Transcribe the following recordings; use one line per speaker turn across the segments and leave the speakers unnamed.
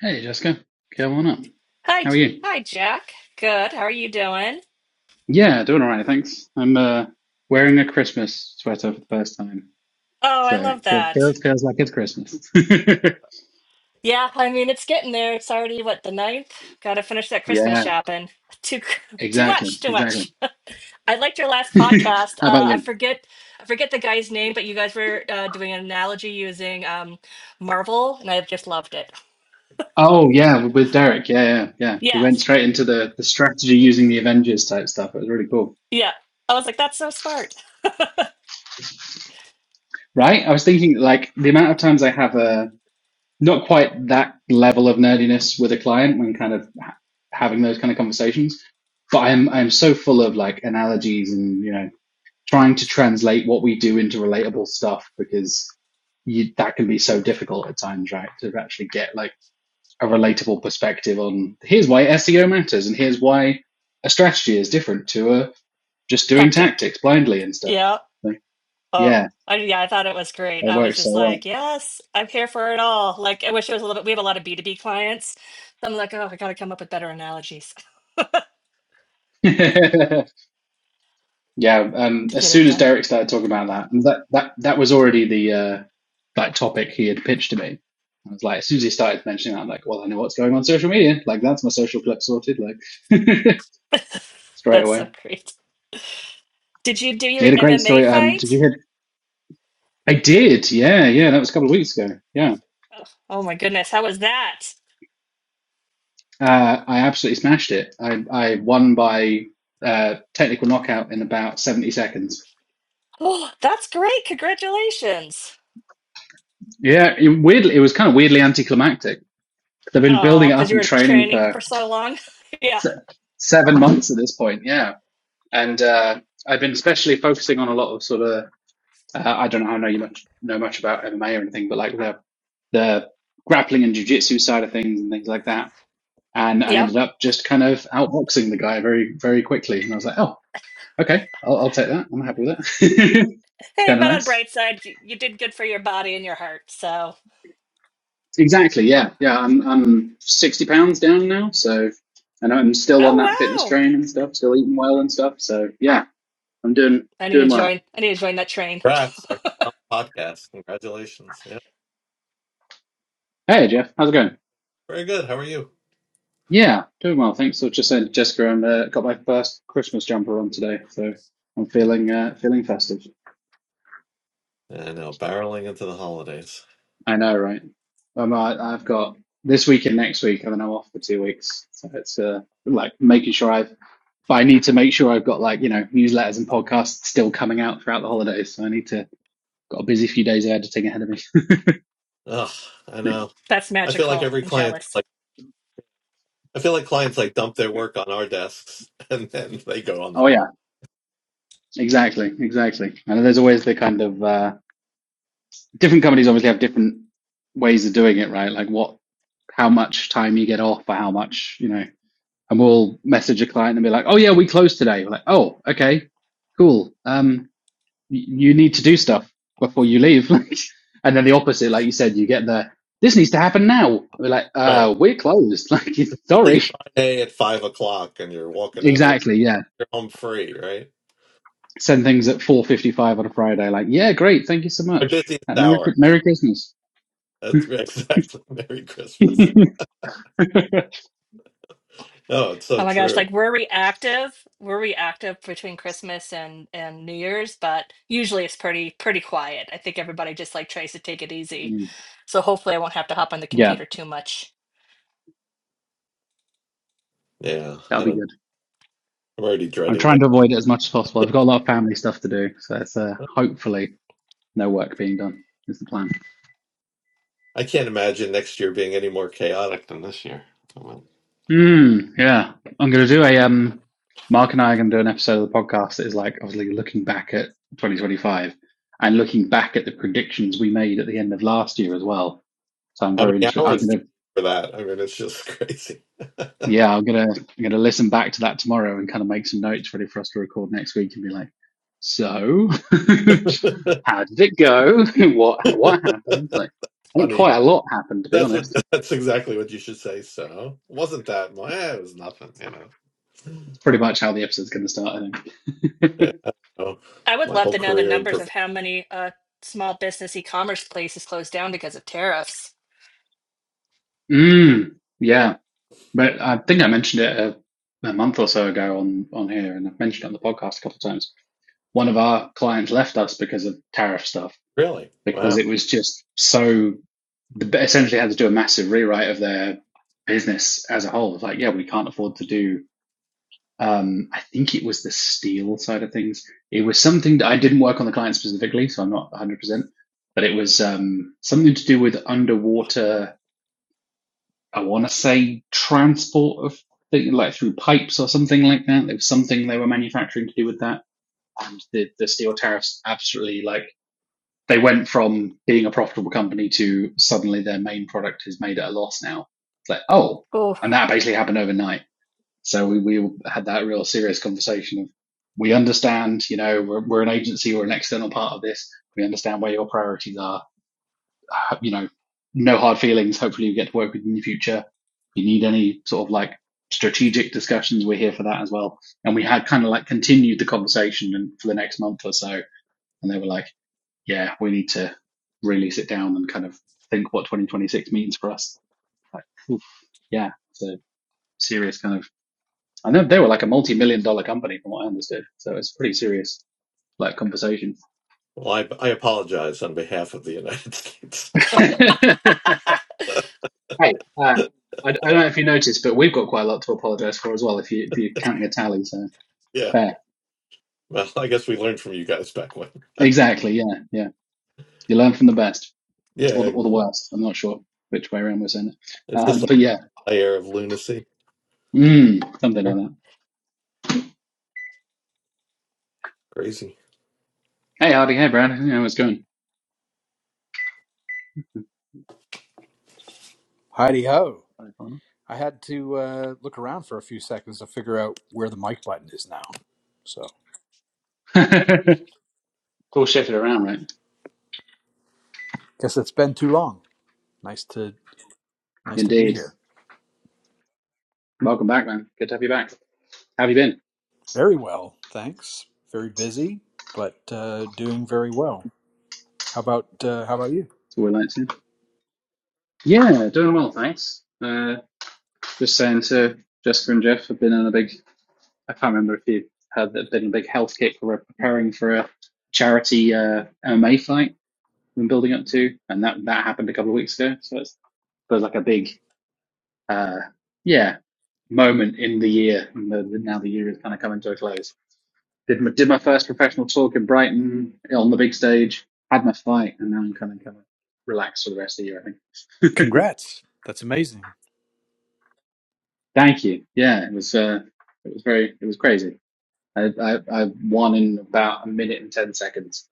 Hey, Jessica. Come on up.
Hi,
How
J-
are you?
hi, Jack. Good. How are you doing?
Yeah, doing all right, thanks. I'm uh, wearing a Christmas sweater for the first time,
Oh, I
so it
love
feels,
that.
feels feels like it's Christmas.
Yeah, I mean it's getting there. It's already what the ninth. Got to finish that Christmas
Yeah,
shopping. Too, too
exactly,
much, too
exactly.
much. I liked your last podcast.
How about
Uh, I
you?
forget, I forget the guy's name, but you guys were uh, doing an analogy using um, Marvel, and I just loved it.
Oh, yeah, with Derek. Yeah, yeah, yeah. He went
Yes.
straight into the the strategy using the Avengers type stuff. It was really cool.
Yeah. I was like, that's so smart.
Right? I was thinking like the amount of times I have a not quite that level of nerdiness with a client when kind of ha- having those kind of conversations. But I'm I'm so full of like analogies and you know trying to translate what we do into relatable stuff because you, that can be so difficult at times, right? To actually get like a relatable perspective on here's why SEO matters and here's why a strategy is different to a just doing
Tactic.
tactics blindly and stuff.
Yeah.
Like,
Oh,
yeah,
I, yeah, I thought it was great.
it
I was
works
just
so
like, yes, I'm here for it all. Like, I wish it was a little bit, we have a lot of B2B clients. I'm like, oh, I got to come up with better analogies
well. Yeah, um,
to
as
get it
soon as
done.
Derek started talking about that, and that that that was already the uh, like topic he had pitched to me. I was like, as soon as he started mentioning that, I'm like, well, I know what's going on social media. Like, that's my social clip sorted. Like, straight
That's
away.
so great. Did you do
You
your
had a great
MMA
story. Um, did
fight?
you hear? I did. Yeah, yeah. That was a couple of weeks ago. Yeah,
Oh, oh my goodness, how was that?
uh, I absolutely smashed it. I I won by uh, technical knockout in about 70 seconds.
Oh, that's great. Congratulations.
Yeah, it weirdly, it was kind of weirdly anticlimactic. They've been building
Oh,
it
because
up
you
and
were
training
training
for
for so long. Yeah.
seven months at this point, yeah. And uh, I've been especially focusing on a lot of sort of uh, I don't know how know you much know much about MMA or anything, but like the the grappling and jujitsu side of things and things like that. And I
Yep.
ended up just kind of outboxing the guy very very quickly, and I was like, oh, okay, I'll, I'll take that. I'm happy with that.
Hey,
kind of
but on
nice.
bright side, you, you did good for your body and your heart. So,
Exactly. Yeah. Yeah. I'm I'm 60 pounds down now, so and I'm still on that
oh
fitness
wow.
train and stuff, still eating well and stuff. So yeah, I'm doing
I need to
doing well.
join. I need to join that train.
Congrats. Our podcast. Congratulations. Yeah.
Hey Jeff, how's it going?
Very good. How are you?
Yeah, doing well, thanks. So just saying to Jessica, I'm uh, got my first Christmas jumper on today, so I'm
Yeah.
feeling uh, feeling festive.
I know. Barreling into the holidays.
I know, right? Um, I, I've got this week and next week, and then I'm off for two weeks. So it's uh, like making sure I've, but I need to make sure I've got like you know newsletters and podcasts still coming out throughout the holidays. So I need to got a busy few days of editing ahead of me.
Ugh. I know.
That's
I feel like
magical.
every
I'm
client,
jealous.
like, I feel like clients like dump their work on our desks and then they go on the
Oh
holiday.
yeah, exactly, exactly. And there's always the kind of uh, different companies obviously have different ways of doing it, right? Like what, how much time you get off or how much, you know, and we'll message a client and be like, oh yeah, we closed today. We're like, oh, okay, cool. Um, you need to do stuff before you leave. and then the opposite, like you said, you get the, this needs to happen now. We're like,
Right.
uh, we're closed. Like, sorry.
Usually Friday at five o'clock and you're walking out of the,
Exactly. Yeah.
you're home free, right?
Send things at 4.55 on a Friday. Like, yeah, great. Thank you so
My
much.
busiest
Uh, Merry,
hour.
Merry Christmas.
That's right. Exactly. Merry Christmas. No, it's
Oh
so
my gosh, like
true.
we're reactive. We're reactive between Christmas and and New Year's, but usually it's pretty pretty quiet. I think everybody just like tries to take it easy. So hopefully I won't have to hop on the
yeah,
computer too much.
Yeah. I
that'll be
don't, know.
good.
I'm already
I'm
dreading
trying
next.
to avoid it as much as possible. I've got a lot of family stuff to do, so it's uh, hopefully no work being done is the plan.
I can't imagine next year being any more chaotic than this year. Oh, well.
Mm, yeah, I'm gonna do a um. Mark and I are gonna do an episode of the podcast that is like obviously looking back at 2025 and looking back at the predictions we made at the end of last year as well. So I'm
How
very
many
interested. I'm
hours
going
do
to.
you need for that? I mean, it's just crazy.
Yeah, I'm gonna I'm gonna listen back to that tomorrow and kind of make some notes ready for us to record next week and be like, so how did it go? what what happened? Like, I think
Funny.
quite a lot happened to be
That's what.
honest.
That's exactly what you should say. So wasn't that? much? Eh, it was nothing. You know.
That's pretty much how the episode's gonna start. I
Yeah.
think.
I don't know.
I would
My
love
whole
to know the
career in
numbers of
profession.
how many uh small business e-commerce places closed down because of tariffs.
mm, yeah, but I think I mentioned it a, a month or so ago on on here, and I've mentioned it on the podcast a couple of times. One of our clients left us because of tariff stuff
Really?
because
Wow.
Oh,
it was just so essentially had to do a massive rewrite of their business as a whole. like, yeah, we can't afford to do. Um, I think it was the steel side of things. It was something that I didn't work on the client specifically, so I'm not 100, percent but it was um, something to do with underwater. I want to say transport of things like through pipes or something like that. There was something they were manufacturing to do with that, and the the steel tariffs absolutely like they went from being a profitable company to suddenly their main product is made at a loss now. It's like, oh,
oh.
and that basically happened overnight. So we, we had that real serious conversation of we understand, you know, we're, we're an agency, we're an external part of this. We understand where your priorities are. Uh, You know, no hard feelings. Hopefully you get to work with in the future. If you need any sort of like strategic discussions, we're here for that as well. And we had kind of like continued the conversation and for the next month or so. And they were like, yeah, we need to really sit down and kind of think what 2026 means for us. Like, oof, yeah, it's a serious kind of. I know they were like a multi-million dollar company, from what I understood. So it's pretty serious like conversation.
Well, I I apologize on behalf of the United States.
hey, uh, I, I don't know if you noticed, but we've got quite a lot to apologise for as well. If you if you're counting a tally, so
yeah.
fair.
Well, I guess we learned from you guys back when.
Exactly. Yeah. Yeah. You learn from the best or the
Yeah.
or the worst. I'm not sure which way around we're saying it,
It's just
um,
like
but yeah,
a layer of lunacy.
mm, something like that.
Crazy.
Hey, Hardy. Hey, Brad. Yeah, how's it
Heidi ho!
going?
I had to uh, look around for a few seconds to figure out where the mic button is now. So
cool shifted around, right?
guess it's been too long. Nice to nice to be
Indeed.
here.
Welcome back, man. Good to have you back. How have you been?
Very well, thanks. Very busy, but uh, doing very well. How about uh, how about you?
It's all we like to. Yeah, doing well, thanks. Uh, just saying to Jessica and Jeff, I've been in a big, I can't remember if you had that, been a big health kick. We're preparing for a charity uh, MMA fight we've been building up to, and that, that happened a couple of weeks ago. So it's, there's like a big, uh, yeah, moment in the year. And the, the- now the year is kind of coming to a close. Did my, did my first professional talk in Brighton on the big stage. Had my fight, and now I'm kind of kind of relaxed for the rest of the year. I think.
Congrats! That's amazing.
Thank you. Yeah, it was uh, it was very it was crazy. I, I I won in about a minute and ten seconds,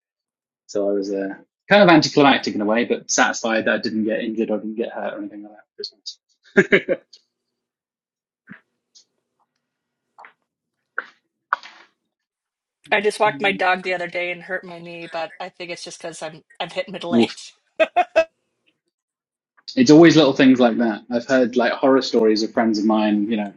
so I was uh, kind of anticlimactic in a way, but satisfied that I didn't get injured or didn't get hurt or anything like that.
I just walked my dog the other day and hurt my knee, but I think it's just because I'm I've hit middle
Oof.
age.
It's always little things like that. I've heard like horror stories of friends of mine, you know,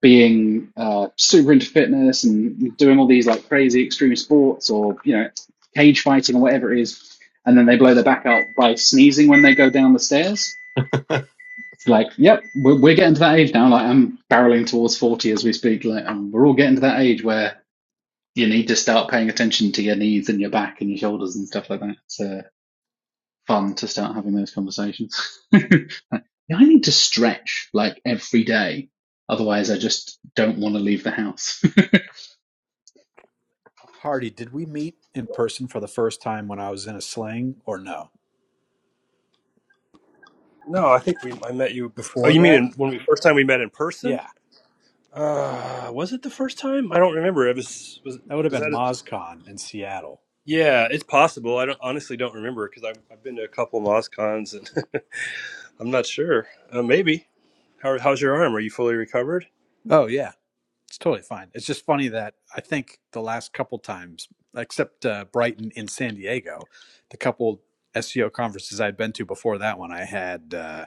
being uh, super into fitness and doing all these like crazy extreme sports or you know cage fighting or whatever it is, and then they blow their back out by sneezing when they go down the stairs. It's like, yep, we're, we're getting to that age now. Like I'm barreling towards forty as we speak. Like um, we're all getting to that age where you need to start paying attention to your knees and your back and your shoulders and stuff like that. It's uh, fun to start having those conversations. Like, yeah, I need to stretch like every day. Otherwise, I just don't want to leave the house.
Hardy, did we meet in person for the first time when I was in a sling or no?
No, I think we I met you before. Oh,
Before
you mean
that?
in, when we first time we met in person?
Yeah.
Uh, was it the first time? I don't remember. It was was
That would have
was that?
been
A,
MozCon in Seattle.
yeah, it's possible. I don't honestly don't remember because I've I've been to a couple of MozCons and I'm not sure. Uh, maybe. How, how's your arm? Are you fully recovered?
Oh yeah. It's totally fine. It's just funny that I think the last couple times, except uh, Brighton in San Diego, the couple SEO conferences I'd been to before that one, I had uh,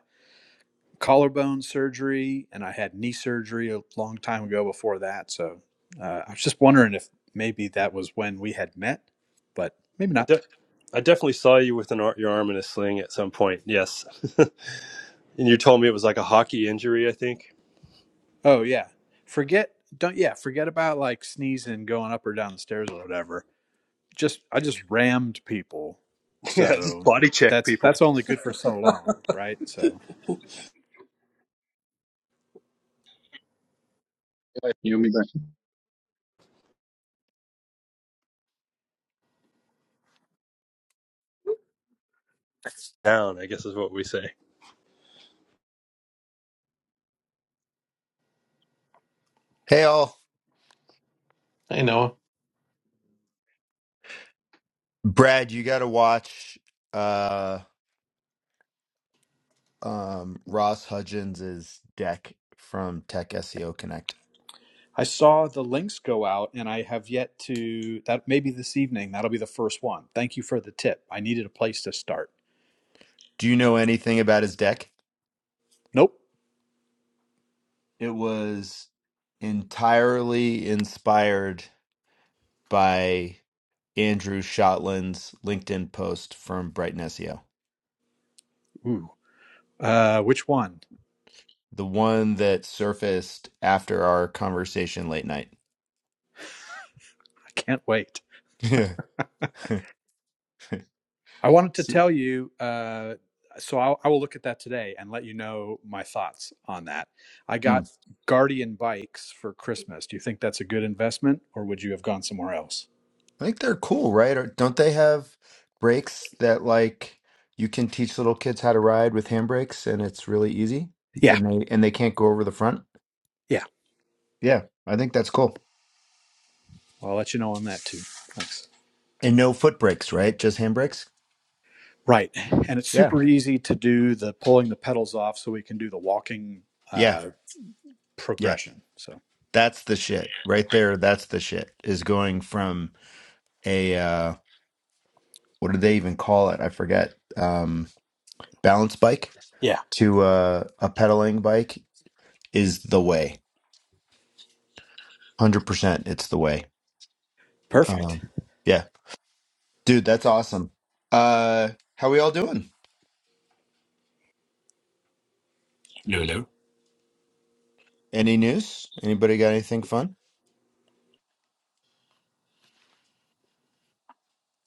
collarbone surgery and I had knee surgery a long time ago before that. So uh, I was just wondering if maybe that was when we had met, but maybe
I
not.
de- I definitely saw you with an ar- your arm in a sling at some point. Yes, and you told me it was like a hockey injury. I think.
Oh yeah, forget don't yeah forget about like sneezing going up or down the stairs or whatever just I just rammed people.
Yeah, just
So
body check
that's
people
that's only good for so long, right? So
You'll be back.
down. I guess is what we say.
Hey all,
I know.
Brad, you got to watch uh um Ross Hudgens's deck from Tech SEO Connect.
I saw the links go out and I have yet to that maybe this evening that'll be the first one. Thank you for the tip. I needed a place to start.
Do you know anything about his deck?
Nope.
It was entirely inspired by Andrew Shotland's LinkedIn post from Brighton SEO,
Ooh. Uh which one?
the one that surfaced after our conversation late night.
I can't wait. I wanted to tell you uh so I'll, I will look at that today and let you know my thoughts on that. I
Yeah.
got Guardian bikes for Christmas. Do you think that's a good investment or would you have gone somewhere else?
I think they're cool, right? Or don't they have brakes that like you can teach little kids how to ride with handbrakes and it's really easy
Yeah.
and they and they can't go over the front?
Yeah.
Yeah, I think that's cool.
Well, I'll let you know on that too. Thanks.
And no foot brakes, right? Just handbrakes?
Right. And it's
Yeah.
super easy to do the pulling the pedals off so we can do the walking
Yeah.
uh,
Yeah.
progression. So,
That's the shit. Right there, that's the shit. Is going from a uh what do they even call it? I forget. Um balance bike
yeah,
to uh, a pedaling bike is the way. 100% it's the way.
perfect.
Um yeah. Dude, that's awesome. Uh, how we all doing?
Hello, hello.
Any news? Anybody got anything fun?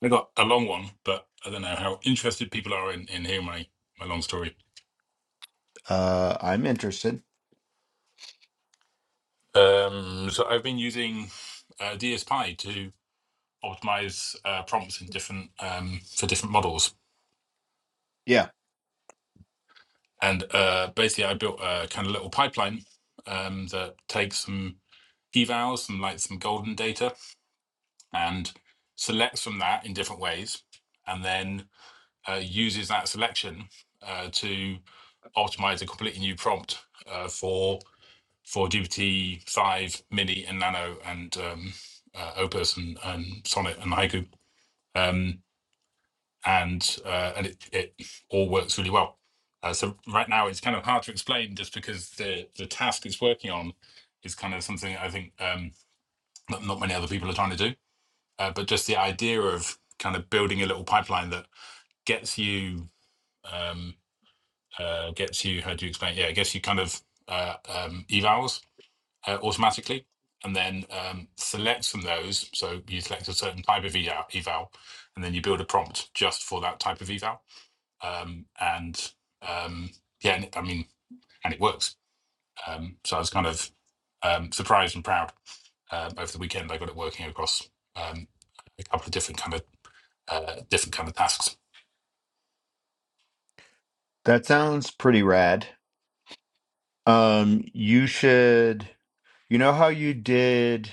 I got a long one, but I don't know how interested people are in, in hearing my, my long story.
Uh, I'm interested.
Um, so I've been using uh, DSPy to optimize uh, prompts in different um, for different models,
Yeah,
and uh, basically I built a kind of little pipeline um, that takes some evals, some like some golden data, and selects from that in different ways, and then uh, uses that selection uh, to optimize a completely new prompt uh, for for GPT five mini and nano and um, uh, Opus and, and Sonnet and Haiku, um, and uh, and it, it all works really well. Uh, so right now it's kind of hard to explain just because the the task it's working on is kind of something I think um, not, not many other people are trying to do. Uh, but just the idea of kind of building a little pipeline that gets you um, uh, gets you how do you explain yeah it gets you kind of uh, um, evals uh, automatically and then um, select from those. So you select a certain type of eval, eval and then you build a prompt just for that type of eval. Um, and um, yeah, I mean, and it works. Um, so I was kind of um, surprised and proud. Um, over the weekend, I got it working across um, a couple of different kind of uh, different kind of tasks.
that sounds pretty rad. Um, you should, you know how you did,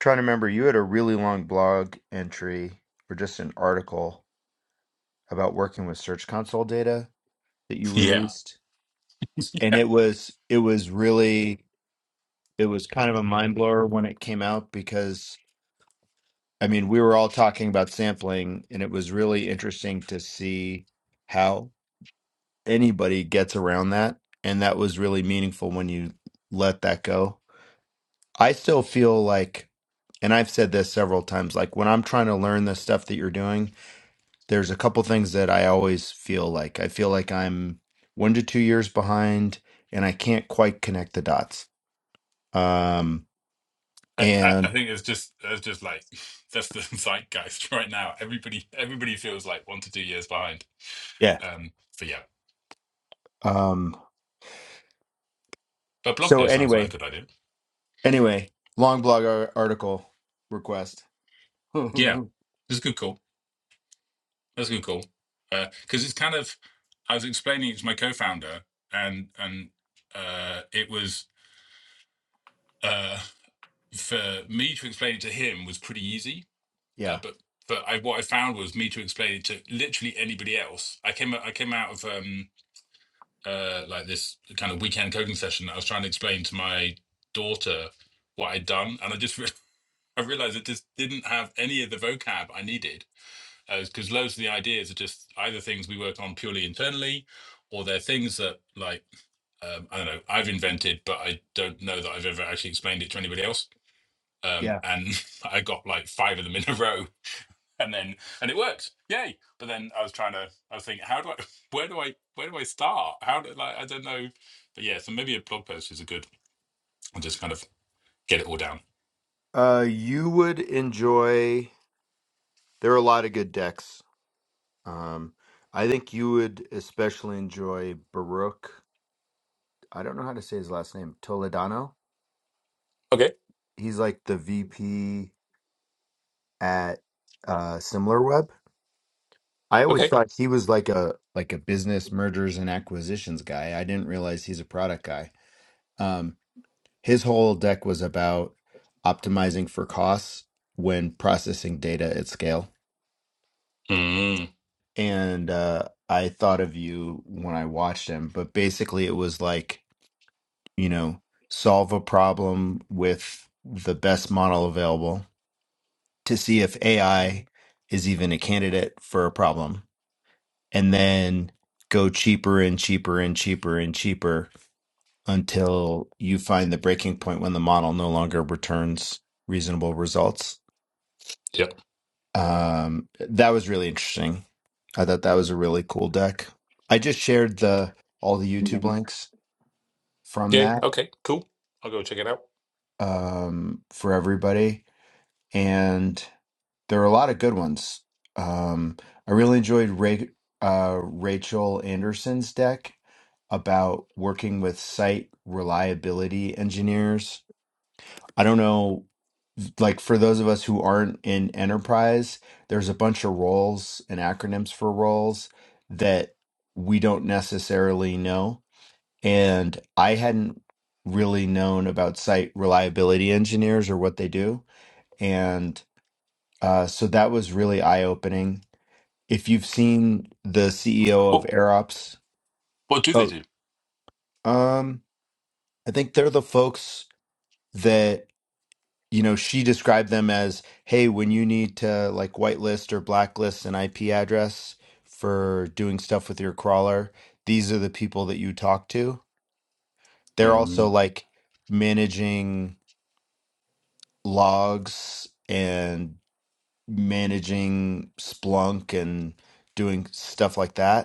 trying to remember, you had a really long blog entry or just an article about working with Search Console data that you
Yeah,
released. And it was, it was really, it was kind of a mind blower when it came out because. I mean, we were all talking about sampling, and it was really interesting to see how anybody gets around that. And that was really meaningful when you let that go. I still feel like, and I've said this several times, like when I'm trying to learn the stuff that you're doing, there's a couple things that I always feel like. I feel like I'm one to two years behind and I can't quite connect the dots. Um,
I, I I
and
think it's just it's just like that's the zeitgeist right now. Everybody everybody feels like one to two years behind.
yeah.
Um, but yeah.
Um,
But blog
so
post sounds like a
anyway,
good idea.
Anyway, long blog ar- article request.
Yeah, it's a good call. That's a good call. Because uh, it's kind of, I was explaining it to my co-founder, and and uh, it was uh, for me to explain it to him was pretty easy. Uh,
yeah,
but but I, what I found was me to explain it to literally anybody else. I came I came out of um, uh, like this kind of weekend coding session. I was trying to explain to my daughter what I'd done, and I just re- I realized it just didn't have any of the vocab I needed because loads of the ideas are just either things we work on purely internally or they're things that like um, i don't know i've invented but i don't know that i've ever actually explained it to anybody else um,
yeah.
and i got like five of them in a row and then and it worked yay but then i was trying to i was thinking how do i where do i where do i start how do like i don't know but yeah so maybe a blog post is a good i'll just kind of get it all down
Uh, you would enjoy. There are a lot of good decks. Um, I think you would especially enjoy Baruch. I don't know how to say his last name. Toledano.
Okay.
He's like the VP at uh, SimilarWeb. I always
Okay.
thought he was like a like a business mergers and acquisitions guy. I didn't realize he's a product guy. Um, his whole deck was about optimizing for costs when processing data at scale.
mm,
And uh, I thought of you when I watched him, but basically it was like, you know, solve a problem with the best model available to see if AI is even a candidate for a problem, and then go cheaper and cheaper and cheaper and cheaper until you find the breaking point when the model no longer returns reasonable results
yep
Um, that was really interesting. I thought that was a really cool deck. I just shared the all the YouTube links from
Yay.
that
Okay. Cool. I'll go check it out.
um, for everybody, and there were a lot of good ones. Um, I really enjoyed Ra- uh, Rachel Anderson's deck about working with site reliability engineers. I don't know like for those of us who aren't in enterprise, there's a bunch of roles and acronyms for roles that we don't necessarily know. And I hadn't really known about site reliability engineers or what they do. And uh, so that was really eye opening. If you've seen the CEO of
what
AirOps,
what do they
oh,
do
um, I think they're the folks that you know, she described them as, hey, when you need to like whitelist or blacklist an IP address for doing stuff with your crawler, these are the people that you talk to. They're
Mm.
also like managing logs and managing Splunk and doing stuff like that.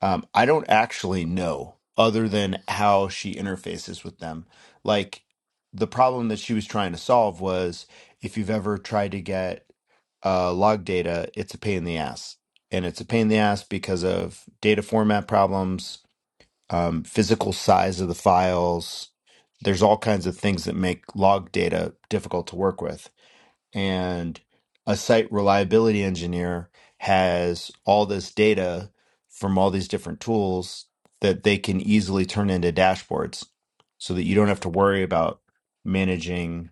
Um, I don't actually know other than how she interfaces with them. Like the problem that she was trying to solve was if you've ever tried to get uh, log data, it's a pain in the ass. And it's a pain in the ass because of data format problems, um, physical size of the files. There's all kinds of things that make log data difficult to work with and a site reliability engineer has all this data from all these different tools that they can easily turn into dashboards so that you don't have to worry about managing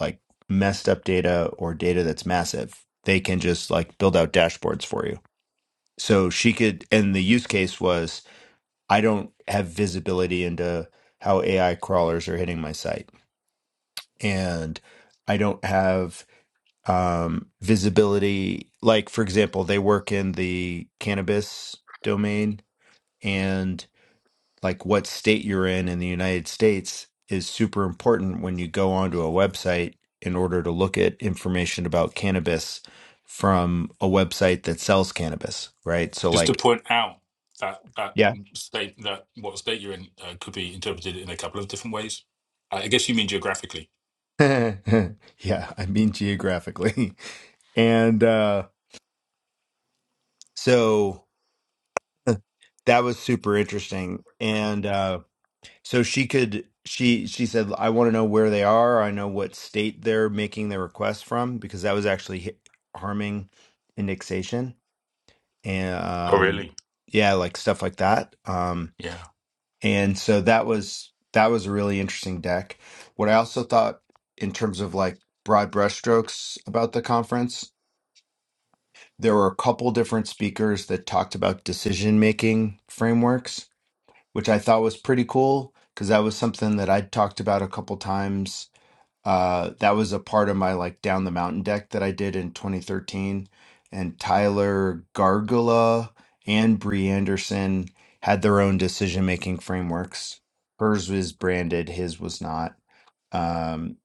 like messed up data or data that's massive. They can just like build out dashboards for you. So she could, and the use case was I don't have visibility into how AI crawlers are hitting my site. And I don't have um, visibility. Like, for example, they work in the cannabis domain, and like what state you're in in the United States is super important when you go onto a website in order to look at information about cannabis from a website that sells cannabis, right? So,
Just to
like,
point out that that
yeah.
state that what state you're in uh, could be interpreted in a couple of different ways. I I guess you mean geographically.
yeah, I mean geographically. And uh, so that was super interesting. And uh, So she could she she said, "I want to know where they are. I know what state they're making their request from because that was actually hi- harming indexation and
Oh,
um
really?
yeah, like stuff like that. Um
Yeah.
and so that was that was a really interesting deck. What I also thought in terms of like broad brushstrokes about the conference, there were a couple different speakers that talked about decision making frameworks which I thought was pretty cool because that was something that I would talked about a couple times. Uh, that was a part of my like down the mountain deck that I did in 2013, and Tyler Gargula and Bree Anderson had their own decision making frameworks. Hers was branded, his was not. Um,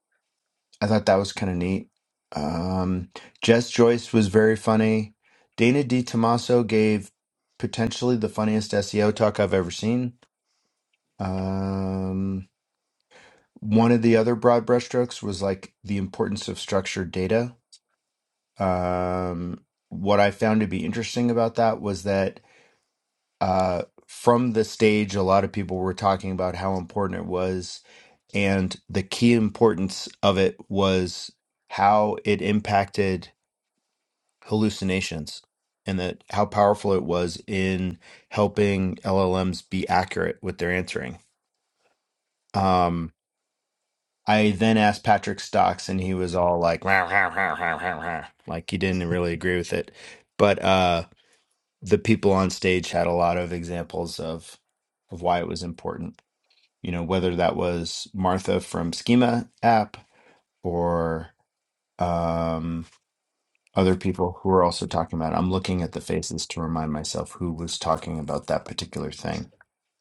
I thought that was kind of neat. Um, Jess Joyce was very funny. Dana D. Tomaso gave potentially the funniest SEO talk I've ever seen um, one of the other broad brushstrokes was like the importance of structured data. Um, what I found to be interesting about that was that uh, from the stage, a lot of people were talking about how important it was, and the key importance of it was how it impacted hallucinations and that how powerful it was in helping LLMs be accurate with their answering. Um. I then asked Patrick Stocks, and he was all like, "Rah, rah, rah, rah, rah, rah." like he didn't really agree with it. But uh, the people on stage had a lot of examples of of why it was important. You know, whether that was Martha from Schema app or um, other people who were also talking about it. I'm looking at the faces to remind myself who was talking about that particular thing.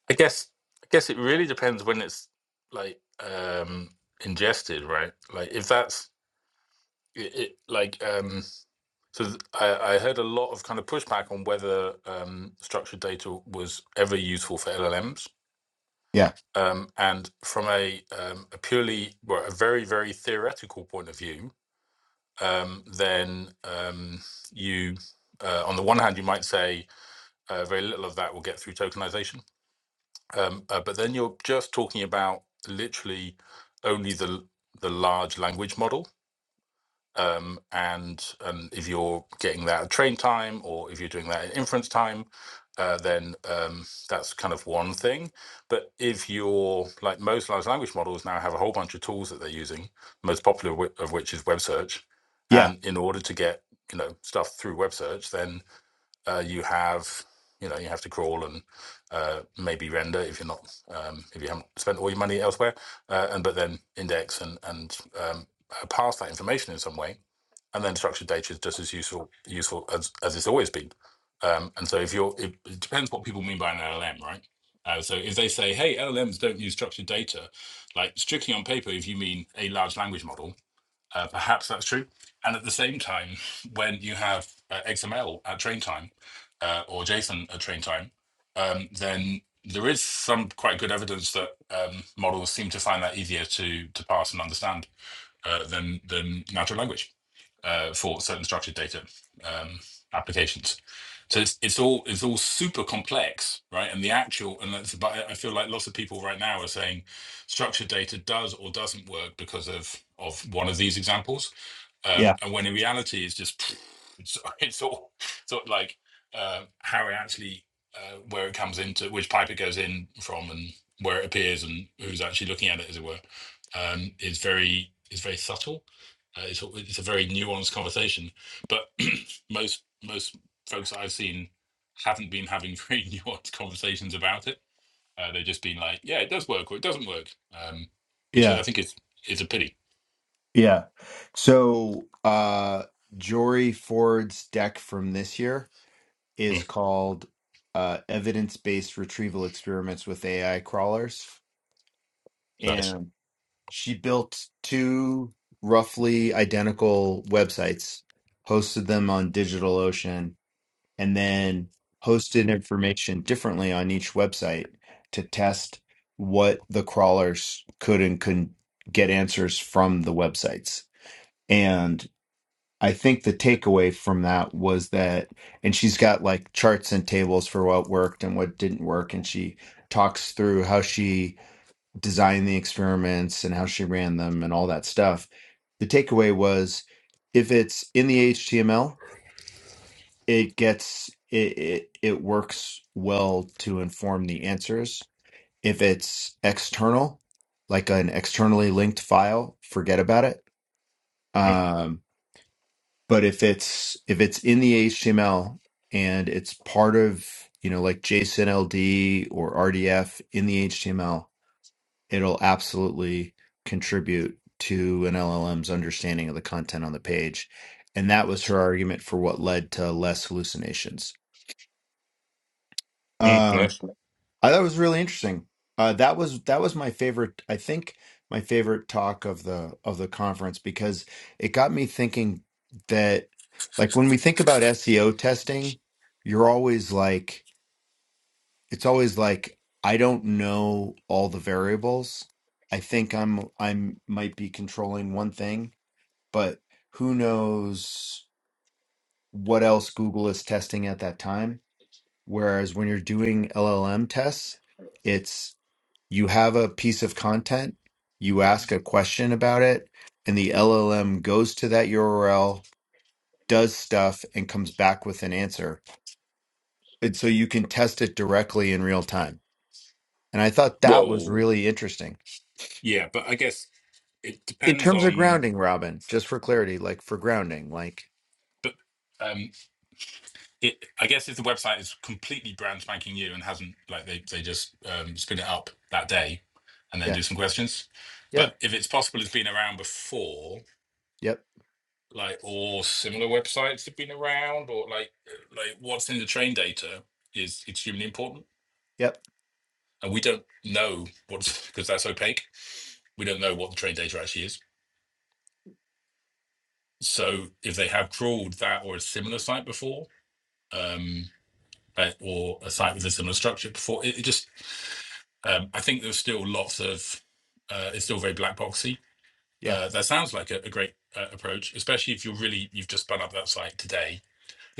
I guess I guess it really depends when it's like um ingested, right? Like if that's it, it like um so th- I, I heard a lot of kind of pushback on whether um structured data was ever useful for LLMs.
Yeah,
Um, and from a um, a purely well, a very very theoretical point of view, um, then um, you, uh, on the one hand, you might say uh, very little of that will get through tokenization, um, uh, but then you're just talking about literally only the the large language model um, and um, if you're getting that at train time or if you're doing that at inference time, uh, then um, that's kind of one thing. But if you're like most large language models now have a whole bunch of tools that they're using, the most popular of which is web search,
yeah,
and in order to get you know stuff through web search, then uh, you have you know you have to crawl and uh, maybe render if you're not um, if you haven't spent all your money elsewhere, uh, and but then index and and um, uh, pass that information in some way and then structured data is just as useful useful as as it's always been. Um, and so if you're, it, it depends what people mean by an LLM, right? Uh, so if they say, hey, LLMs don't use structured data, like strictly on paper, if you mean a large language model, uh, perhaps that's true. And at the same time, when you have uh, XML at train time uh, or JSON at train time, um, then there is some quite good evidence that um, models seem to find that easier to to parse and understand uh, than than natural language uh, for certain structured data um, applications. So it's it's all it's all super complex, right? And the actual and that's but I I feel like lots of people right now are saying structured data does or doesn't work because of of one of these examples um,
yeah,
and when in reality it's just it's, it's all sort of like uh, how it actually uh, where it comes into which pipe it goes in from and where it appears and who's actually looking at it as it were um, is very is very subtle uh, it's, a- it's a very nuanced conversation but most most folks that I've seen haven't been having very nuanced conversations about it uh, they've just been like yeah it does work or it doesn't work um, which
yeah.
I think is is a pity
Yeah. So uh Jory Ford's deck from this year is
Mm,
called uh Evidence-Based Retrieval Experiments with AI Crawlers.
nice
And she built two roughly identical websites, hosted them on DigitalOcean, and then hosted information differently on each website to test what the crawlers could and couldn't get answers from the websites. and. I think the takeaway from that was that, and she's got like charts and tables for what worked and what didn't work. And she talks through how she designed the experiments and how she ran them and all that stuff. The takeaway was if it's in the HTML, it gets, it, it, it works well to inform the answers. If it's external, like an externally linked file, forget about it.
Mm,
Um, but if it's if it's in the HTML and it's part of you know like JSON LD or RDF in the HTML, it'll absolutely contribute to an LLM's understanding of the content on the page, and that was her argument for what led to less hallucinations.
mm,
Um,
nice
I thought it was really interesting. Uh, that was that was my favorite. I think my favorite talk of the of the conference because it got me thinking that like when we think about SEO testing, you're always like it's always like I don't know all the variables. I think I'm I'm might be controlling one thing, but who knows what else Google is testing at that time? Whereas when you're doing LLM tests, it's you have a piece of content, you ask a question about it, and the LLM goes to that URL, does stuff, and comes back with an answer. And so you can test it directly in real time. And I thought that was
Whoa.
really interesting.
Yeah, but I guess it
In
depends
terms of
on.
grounding, Robin, just for clarity, like for grounding, like,
But um, it I guess if the website is completely brand spanking new and hasn't like they they just um, spin it up that day, and then
yeah,
do some questions.
yeah,
But if it's possible, it's been around before,
yep,
like or similar websites have been around, or like like what's in the train data is extremely important,
yep,
and we don't know what's because that's opaque. We don't know what the train data actually is. So if they have crawled that or a similar site before, um, uh, or a site with a similar structure before. It, it just, um, I think there's still lots of, uh, it's still very black boxy.
yeah,
Uh, that sounds like a, a great uh, approach, especially if you're really, you've just spun up that site today.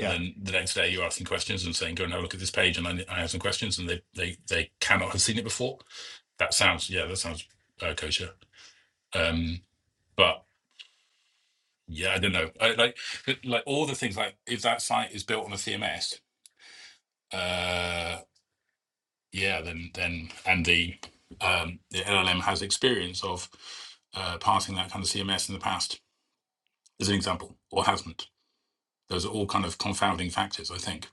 And then the next day you're asking questions and saying, go and have a look at this page. And I, I have some questions and they, they, they cannot have seen it before. That sounds, yeah, that sounds uh, kosher. Um, but yeah, I don't know. I, like, like all the things like if that site is built on a CMS, yeah, then then and the um, the LLM has experience of uh, passing that kind of CMS in the past, as an example, or hasn't. Those are all kind of confounding factors, I think.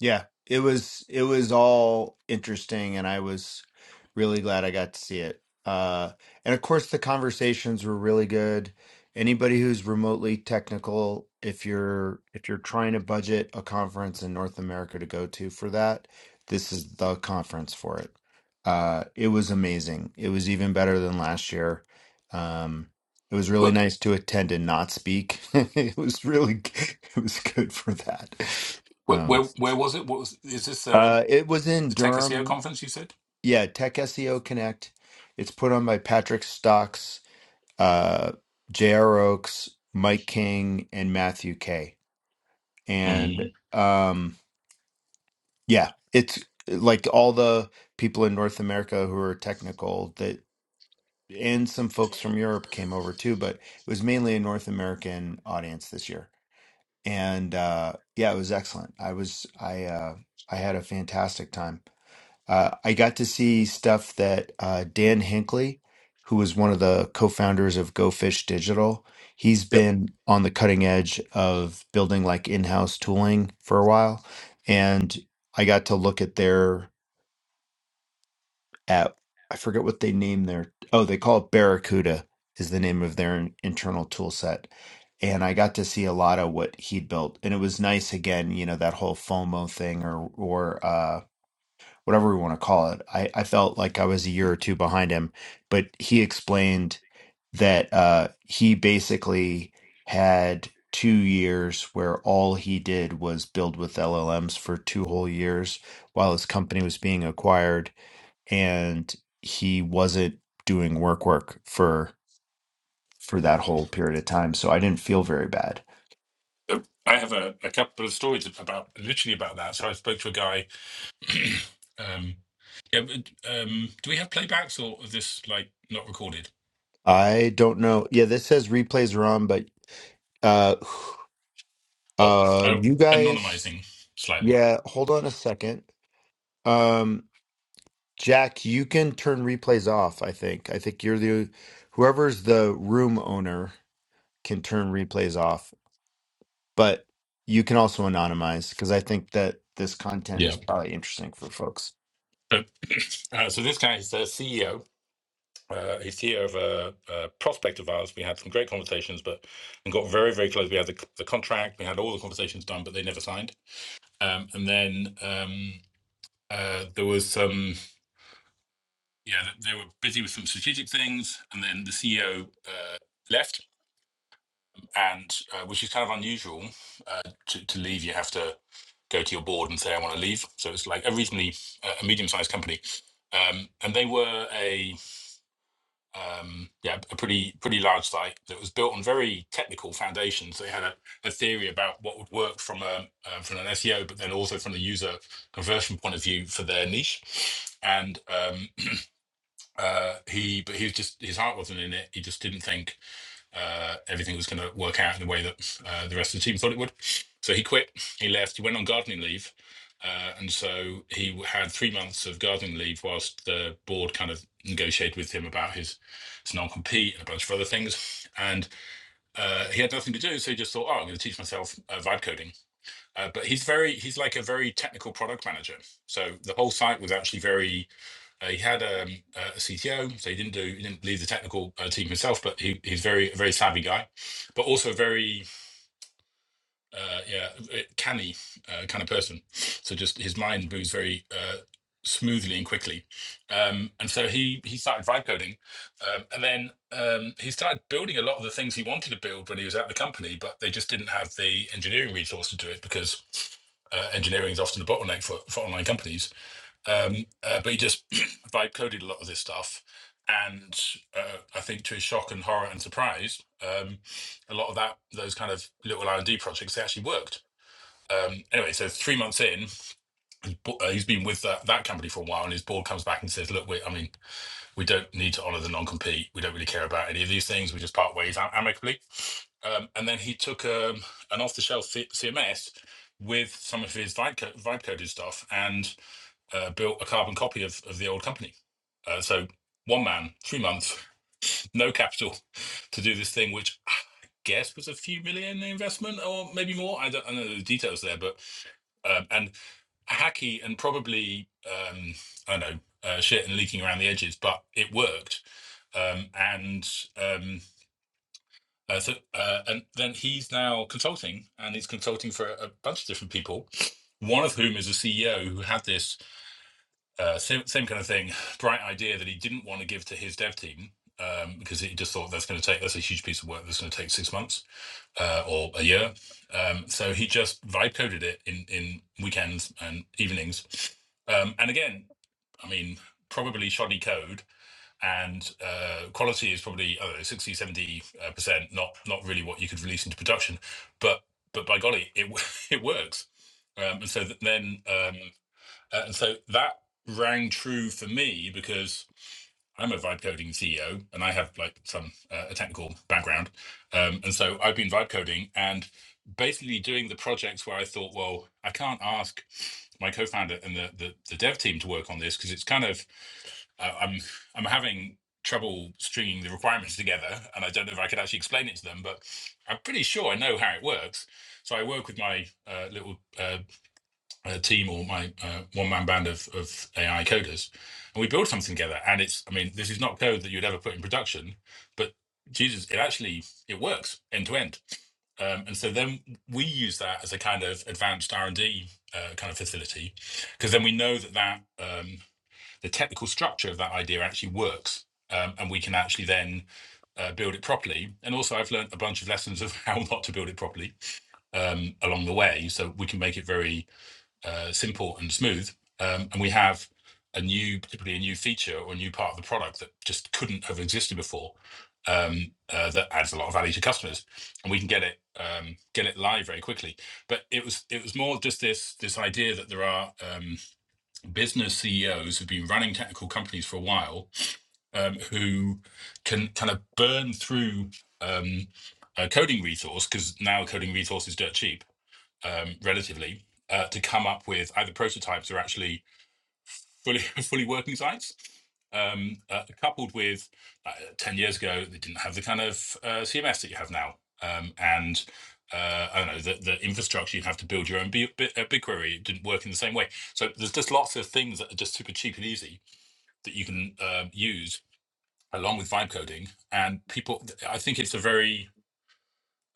Yeah, it was it was all interesting, and I was really glad I got to see it. Uh, and of course, the conversations were really good. Anybody who's remotely technical, if you're if you're trying to budget a conference in North America to go to for that, this is the conference for it. Uh, it was amazing. It was even better than last year. Um, it was really
Where
nice to attend and not speak. It was really it was good for that.
where,
Um,
where, where was it? What was is this uh,
uh, it was in
the Tech SEO
Durham.
conference? You said.
Yeah, Tech SEO Connect. It's put on by Patrick Stocks, uh, J.R. Oaks, Mike King, and Matthew K. And
Mm.
um, yeah, it's like all the people in North America who are technical that, and some folks from Europe came over too, but it was mainly a North American audience this year. And uh, yeah, it was excellent. I was I uh, I had a fantastic time. Uh, I got to see stuff that uh, Dan Hinckley, who was one of the co-founders of Go Fish Digital, he's
Yep.
been on the cutting edge of building like in-house tooling for a while, and I got to look at their at I forget what they name their oh they call it Barracuda is the name of their in- internal tool set. And I got to see a lot of what he'd built, and it was nice again, you know, that whole FOMO thing, or or uh, whatever we want to call it. I, I felt like I was a year or two behind him, but he explained that uh, he basically had two years where all he did was build with LLMs for two whole years while his company was being acquired, and he wasn't doing work work for for that whole period of time. So I didn't feel very bad.
Uh, I have a, a couple of stories about literally about that. So I spoke to a guy. um, yeah, but, um, do we have playbacks or is this like not recorded?
I don't know. Yeah, this says replays are on, but uh,
Well,
uh,
oh,
you guys
anonymizing slightly.
Yeah, hold on a second. Um, Jack, you can turn replays off, I think. I think you're the whoever's the room owner can turn replays off, but you can also anonymize because I think that this content
Yeah.
is probably interesting for folks.
So, uh, so this guy is the CEO. Uh, he's CEO of a, a prospect of ours. We had some great conversations, but and got very, very close. We had the, the contract, we had all the conversations done, but they never signed. Um, and then um, uh, there was some, yeah, they were busy with some strategic things, and then the CEO uh, left, and uh, which is kind of unusual uh, to, to leave. You have to go to your board and say, "I want to leave." So it's like a reasonably uh, a medium-sized company, um, and they were a um, yeah, a pretty pretty large site that was built on very technical foundations. They had a, a theory about what would work from a uh, from an SEO, but then also from the user conversion point of view for their niche. And um, uh, he, but he was just his heart wasn't in it. He just didn't think uh, everything was going to work out in the way that uh, the rest of the team thought it would. So he quit, he left, he went on gardening leave. Uh, and so he had three months of gardening leave whilst the board kind of negotiated with him about his, his non compete and a bunch of other things. And uh, he had nothing to do. So he just thought, oh, I'm going to teach myself uh, vibe coding. Uh, but he's very, he's like a very technical product manager. So the whole site was actually very uh, he had um, a CTO, so he didn't do he didn't lead the technical uh, team himself, but he, he's very a very savvy guy, but also very uh, yeah uh, canny uh, kind of person. So just his mind moves very uh, smoothly and quickly, um, and so he he started vibe coding, um, and then um, he started building a lot of the things he wanted to build when he was at the company, but they just didn't have the engineering resource to do it because uh, engineering is often a bottleneck for, for online companies. Um, uh, but he just vibe coded a lot of this stuff. And uh, I think to his shock and horror and surprise, um, a lot of that, those kind of little R&D projects, they actually worked. Um, anyway, so three months in, he's bo- uh, he's been with that, that company for a while, and his board comes back and says, "Look, we, I mean, we don't need to honour the non-compete. We don't really care about any of these things. We just part ways am- amicably." Um, and then he took um, an off-the-shelf C- CMS with some of his vibe, co- vibe coded stuff, and uh, built a carbon copy of, of the old company. Uh, so one man, three months, no capital to do this thing, which I guess was a few million investment or maybe more. I don't, I don't know the details there, but um, and hacky and probably um, I don't know uh, shit and leaking around the edges, but it worked. Um, and um, uh, so uh, and then he's now consulting, and he's consulting for a, a bunch of different people. One of whom is a CEO who had this uh, same, same kind of thing. Bright idea that he didn't want to give to his dev team um, because he just thought that's going to take that's a huge piece of work that's going to take six months uh, or a year. Um, so he just vibe coded it in in weekends and evenings. Um, and again, I mean, probably shoddy code and uh, quality is probably I don't know, 60, seventy uh, percent, not not really what you could release into production. But but by golly, it w- it works. Um, and so th- then um, uh, and so that rang true for me because I'm a vibe coding CEO and I have like some uh, a technical background. Um, and so I've been vibe coding and basically doing the projects where I thought, well, I can't ask my co-founder and the the, the dev team to work on this because it's kind of uh, I'm I'm having trouble stringing the requirements together, and I don't know if I could actually explain it to them, but I'm pretty sure I know how it works. So I work with my uh, little uh, a team or my uh, one man band of, of AI coders, and we build something together. And it's, I mean, this is not code that you'd ever put in production, but Jesus, it actually it works end to end. Um, and so then we use that as a kind of advanced R and D uh, kind of facility, because then we know that that um, the technical structure of that idea actually works, um, and we can actually then uh, build it properly. And also, I've learned a bunch of lessons of how not to build it properly um, along the way, so we can make it very uh, simple and smooth. Um, and we have a new, particularly a new feature or a new part of the product that just couldn't have existed before. Um, uh, that adds a lot of value to customers, and we can get it um, get it live very quickly. But it was it was more just this this idea that there are um, business CEOs who've been running technical companies for a while um, who can kind of burn through um, a coding resource because now coding resource is dirt cheap um, relatively uh, to come up with either prototypes or actually fully fully working sites. Um, uh, coupled with uh, ten years ago, they didn't have the kind of uh, CMS that you have now, um, and uh, I don't know the, the infrastructure you'd have to build your own B- B- uh, BigQuery. It didn't work in the same way. So there's just lots of things that are just super cheap and easy that you can uh, use along with vibe coding. And people, I think it's a very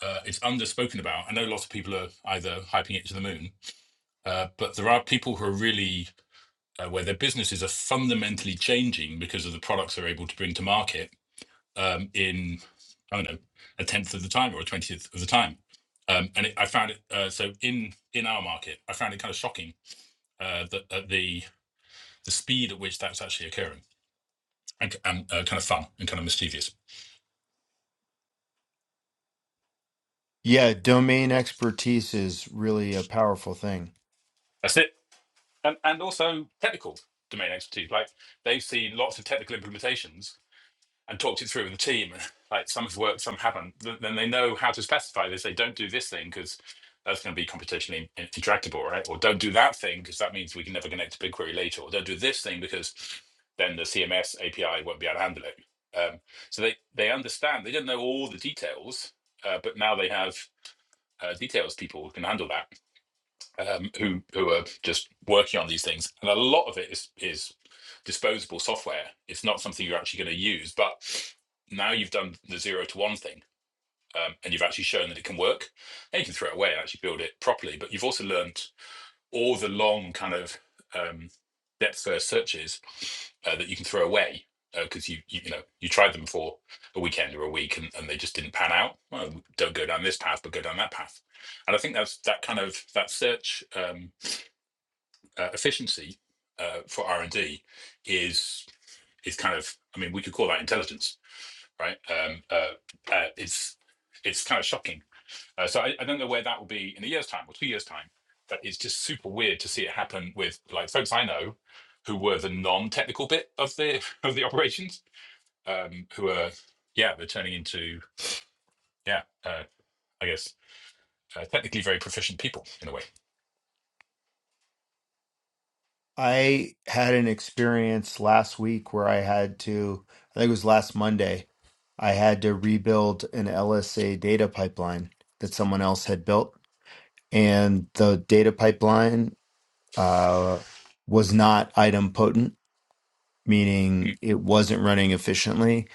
uh, it's underspoken about. I know lots of people are either hyping it to the moon Uh, but there are people who are really uh, where their businesses are fundamentally changing because of the products they're able to bring to market um, in I don't know a tenth of the time or a twentieth of the time. Um, and it, I found it uh, so in in our market, I found it kind of shocking uh, that, that the the speed at which that's actually occurring and, and uh, kind of fun and kind of mischievous.
Yeah, domain expertise is really a powerful thing.
That's it. And and also technical domain expertise. Like they've seen lots of technical implementations and talked it through with the team. Like some have worked, some haven't. th- Then they know how to specify. They say, don't do this thing because that's going to be computationally in- intractable, right? Or don't do that thing because that means we can never connect to BigQuery later. Or don't do this thing because then the CMS API won't be able to handle it. Um, so they they understand. They don't know all the details, uh, but now they have uh, details people who can handle that um, who who are just working on these things, and a lot of it is is disposable software. It's not something you're actually going to use. But now you've done the zero to one thing, um, and you've actually shown that it can work. And you can throw it away, and actually build it properly. But you've also learned all the long kind of um, depth first searches uh, that you can throw away because uh, you, you you know you tried them for a weekend or a week and, and they just didn't pan out. Well, don't go down this path, but go down that path. And I think that's that kind of that search. Um, uh, efficiency uh, for R and D is is kind of I mean we could call that intelligence, right? Um, uh, uh, it's it's kind of shocking. Uh, so I, I don't know where that will be in a year's time or two years time, but it's just super weird to see it happen with like folks I know who were the non-technical bit of the of the operations, um, who are yeah they're turning into yeah uh, I guess uh, technically very proficient people in a way.
I had an experience last week where I had to, I think it was last Monday, I had to rebuild an LSA data pipeline that someone else had built and the data pipeline uh, was not item potent, meaning it wasn't running efficiently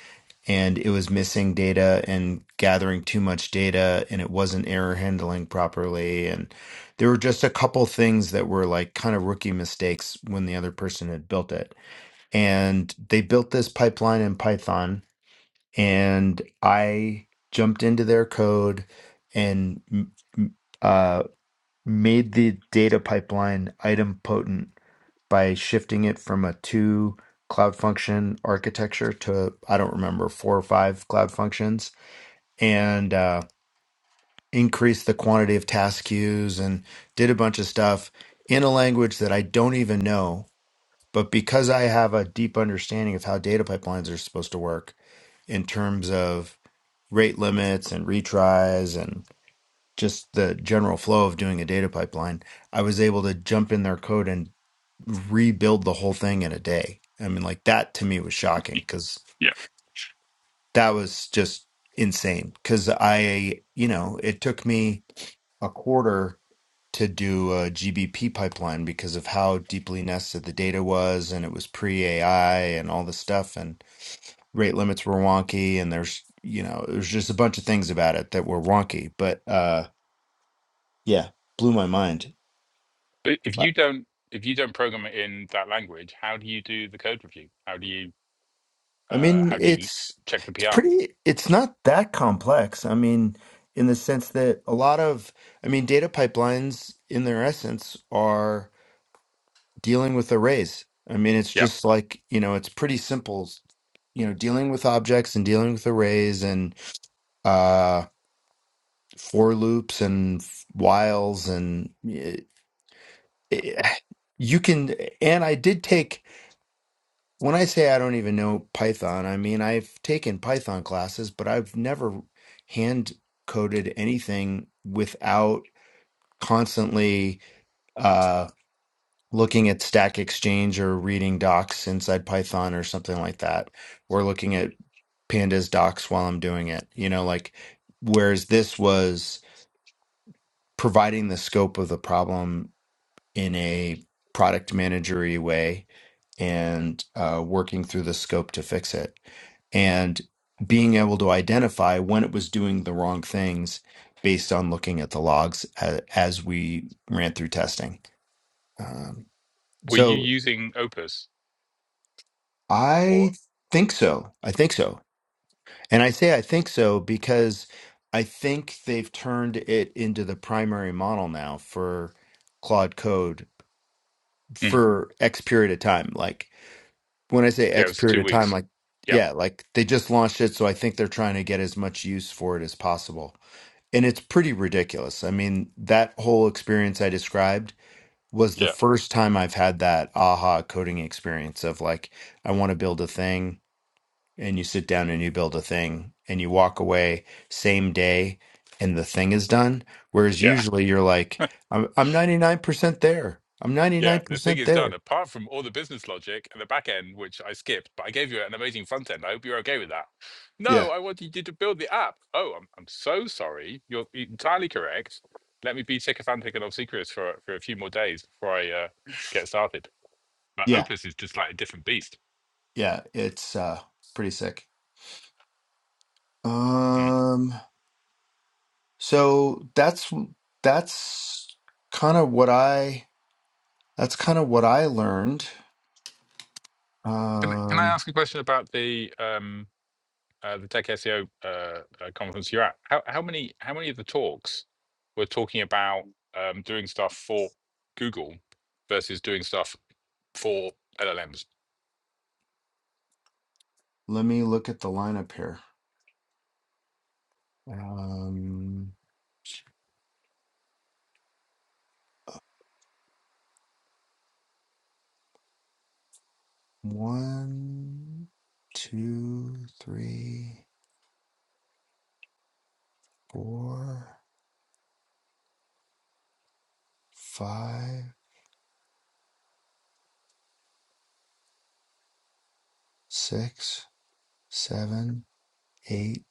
and it was missing data and gathering too much data and it wasn't error handling properly. And there were just a couple things that were like kind of rookie mistakes when the other person had built it. And they built this pipeline in Python and I jumped into their code and m- made the data pipeline item potent by shifting it from a two cloud function architecture to I don't remember four or five cloud functions and uh, increased the quantity of task queues and did a bunch of stuff in a language that I don't even know. But because I have a deep understanding of how data pipelines are supposed to work in terms of rate limits and retries just the general flow of doing a data pipeline, I was able to jump in their code and rebuild the whole thing in a day. I mean, like that to me was shocking because
yeah.
that was just insane. Because I, you know, it took me a quarter to do a GBP pipeline because of how deeply nested the data was, and it was pre AI and all this stuff, and rate limits were wonky, and there's you know there's just a bunch of things about it that were wonky, but uh, yeah, blew my mind.
But if you don't if you don't program it in that language, how do you do the code review? How do you
I
uh,
mean,
how do you
it's
check the
it's
PR?
pretty it's not that complex. I mean, in the sense that a lot of I mean, data pipelines in their essence are dealing with arrays. I mean, it's
Yeah.
just like, you know, it's pretty simple, you know, dealing with objects and dealing with arrays and uh for loops and whiles and eh, eh, you can and I did take When I say I don't even know Python, I mean I've taken Python classes, but I've never hand coded anything without constantly uh, looking at Stack Exchange or reading docs inside Python or something like that, or looking at Pandas docs while I'm doing it. You know, like whereas this was providing the scope of the problem in a product managery way and uh, working through the scope to fix it and being able to identify when it was doing the wrong things based on looking at the logs as, as we ran through testing. Um,
Were you
so
using Opus or
I think so. I think so. And I say I think so because I think they've turned it into the primary model now for Claude Code
Mm,
for X period of time. Like when I say
yeah, it
X
was the
period
two
of time,
weeks.
like
Yeah,
yeah, like they just launched it, so I think they're trying to get as much use for it as possible. And it's pretty ridiculous. I mean, that whole experience I described was the
yeah,
first time I've had that aha coding experience of like, I want to build a thing, and you sit down and you build a thing, and you walk away same day, and the thing is done. Whereas
yeah.
usually you're like, I'm I'm 99% there. I'm
Yeah, the thing
99%
is done.
there.
Apart from all the business logic and the back end, which I skipped, but I gave you an amazing front end. I hope you're okay with that. No,
Yeah.
I wanted you to build the app. Oh, I'm, I'm so sorry. You're entirely correct. Let me be sycophantic and obsequious for, for a few more days before I uh, get started. But
Yeah.
Opus is just like a different beast.
Yeah. It's uh, pretty sick.
Mm.
Um, so that's that's kind of what I that's kind of what I learned.
Can, can I
Um,
ask a question about the um, uh, the Tech SEO uh, uh, conference you're at? How, how many how many of the talks were talking about um, doing stuff for Google versus doing stuff for LLMs?
let me look at the lineup here. Um, one, two, three, four, five, six, seven, eight,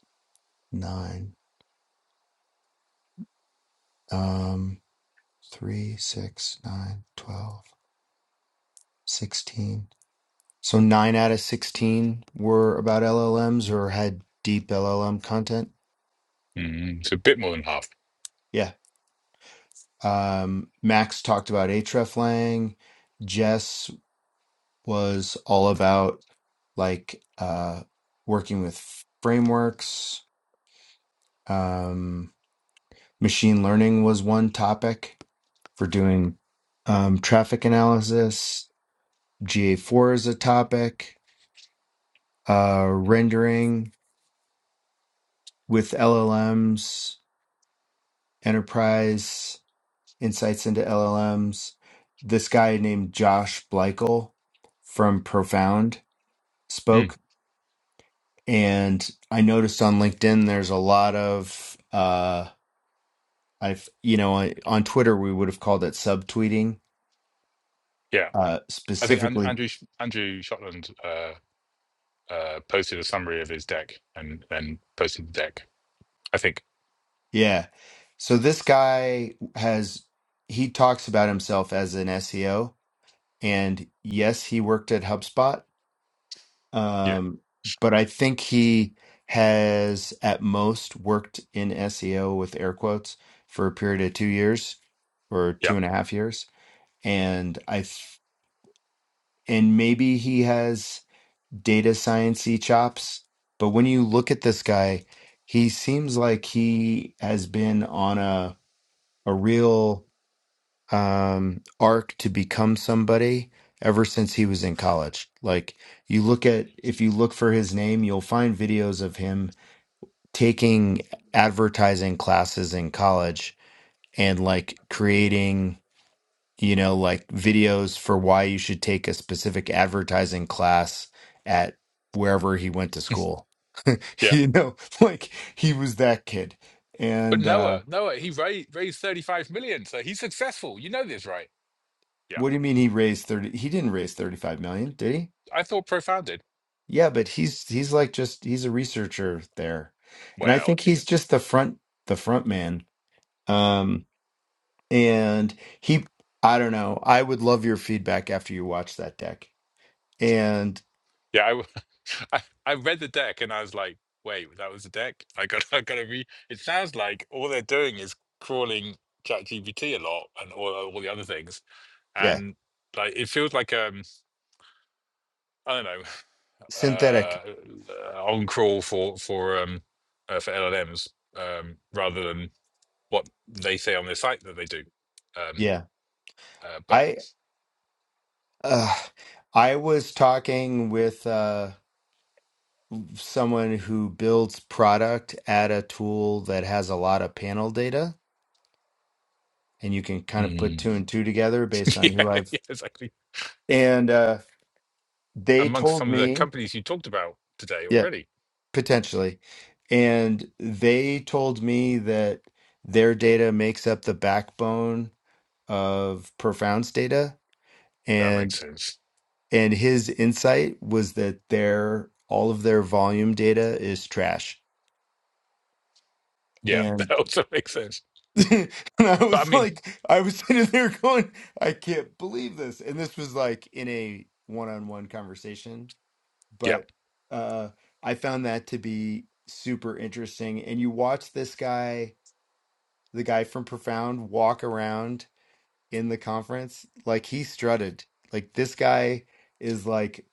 nine. Um, three, six, nine, twelve, sixteen. So nine out of 16 were about LLMs or had deep LLM content.
Mm, so a bit more than half.
Yeah. Um, Max talked about hreflang. Jess was all about like uh, working with frameworks. Um, machine learning was one topic for doing um, traffic analysis. GA4 is a topic. Uh, rendering with LLMs, enterprise. insights into LLMs. This guy named Josh Bleichel from Profound
Mm.
spoke, and I noticed on LinkedIn there's a lot of uh, I've you know on on Twitter we would have called it subtweeting
Yeah,
uh,
I think An-
specifically.
Andrew Sh- Andrew Shotland uh, uh, posted a summary of his deck and and posted the deck. I think.
Yeah, so this guy has he talks about himself as an SEO, and yes, he worked at HubSpot
Yeah.
Um, but I think he has at most worked in SEO with air quotes for a period of two years or
Yeah.
two and a half years. And I, th- and maybe he has data sciencey chops, but when you look at this guy, he seems like he has been on a, a real um, arc to become somebody ever since he was in college. Like you look at, if you look for his name, you'll find videos of him taking advertising classes in college and like creating, you know, like videos for why you should take a specific advertising class at wherever he went to school.
Yeah.
you know, like he was that kid.
But
And
Noah,
uh,
Noah, he raised, raised 35 million. So he's successful. You know this, right? Yeah.
what do you mean he raised 30? He didn't raise 35 million, did he?
I thought profounded.
Yeah, but he's he's like just he's a researcher there. And I
Well,
think
there you go.
he's just the front the front man. Um and he I don't know. I would love your feedback after you watch that deck. And
Yeah, I, w- I, I read the deck and I was like, wait, that was the deck? I got I gotta re it sounds like all they're doing is crawling ChatGPT a lot and all, all the other things.
yeah,
And like it feels like um I don't know,
synthetic.
uh uh, on crawl for for um uh, for LLMs um rather than what they say on their site that they do. Um
Yeah.
uh, but
I uh I was talking with uh someone who builds product at a tool that has a lot of panel data and you can kind of put
Mm.
two and two together based
Yeah,
on who I've
yeah, exactly.
and uh they
Amongst
told
some of the
me
companies you talked about today
yeah.
already.
potentially. And they told me that their data makes up the backbone of Profound's data.
That makes
And
sense.
and his insight was that their all of their volume data is trash.
Yeah, that
And,
also makes sense.
and I
But I
was
mean,
like, I was sitting there going, I can't believe this. And this was like in a one-on-one conversation.
yeah,
But uh I found that to be super interesting. And you watch this guy the guy from Profound walk around in the conference, like he strutted. Like this guy is like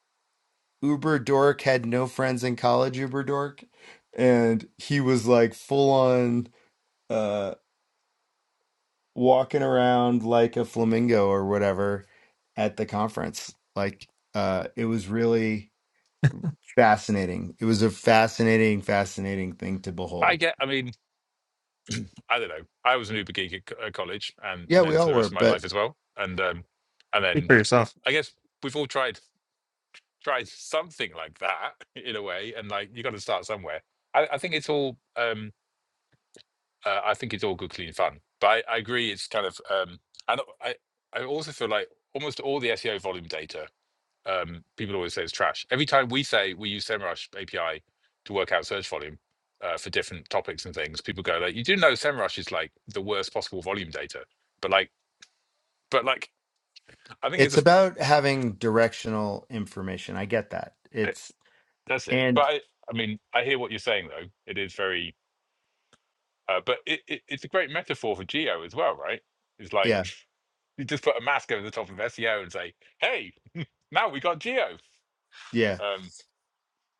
Uber dork, had no friends in college, Uber dork. And he was like full on uh walking around like a flamingo or whatever at the conference. Like uh it was really fascinating. It was a fascinating, fascinating thing to
I
behold.
get, I mean, I don't know. I was an Uber geek at, co- at college and
Yeah, we
then for
all
the
were,
rest of my
but
life as well. And, um, and
Speak
then
for yourself.
I guess we've all tried, tried something like that in a way. And like, you got to start somewhere. I, I think it's all, um, uh, I think it's all good, clean fun. But I, I agree. It's kind of, um, and I, I also feel like almost all the SEO volume data um, people always say it's trash. Every time we say we use SEMrush API to work out search volume uh, for different topics and things, people go like, "You do know SEMrush is like the worst possible volume data." But like, but like, I think
it's
it's
about having directional information. I get that. It's
that's it. But
And
I, I mean, I hear what you're saying though. It is very, uh, but it, it, it's a great metaphor for geo as well, right? It's like
yeah,
you just put a mask over the top of SEO and say, "Hey, now we got geo."
yeah.
Um,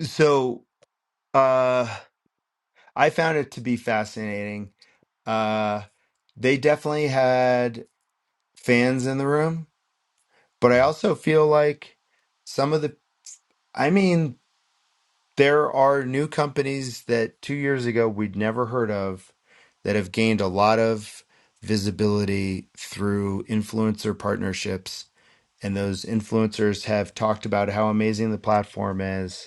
So uh I found it to be fascinating. Uh they definitely had fans in the room, but I also feel like some of the I mean, there are new companies that 2 years ago we'd never heard of that have gained a lot of visibility through influencer partnerships and those influencers have talked about how amazing the platform is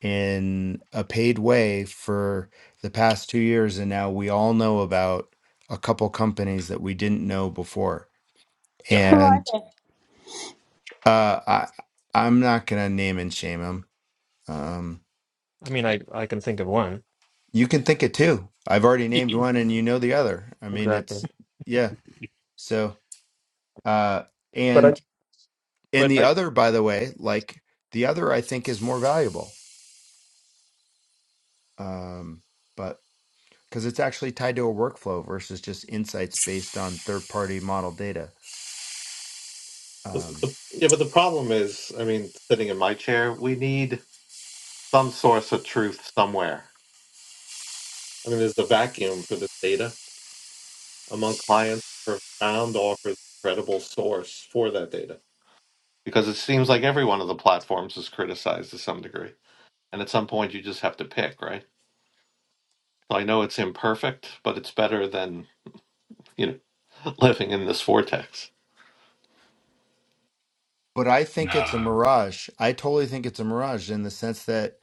in a paid way for the past two years. And now we all know about a couple companies that we didn't know before.
yeah.
Who are
And
they?
uh, I, I'm not going to name and shame them. Um,
I mean, I I can think of one
you can think of two. I've already named one and you know the other. I mean,
exactly,
it's, yeah. So, uh,
but I
and, and
but
the
I
other, by the way, like the other, I think is more valuable. Um, but because it's actually tied to a workflow versus just insights based on third party model data.
The,
Um,
the, yeah, but the problem is, I mean, sitting in my chair, we need. some source of truth somewhere. I mean, there's a vacuum for this data among clients. Profound offers a credible source for that data because it seems like every one of the platforms is criticized to some degree. And at some point, you just have to pick, right? So I know it's imperfect, but it's better than you know living in this vortex.
but I think it's a
No.
mirage. I totally think it's a mirage in the sense that,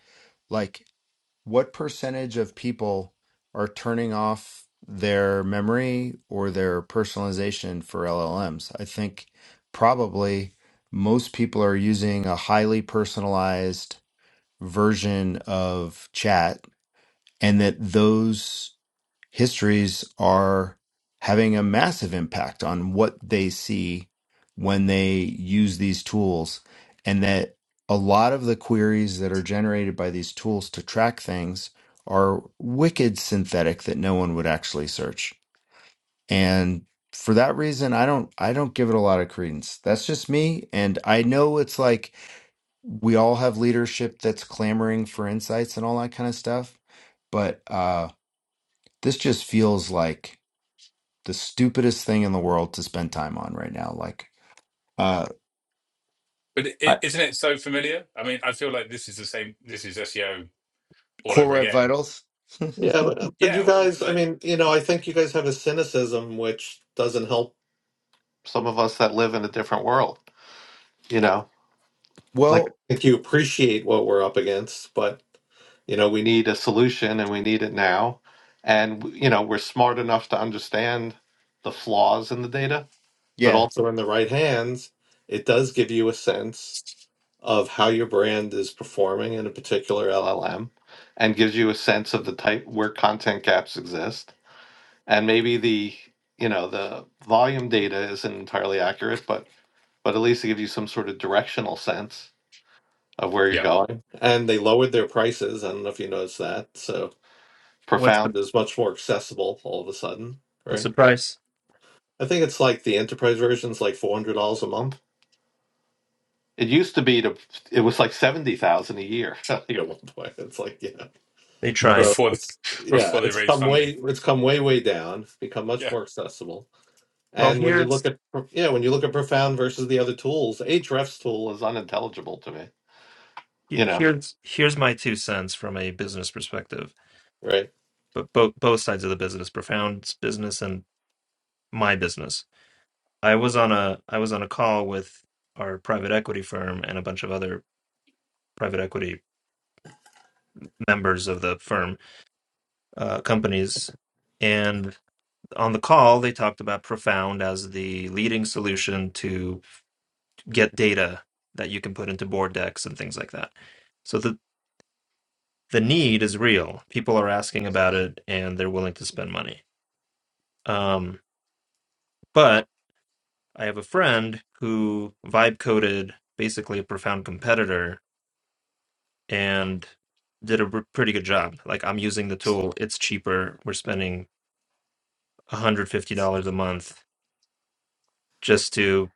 like, what percentage of people are turning off their memory or their personalization for LLMs? I think probably most people are using a highly personalized version of chat and that those histories are having a massive impact on what they see when they use these tools and that a lot of the queries that are generated by these tools to track things are wicked synthetic that no one would actually search and for that reason i don't i don't give it a lot of credence that's just me and i know it's like we all have leadership that's clamoring for insights and all that kind of stuff but uh this just feels like the stupidest thing in the world to spend time on right now. Like uh,
But is
I,
isn't it so familiar? I mean, I feel like this is the same. This is SEO all
Core
over
Web
again.
Vitals.
Yeah, but, but
Yeah,
you
all,
guys, I
like
mean, you know, I think you guys have a cynicism which doesn't help some of us that live in a different world. You know, like I
well,
think you appreciate what we're up against, but You know, we need a solution and we need it now. And, you know, we're smart enough to understand the flaws in the data, but
yeah,
also in the right hands, it does give you a sense of how your brand is performing in a particular LLM and gives you a sense of the type where content gaps exist. And maybe the, you know, the volume data isn't entirely accurate, but but at least it gives you some sort of directional sense of where you're
yeah,
going. And they lowered their prices. I don't know if you noticed that. So
what's the
profound is much more accessible all of a sudden,
what's the
right?
price?
I think it's like the enterprise version's like four hundred dollars a month. It used to be to it was like seventy thousand a year I think at one point. It's like yeah,
They
so
tried.
before th-
it's yeah,
before they
it's
raise
come
funding.
way it's come way way down. It's become much
Yeah,
more accessible.
Well,
And when you look
here's
at Pro- yeah, when you look at profound versus the other tools, Ahrefs tool is unintelligible to me. You
he-
know,
here's here's my two cents from a business perspective,
right?
but both both sides of the business, Profound's business and my business. I was on a I was on a call with our private equity firm and a bunch of other private equity members of the firm uh, companies, and on the call they talked about Profound as the leading solution to get data that you can put into board decks and things like that. So the the need is real. People are asking about it and they're willing to spend money. Um, but I have a friend who vibe coded basically a profound competitor and did a r- pretty good job. Like I'm using the tool, it's cheaper. We're spending $150 a month just to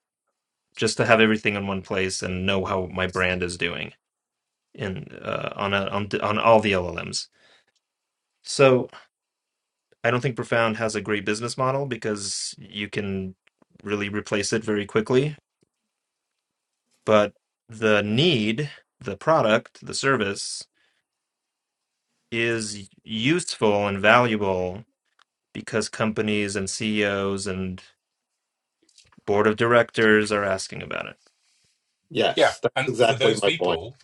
just to have everything in one place and know how my brand is doing in uh, on a, on on all the LLMs. So I don't think Profound has a great business model because you can really replace it very quickly. But the need, the product, the service is useful and valuable because companies and CEOs and board of directors are asking about it.
yeah.
Yes, that's
And for
exactly
those
my point.
people,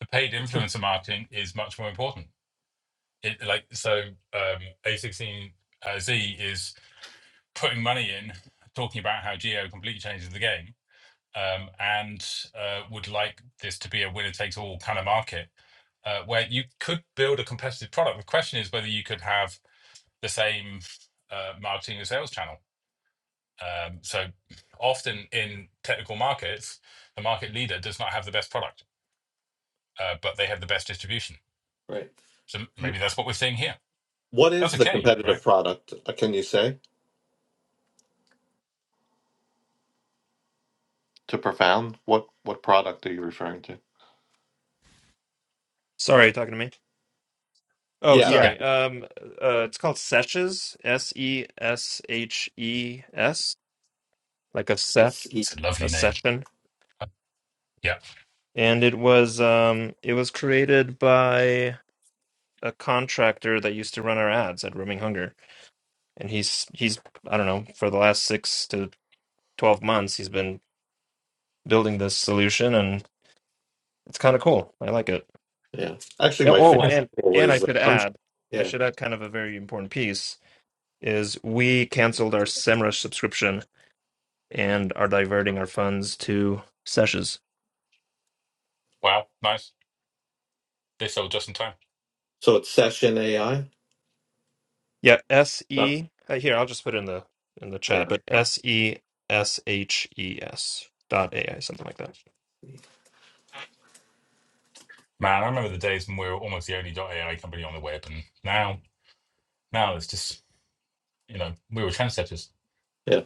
the paid influencer marketing is much more important. It like so um, A16Z is putting money in, talking about how geo completely changes the game, um, and uh, would like this to be a winner takes all kind of market uh, where you could build a competitive product. The question is whether you could have the same uh, marketing and sales channel. Um, so often in technical markets, the market leader does not have the best product, uh, but they have the best distribution.
Right.
So maybe that's what we're seeing here.
What is
That's
the
okay, right?
competitive product? uh, Can you say? To profound? What what product are you referring to?
Sorry, you talking to me. Oh,
Yeah,
yeah,
Yeah,
sorry. Um, uh, it's called Seshes, S E S H E S, like a
S
sesh,
E.
it's a
a
lovely name.
session,
Uh, Yeah,
and it was um, it was created by a contractor that used to run our ads at Roaming Hunger, and he's he's I don't know for the last six to twelve months he's been building this solution, and it's kind of cool. I like it.
Yeah. Actually,
Yeah,
my
Oh,
favorite
nice.
and
tool
and I
is uh,
should
Gumshoe.
add, I
Yeah.
should add kind of a very important piece is we canceled our Semrush subscription and are diverting our funds to Seshes.
Wow, nice. They sold just in time.
So it's Session AI.
Yeah, S
No.
E. uh, Here, I'll just put it in the in the
Yeah.
chat, but S E S H E S dot A I something like that.
Man, I remember the days when we were almost the only .ai company on the web, and now, now it's just you know we were trendsetters.
Yeah.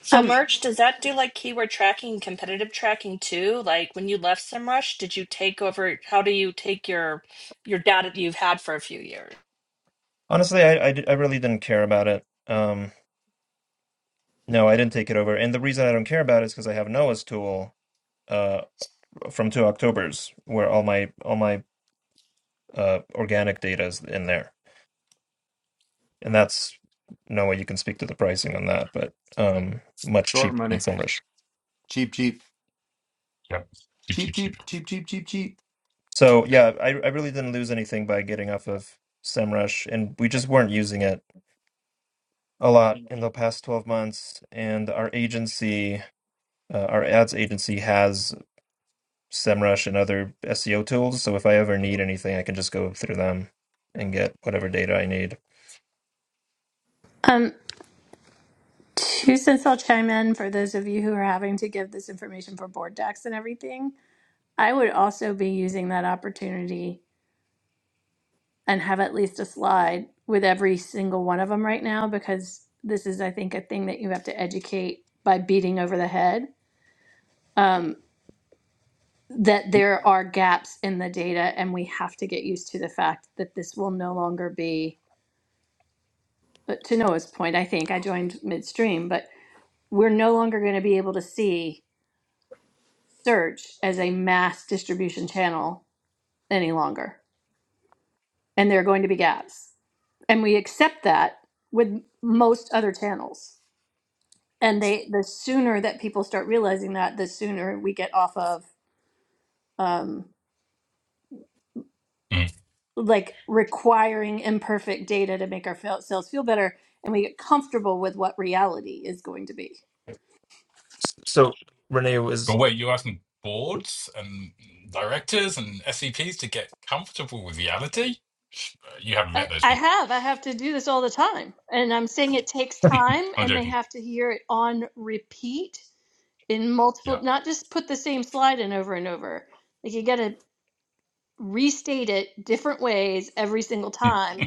So
Um,
merch, does that do like keyword tracking and competitive tracking too? Like when you left SEMrush, did you take over, how do you take your your data that you've had for a few years?
Honestly, I, I, di- I really didn't care about it. Um, no, I didn't take it over. And the reason I don't care about it is because I have Noah's tool uh, from two Octobers, where all my all my uh, organic data is in there, and that's Noah. You can speak to the pricing on that, but um, much
short
cheaper than
money,
Semrush.
cheap, cheap,
Yep, cheap, cheap,
cheap,
cheap.
cheap, cheap, cheap, cheap, cheap.
So yeah, I, I really didn't lose anything by getting off of Semrush, and we just weren't using it a lot in the past twelve months. And our agency, uh, our ads agency, has. SEMrush and other SEO tools. So if I ever need anything, I can just go through them and get whatever data I need.
um, two cents I'll chime in for those of you who are having to give this information for board decks and everything. I would also be using that opportunity and have at least a slide with every single one of them right now because this is, I think, a thing that you have to educate by beating over the head. Um, that there are gaps in the data, and we have to get used to the fact that this will no longer be. But to Noah's point, I think I joined midstream, but we're no longer going to be able to see search as a mass distribution channel any longer. And there are going to be gaps. And we accept that with most other channels. And they the sooner that people start realizing that, the sooner we get off of um,
Mm.
like requiring imperfect data to make our fel- feel better and we get comfortable with what reality is going to be.
S- So Renee, was
But wait, you're asking boards and directors and SCPs to get comfortable with reality? Uh, You haven't
I,
met those
I
people.
have. I have to do this all the time. And I'm saying it takes time
I'm
and they
joking.
have to hear it on repeat in
Yeah.
multiple not just put the same slide in over and over like you gotta restate it different ways every single time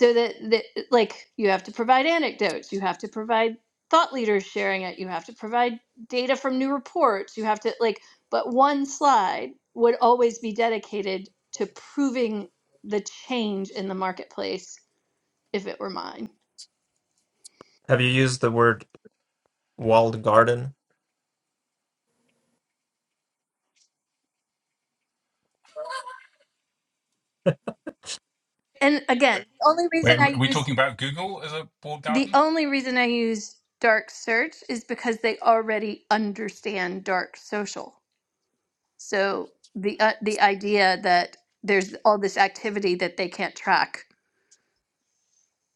so that, that like you have to provide anecdotes you have to provide thought leaders sharing it you have to provide data from new reports you have to like but one slide would always be dedicated to proving the change in the marketplace if it were mine
have you used the word walled garden?
and again the only reason
Wait, are
i
we
use
talking about Google as a board
The
garden?
only reason I use dark search is because they already understand dark social. So the uh, the idea that there's all this activity that they can't track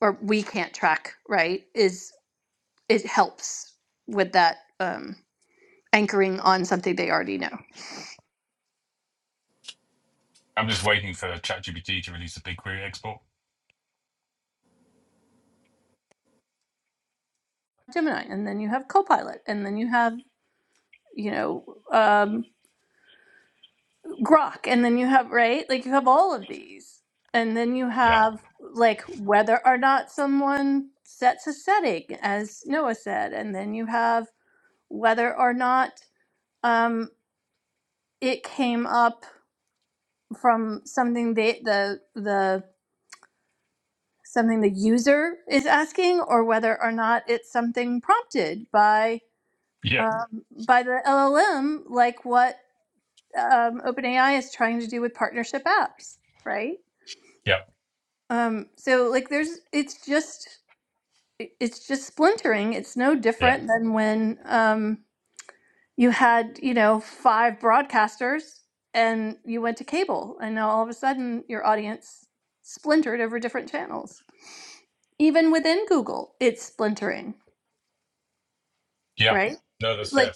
or we can't track, right? Is it helps with that um, anchoring on something they already know.
I'm just waiting for ChatGPT to release a BigQuery export.
Gemini, and then you have Copilot, and then you have you know um, grok and then you have right like you have all of these and then you
Yeah.
have like whether or not someone sets a setting as noah said and then you have whether or not um it came up from something they the the something the user is asking or whether or not it's something prompted by
Yeah.
um, by the llm like what um, openai is trying to do with partnership apps right
Yeah.
Um, so like there's it's just it- it's just splintering. It's no
Yeah.
different than when um you had, you know, five broadcasters and you went to cable and now all of a sudden your audience splintered over different channels. Even within Google, it's splintering,
Yeah.
right?
No, that's
Like
fair.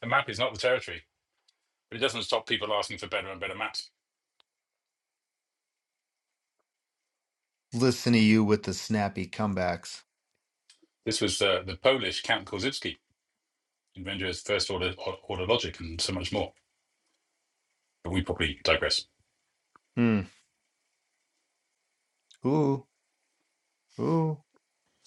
The map is not the territory, but it doesn't stop people asking for better and better maps.
Listen to you with the snappy comebacks.
This was uh, the Polish Count Korzybski, inventor of first order, order logic and so much more. But we probably digress.
Hmm. Ooh, ooh.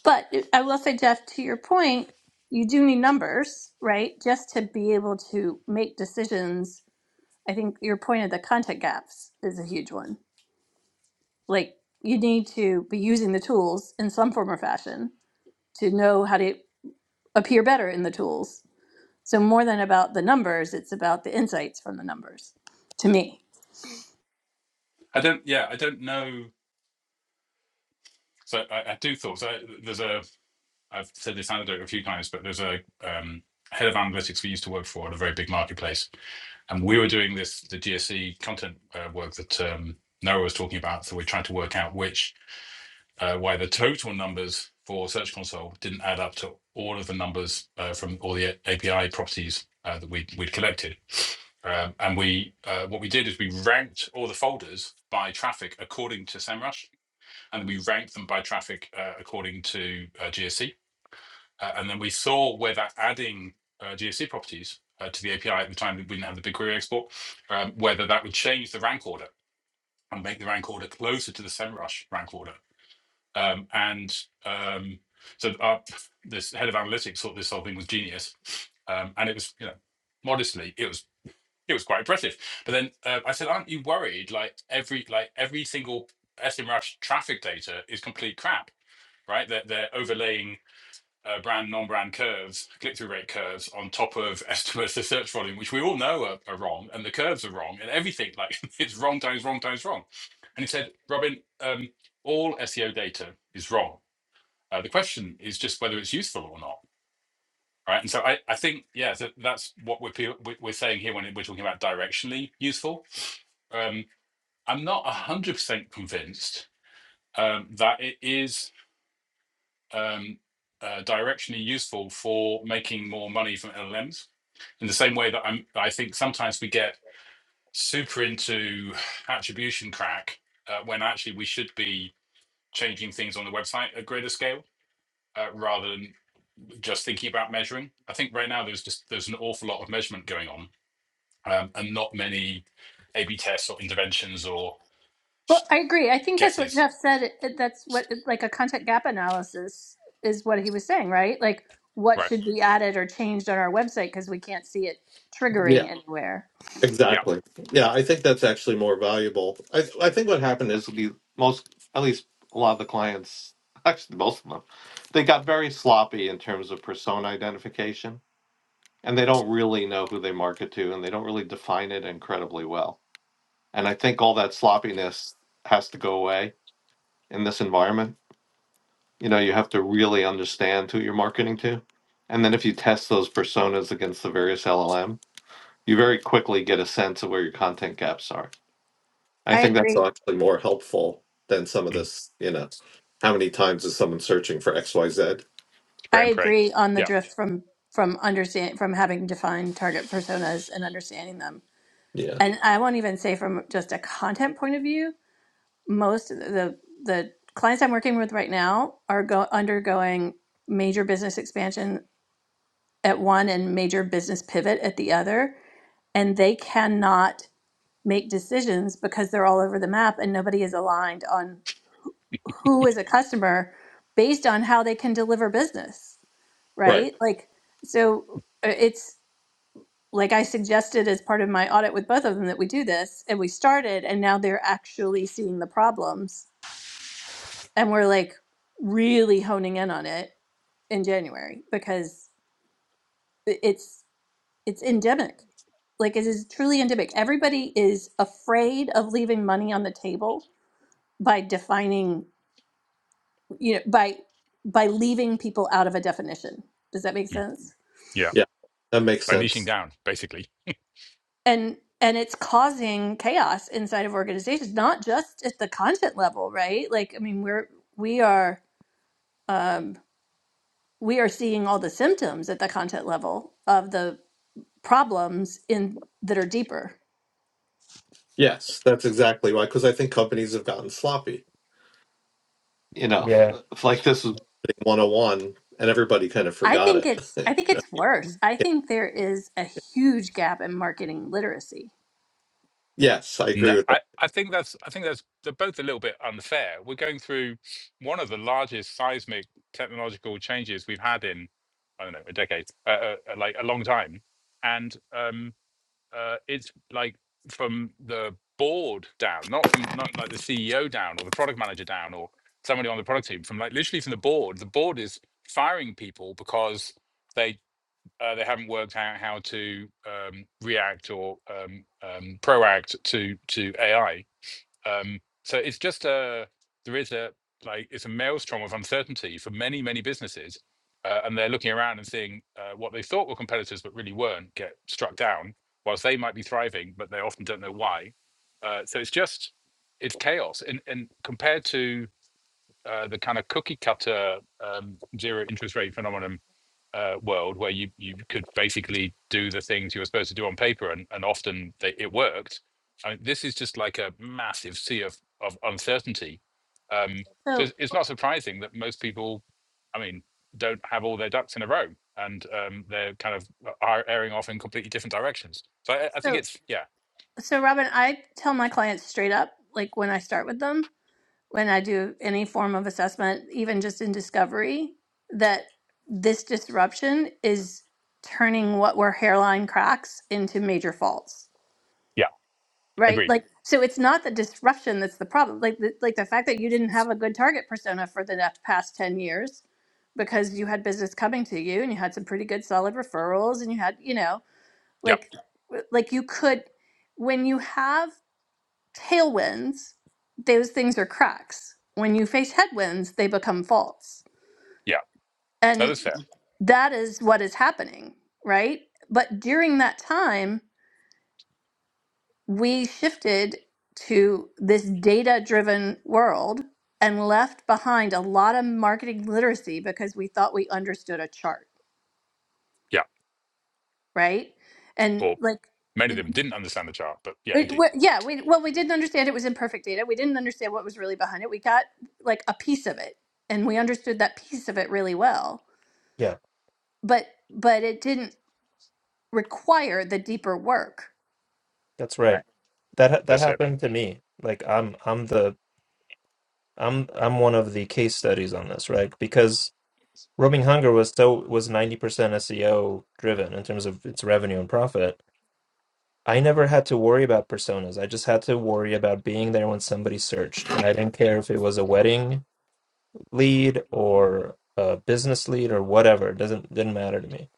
but uh, I will say Jeff to your point, you do need numbers, right? Just to be able to make decisions. I think your point of the content gaps is a huge one like you need to be using the tools in some form or fashion to know how to appear better in the tools so more than about the numbers it's about the insights from the numbers to me
I don't, yeah, I don't know So I, I do thought so. There's a I've said this anecdote a few times, but there's a um, head of analytics we used to work for at a very big marketplace, and we were doing this the GSE content uh, work that um, Noah was talking about. So we tried to work out which uh, why the total numbers for Search Console didn't add up to all of the numbers uh, from all the API properties uh, that we'd, we'd collected. Um, and we uh, what we did is we ranked all the folders by traffic according to SEMrush and we ranked them by traffic uh, according to uh, GSC. Uh, and then we saw whether adding uh, GSC properties uh, to the API at the time that we didn't have the BigQuery export, um, whether that would change the rank order and make the rank order closer to the SEMrush rank order. Um, and um, so our, this head of analytics thought this whole thing was genius, um, and it was, you know, modestly, it was it was quite impressive. But then uh, I said, "Aren't you worried? Like every like every single SEMrush traffic data is complete crap." right? They're, they're overlaying uh, brand, non-brand curves, click-through rate curves on top of estimates of search volume, which we all know are, are wrong, and the curves are wrong, and everything like it's wrong times wrong times wrong. And he said, Robin, um, all SEO data is wrong. Uh, the question is just whether it's useful or not, right? And so I, I think, yeah, so that's what we're we- we're saying here when we're talking about directionally useful. Um, I'm not one hundred percent convinced um, that it is um, uh, directionally useful for making more money from LLMs. In the same way that I'm, I think sometimes we get super into attribution crack uh, when actually we should be changing things on the website at greater scale uh, rather than just thinking about measuring. I think right now there's just there's an awful lot of measurement going on um, and not many A/B tests or interventions or
well i agree i think that's what
guesses.
jeff said It- it- that's what like a content gap analysis is what he was saying right like what
Right.
should be added or changed on our website because we can't see it
Yeah.
triggering anywhere
Yeah.
Exactly. Yeah, I think that's actually more valuable. I I think what happened is This most, at least a lot of the clients, actually most of them, they got very sloppy in terms of persona identification, and they don't really know who they market to, and they don't really define it incredibly well. And I think all that sloppiness has to go away. in this environment. You know, you have to really understand who you're marketing to. And then if you test those personas against the various LLM, you very quickly get a sense of where your content gaps are. I
i
think that's
agree
actually more helpful than some of
Mm.
this, you know, how many times is someone searching for XYZ?
Spray
i
and pray.
agree on the
Yeah.
drift from from understand from having defined target personas and understanding them
Yeah.
and I won't even say from just a content point of view, most of the the clients I'm working with right now are go undergoing major business expansion at one and major business pivot at the other, and they cannot make decisions because they're all over the map and nobody is aligned on who is a customer based on how they can deliver business,
Right.
right? Like so uh, it's like I suggested as part of my audit with both of them that we do this and we started and now they're actually seeing the problems and we're like really honing in on it in January because it's it's endemic. Like it is truly endemic. Everybody is afraid of leaving money on the table by defining, you know, by by leaving people out of a definition. Does that make
Mm.
sense?
Yeah.
Yeah. That makes
By niching
sense.
down, basically.
and and it's causing chaos inside of organizations not just at the content level right like i mean we're we are um we are seeing all the symptoms at the content level of the problems in that are deeper
Yes, that's exactly why. Because I think companies have gotten sloppy. You know, f-
Yeah,
like this was marketing 101 and everybody kind of
i
forgot
think
it.
it's i think
You
it's worse i
know?
think there is a huge gap in marketing literacy
Yes, I
No,
agree with
I,
that.
I think that's I think that's they're both a little bit unfair. We're going through one of the largest seismic technological changes we've had in I don't know a decade, uh, uh, uh, like a long time, and um, uh, it's like from the board down, not from not like the CEO down or the product manager down or somebody on the product team, from like literally from the board. The board is firing people because. they uh, they haven't worked out how to um, react or um, um, proact to to AI. Um, so it's just a there is a like it's a maelstrom of uncertainty for many many businesses, uh, and they're looking around and seeing uh, what they thought were competitors but really weren't get struck down, whilst they might be thriving, but they often don't know why. Uh, so it's just it's chaos, and and compared to uh, the kind of cookie cutter um, zero interest rate phenomenon uh, world where you you could basically do the things you were supposed to do on paper, and and often they, it worked. I mean, this is just like a massive sea of of uncertainty. Um, so
so
it's, it's not surprising that most people, I mean, don't have all their ducks in a row, and um, they're kind of uh, are airing off in completely different directions. So I, I think
So,
it's yeah,
so Robin, I tell my clients straight up, like when I start with them, when I do any form of assessment, even just in discovery, that this disruption is turning what were hairline cracks into major faults.
yeah,
Right?
agreed.
Like, so it's not the disruption that's the problem. Like, the, like the fact that you didn't have a good target persona for the past 10 years because you had business coming to you and you had some pretty good solid referrals and you had, you know,
Yeah,
like, like you could, when you have tailwinds, those things are cracks. When you face headwinds, they become faults.
yeah, no, that's
And
fair.
that is what is happening, right? But during that time, we shifted to this data driven world and left behind a lot of marketing literacy because we thought we understood a chart,
Yeah,
right? And
or
like,
many of them didn't understand the chart, but yeah,
It,
indeed,
we, yeah, we well, we didn't understand it was imperfect data. We didn't understand what was really behind it. We got like a piece of it, and we understood that piece of it really well.
yeah,
But but it didn't require the deeper work.
that's right.
Right.
That ha- that
that's it.
happened to me. Like I'm I'm the I'm I'm one of the case studies on this, right? Because Roaming Hunger was so was 90% SEO driven in terms of its revenue and profit. I never had to worry about personas. I just had to worry about being there when somebody searched. And I didn't care if it was a wedding lead or a business lead or whatever. It doesn't didn't matter to me.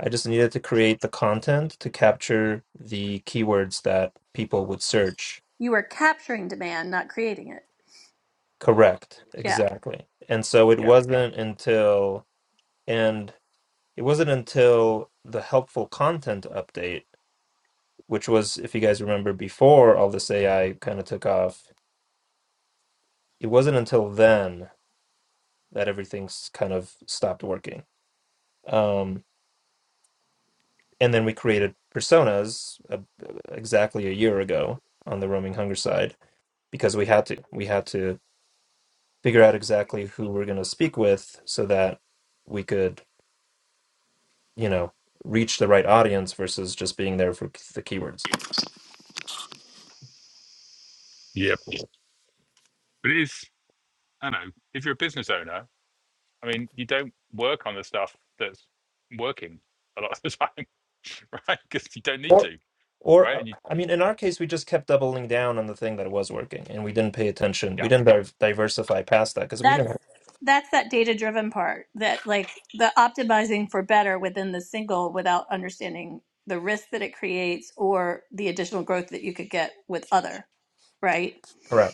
I just needed to create the content to capture the keywords that people would search.
You were capturing demand, not creating it.
Correct.
Yeah,
Exactly. And so it
Yeah,
wasn't until and it wasn't until the helpful content update, which was, if you guys remember before all this AI kind of took off, it wasn't until then that everything's kind of stopped working. Um, and then we created personas uh, exactly a year ago on the roaming hunger side because we had to we had to figure out exactly who we're going to speak with so that we could you know reach the right audience versus just being there for the keywords
yep. But it is, I know, if you're a business owner I mean, you don't work on the stuff that's working a lot of the time, right? Because you don't need
or
to,
or
right?
uh,
And you,
i mean in our case we just kept doubling down on the thing that was working and we didn't pay attention
yeah,
we didn't div- diversify past that because we
that's
didn't
that's that data driven part. That like the optimizing for better within the single without understanding the risk that it creates or the additional growth that you could get with other. Right.
correct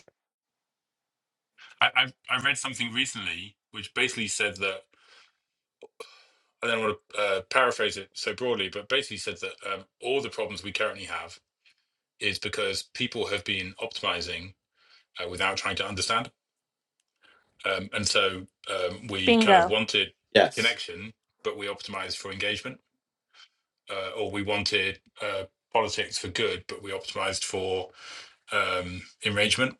I, I've I read something recently which basically said that I don't want to uh, paraphrase it so broadly, but basically said that um, all the problems we currently have is because people have been optimizing uh, without trying to understand, um, and so um, we kind of
Bingo.
wanted
Yes.
connection, but we optimized for engagement, uh, or we wanted uh, politics for good, but we optimized for um, enragement,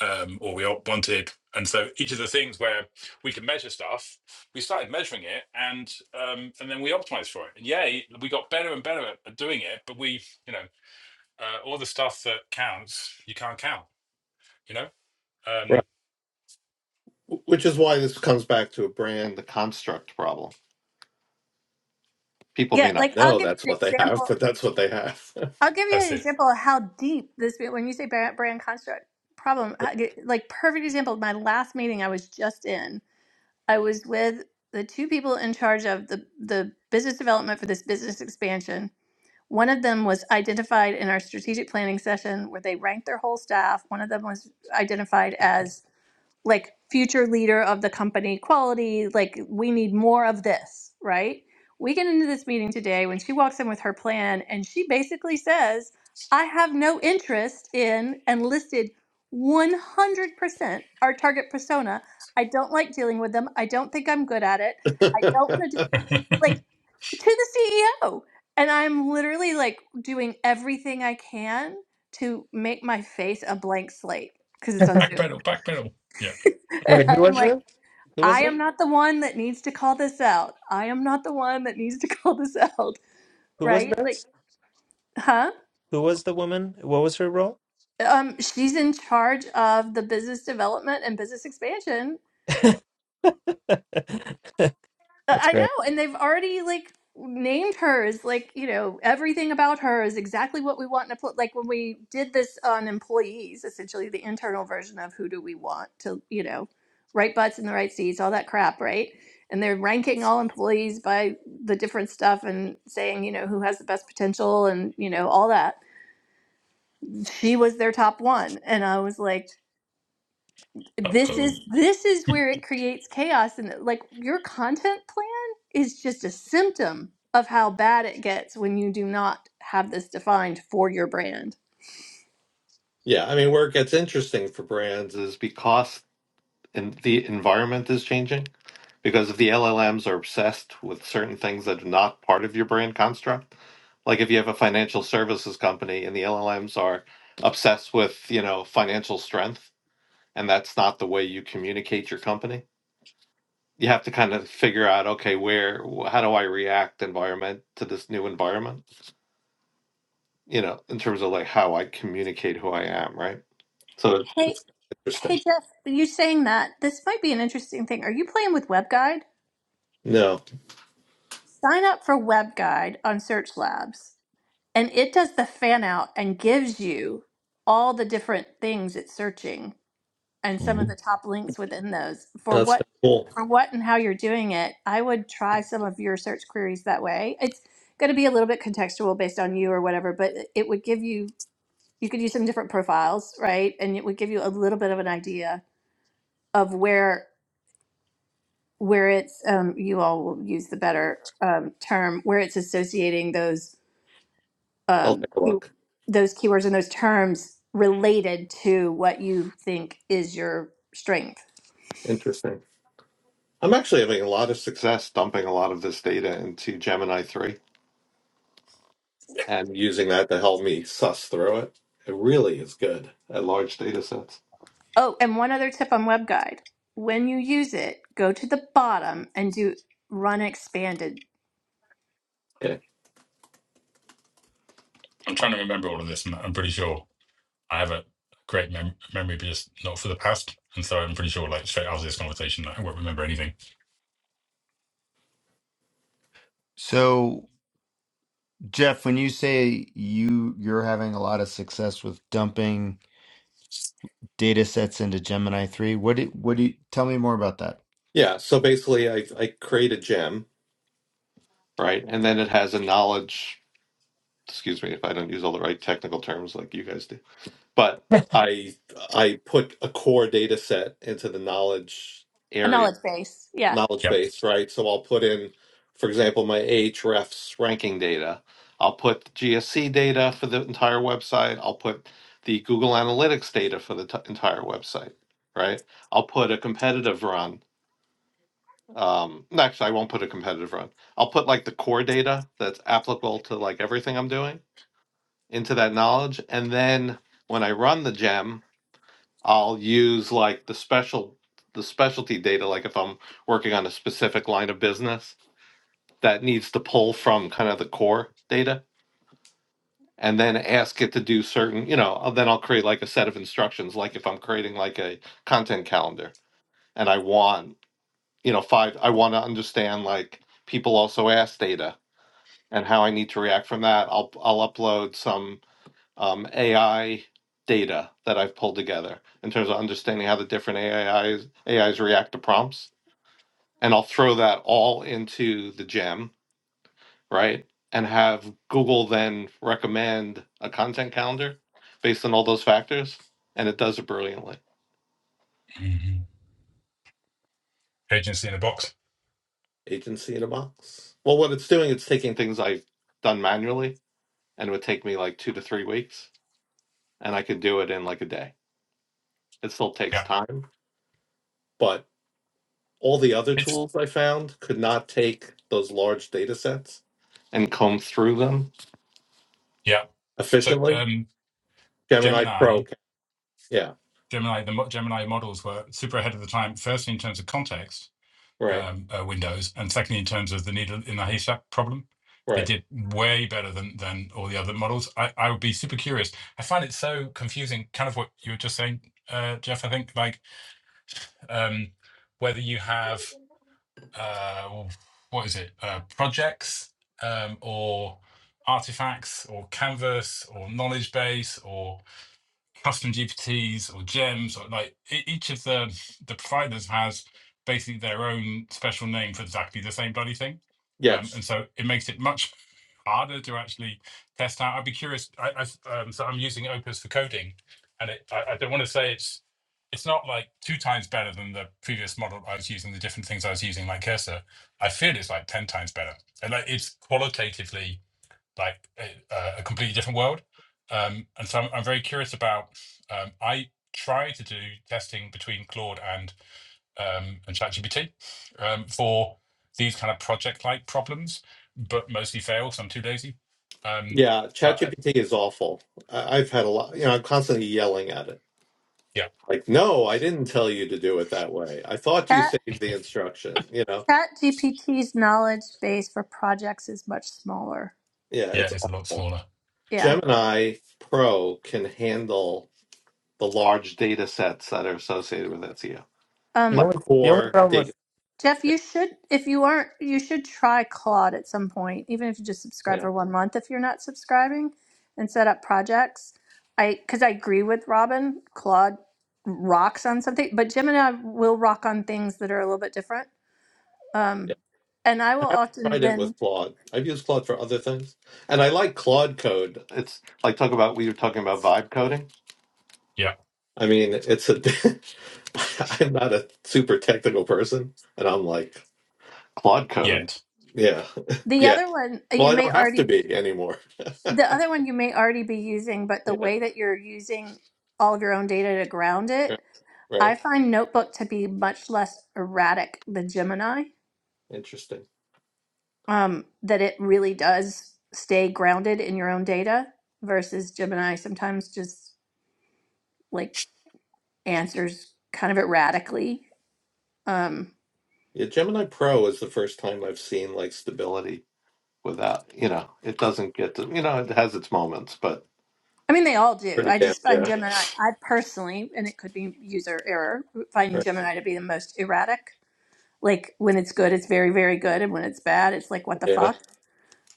um, or we all wanted. And so each of the things where we can measure stuff, we started measuring it, and um, and then we optimized for it. And yay, we got better and better at, at doing it. But we, you know, uh, all the stuff that counts, you can't count. You know, um,
Right. Which is why this comes back to a brand, the construct problem. People
Yeah,
may not
like I'll
know
give
that's
you an
what they have,
example
but that's what they have.
I'll give you
that's
an
it.
example of how deep this, when you say brand, brand construct problem, how- like perfect example, my last meeting I was just in, I was with the two people in charge of the, the business development for this business expansion. One of them was identified in our strategic planning session where they ranked their whole staff. One of them was identified as like future leader of the company quality like we need more of this right we get into this meeting today when she walks in with her plan and she basically says i have no interest in and listed 100% our target persona i don't like dealing with them i don't think i'm good at it i don't want to do like to the ceo and i'm literally like doing everything i can to make my face a blank slate because it's on zoom
Backpedal, backpedal. Yeah.
and
Wait,
i
who
am
was
like
this? Who was
I
it?
am not the one that needs to call this out. I am not the one that needs to call this out,
Who was
right? Like,
this?
huh?
Who was the woman? What was her role?
Um, she's in charge of the business development and business expansion
That's
Uh, I know,
great.
and they've already like named her as like you know everything about her is exactly what we want in a pl- like when we did this on employees, essentially the internal version of who do we want to you know right butts in the right seats, all that crap, right? And they're ranking all employees by the different stuff and saying you know who has the best potential and you know all that. She was their top one, and I was like
Uh
this
oh.
is this is where it creates chaos and like your content plan is just a symptom of how bad it gets when you do not have this defined for your brand
yeah, I mean, where it gets interesting for brands is because in the environment is changing. Because if the LLMs are obsessed with certain things that are not part of your brand construct, like if you have a financial services company and the LLMs are obsessed with, you know, financial strength, and that's not the way you communicate your company you have to kind of figure out okay where wh- how do i react environment to this new environment you know in terms of like how i communicate who i am right so it's,
hey
it's interesting
hey jeff you saying that this might be an interesting thing are you playing with webguide
no
sign up for webguide on search labs and it does the fan out and gives you all the different things it's searching and some of the top links within those for
that's
what
cool
for what and how you're doing it i would try some of your search queries that way it's going to be a little bit contextual based on you or whatever but it would give you you could use some different profiles right and it would give you a little bit of an idea of where where it's um, you all will use the better um, term where it's associating those
i'll
um,
take a
key,
look
those keywords and those terms related to what you think is your strength.
interesting i'm actually having a lot of success dumping a lot of this data into gemini 3 and using that to help me suss through it it really is good at large data sets
Oh, and one other tip on WebGuide. When you use it, go to the bottom and do run expanded
okay
I'm trying to remember all of this, and I'm pretty sure I have a great mem- memory, but just not for the past. And so I'm pretty sure, like straight after this conversation, I won't remember anything.
So, Jeff, when you say you you're having a lot of success with dumping data sets into Gemini three, what do what do you tell me more about that?
yeah so basically i, I create a gem right and then it has a knowledge excuse me if I don't use all the right technical terms like you guys do. But I I put a core data set into the knowledge
a
area,
knowledge base. Yeah.
knowledge
Yep.
base, right? So I'll put in, for example, my Ahrefs ranking data. I'll put GSC data for the entire website. I'll put the Google Analytics data for the t- entire website, right? I'll put a competitive run. Um, no, actually, I won't put a competitive run. I'll put like the core data that's applicable to like everything I'm doing into that knowledge and then when i run the gem i'll use like the special the specialty data like if i'm working on a specific line of business that needs to pull from kind of the core data and then ask it to do certain you know then i'll create like a set of instructions like if i'm creating like a content calendar and i want you know five i want to understand like people also ask data and how i need to react from that i'll i'll upload some um, AI data that I've pulled together in terms of understanding how the different AIs, AIs react to prompts. And I'll throw that all into the gem, right? And have Google then recommend a content calendar based on all those factors. And it does it brilliantly.
agency in a box.
Agency in a box. Well, what it's doing, it's taking things I've done manually and it would take me like two to three weeks. And I could do it in like a day. It still takes
Yeah,
time, but all the other
it's
tools I found could not take those large data sets and comb through them
yeah. So
efficiently.
um,
Gemini
Gemini,
Pro, can. yeah,
Gemini, the Gemini models were super ahead of the time. Firstly, in terms of context
right,
um, uh, windows, and secondly, in terms of the needle in the haystack problem. They
right,
did way better than than all the other models. I, I would be super curious. I find it so confusing, kind of what you were just saying, uh, Jeff. I think like um, whether you have uh, what is it? Uh, projects um, or artifacts or canvas or knowledge base or custom GPTs or gems or like e- each of the the providers has basically their own special name for exactly the same bloody thing, um,
yes,
and so it makes it much harder to actually test out. I'd be curious. I I um, so I'm using Opus for coding, and it, I, I don't want to say it's it's not like two times better than the previous model I was using. The different things I was using, like Cursor, I feel it's like ten times better. And like it's qualitatively like a, a completely different world. Um, and so I'm, I'm very curious about. Um, I try to do testing between Claude and um, and ChatGPT um, for these kind of project-like problems, but mostly fail. So I'm too lazy. Um,
yeah.
but uh,
ChatGPT is awful. I- I've had a lot, you know, I'm constantly yelling at it.
yeah,
Like, no, I didn't tell you to do it that way. I thought you
Chat
saved the instruction. You know,
Chat GPT's knowledge base for projects is much smaller.
yeah,
yeah,
it's
it's a lot
awful.
smaller.
Yeah.
Gemini Pro can handle the large data sets that are associated with SEO,
The
Um
like
only the only
core
problem with
data.
Jeff, you should, if you aren't, you should try Claude at some point, even if you just subscribe
Yeah.
for one month if you're not subscribing and set up projects. I, because I agree with Robin, Claude rocks on something, but Jim and I will rock on things that are a little bit different. Um, and I will
have
often
tried it with
then,
Claude. I've used Claude for other things, and I like Claude code. It's like talk about we were talking about vibe coding.
Yeah,
I mean, it's a. I'm not a super technical person, and I'm like Claude code.
yet.
Yeah,
the
yeah.
other one uh,
Well,
you
I
may
don't have to
already,
be anymore.
the other one you may already be using, but the
Yeah,
way that you're using all of your own data to ground
yeah,
it, I
right.
find Notebook to be much less erratic than Gemini
Interesting.
um, that it really does stay grounded in your own data versus Gemini sometimes just like answers kind of erratically. Um,
Yeah, Gemini Pro is the first time I've seen like stability without. You know, it doesn't get to. You know, it has its moments, but
I mean, they all do.
pretty
I
damn
just find
yeah.
Gemini, I personally, and it could be user error, find
Right.
Gemini to be the most erratic. Like when it's good, it's very, very good. And when it's bad, it's like, what the
Yeah.
fuck?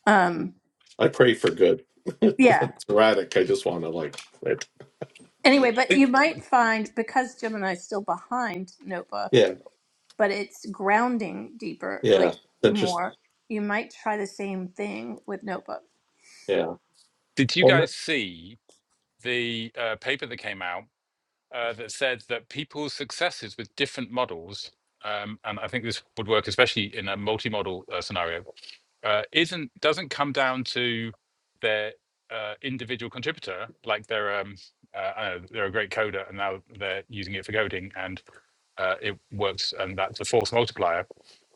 Um,
I pray for good. when
yeah.
it's erratic, I just want to like quit.
Anyway, but you
Did,
might find because Gemini's still behind Notebook
Yeah,
but it's grounding deeper or
yeah,
like
it's interesting.
more. You might try the same thing with Notebook.
Yeah,
did you
well, no-
guys see the uh, paper that came out? uh, that said that people's successes with different models, um, and I think this would work especially in a multi-model uh, scenario, uh, isn't doesn't come down to their uh, individual contributor, like they're um, uh, I don't know, they're a great coder and now they're using it for coding and uh, it works and that's a force multiplier.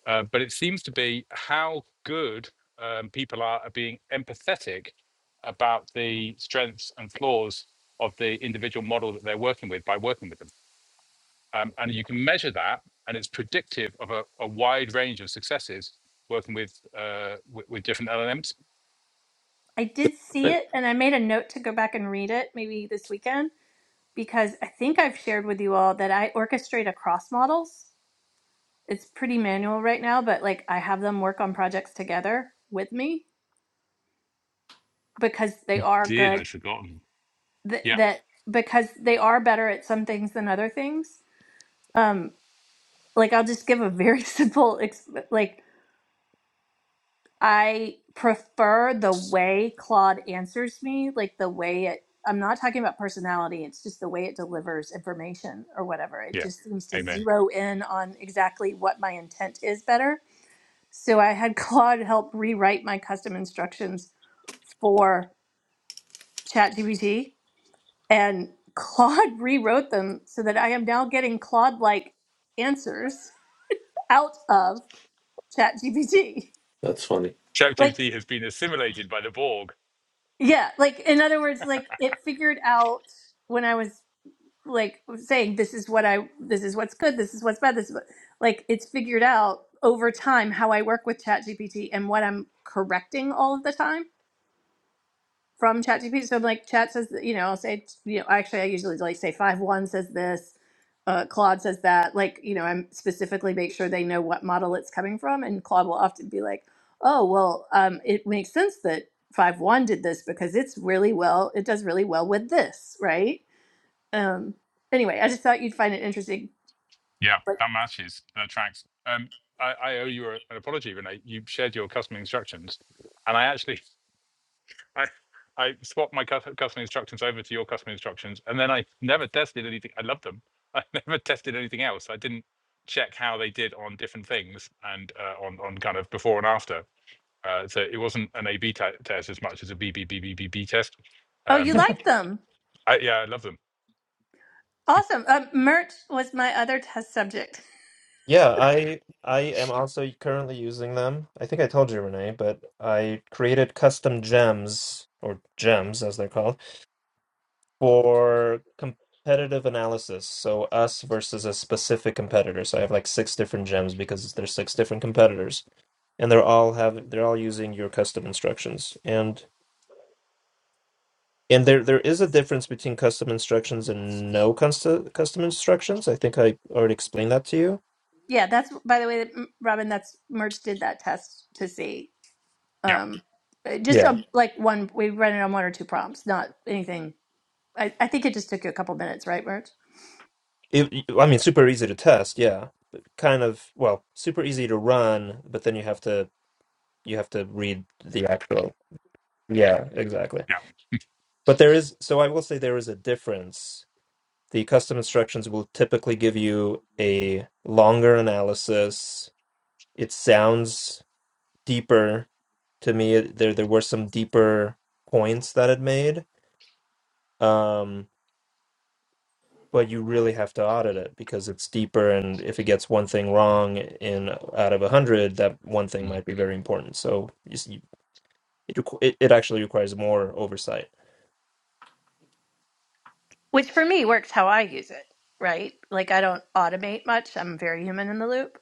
Uh, but it seems to be how good um, people are at being empathetic about the strengths and flaws of the individual model that they're working with by working with them. Um, and you can measure that, and it's predictive of a, a wide range of successes working with, uh, with with different LLMs.
I did see
but
it and I made a note to go back and read it maybe this weekend because I think I've shared with you all that I orchestrate across models. It's pretty manual right now, but like I have them work on projects together with me because they
You
are
did. I'd
good
forgotten.
th-
Yeah.
that because they are better at some things than other things. Um like I'll just give a very simple exp- like I prefer the way Claude answers me, like the way it. I'm not talking about personality. It's just the way it delivers information or whatever. It
Yeah,
just seems to
amen.
zero in on exactly what my intent is better. So I had Claude help rewrite my custom instructions for ChatGPT, and Claude rewrote them so that I am now getting Claude-like answers out of ChatGPT.
that's funny.
like.
ChatGPT has been assimilated by the Borg.
Yeah, like in other words, like it figured out when I was like saying this is what I this is what's good, this is what's bad, this is what, like it's figured out over time how I work with ChatGPT and what I'm correcting all of the time from ChatGPT. So I'm like, Chat says, you know, I'll say, you know, actually, I usually like say five one says this, uh, Claude says that. Like, you know, I'm specifically make sure they know what model it's coming from, and Claude will often be like, oh, well, um, it makes sense that five one did this because it's really well, it does really well with this, right? Um, anyway, I just thought you'd find it interesting.
Yeah,
But
that matches. That tracks. Um, I, I owe you an apology, Renee. You shared your customer instructions, and I actually I I swapped my cus- custom instructions over to your custom instructions, and then I never tested anything. I loved them. I never tested anything else. I didn't check how they did on different things and uh, on on kind of before and after. Uh, so it wasn't an A/B te- test as much as a B B B B B B test.
oh, you
Um,
like them?
I, yeah, I love them.
Awesome. Um, merch was my other test subject.
yeah, I I am also currently using them. I think I told you, Renee, but I created custom gems or gems as they're called for competitive analysis. So us versus a specific competitor. So I have like six different gems because there's six different competitors, and they're all have they're all using your custom instructions. And And there there is a difference between custom instructions and no custom custom instructions. I think I already explained that to you.
Yeah, that's by the way, that- mm, Robin. That's merch did that test to see.
Yeah,
Um, just
Yeah.
a, like one, we ran it on one or two prompts, not anything I, I think it just took you a couple minutes, right, Merch?
It, I mean, super easy to test, yeah. But kind of, well, super easy to run, but then you have to you have to read the The actual. Yeah. exactly.
yeah.
But there is, so I will say there is a difference. The custom instructions will typically give you a longer analysis. It sounds deeper to me. There there were some deeper points that it made um, but you really have to audit it because it's deeper and if it gets one thing wrong in out of a hundred that one thing
Mm.
might be very important so you see, it, requ- it it actually requires more oversight
Which for me works how I use it, right? Like I don't automate much. I'm very human in the loop.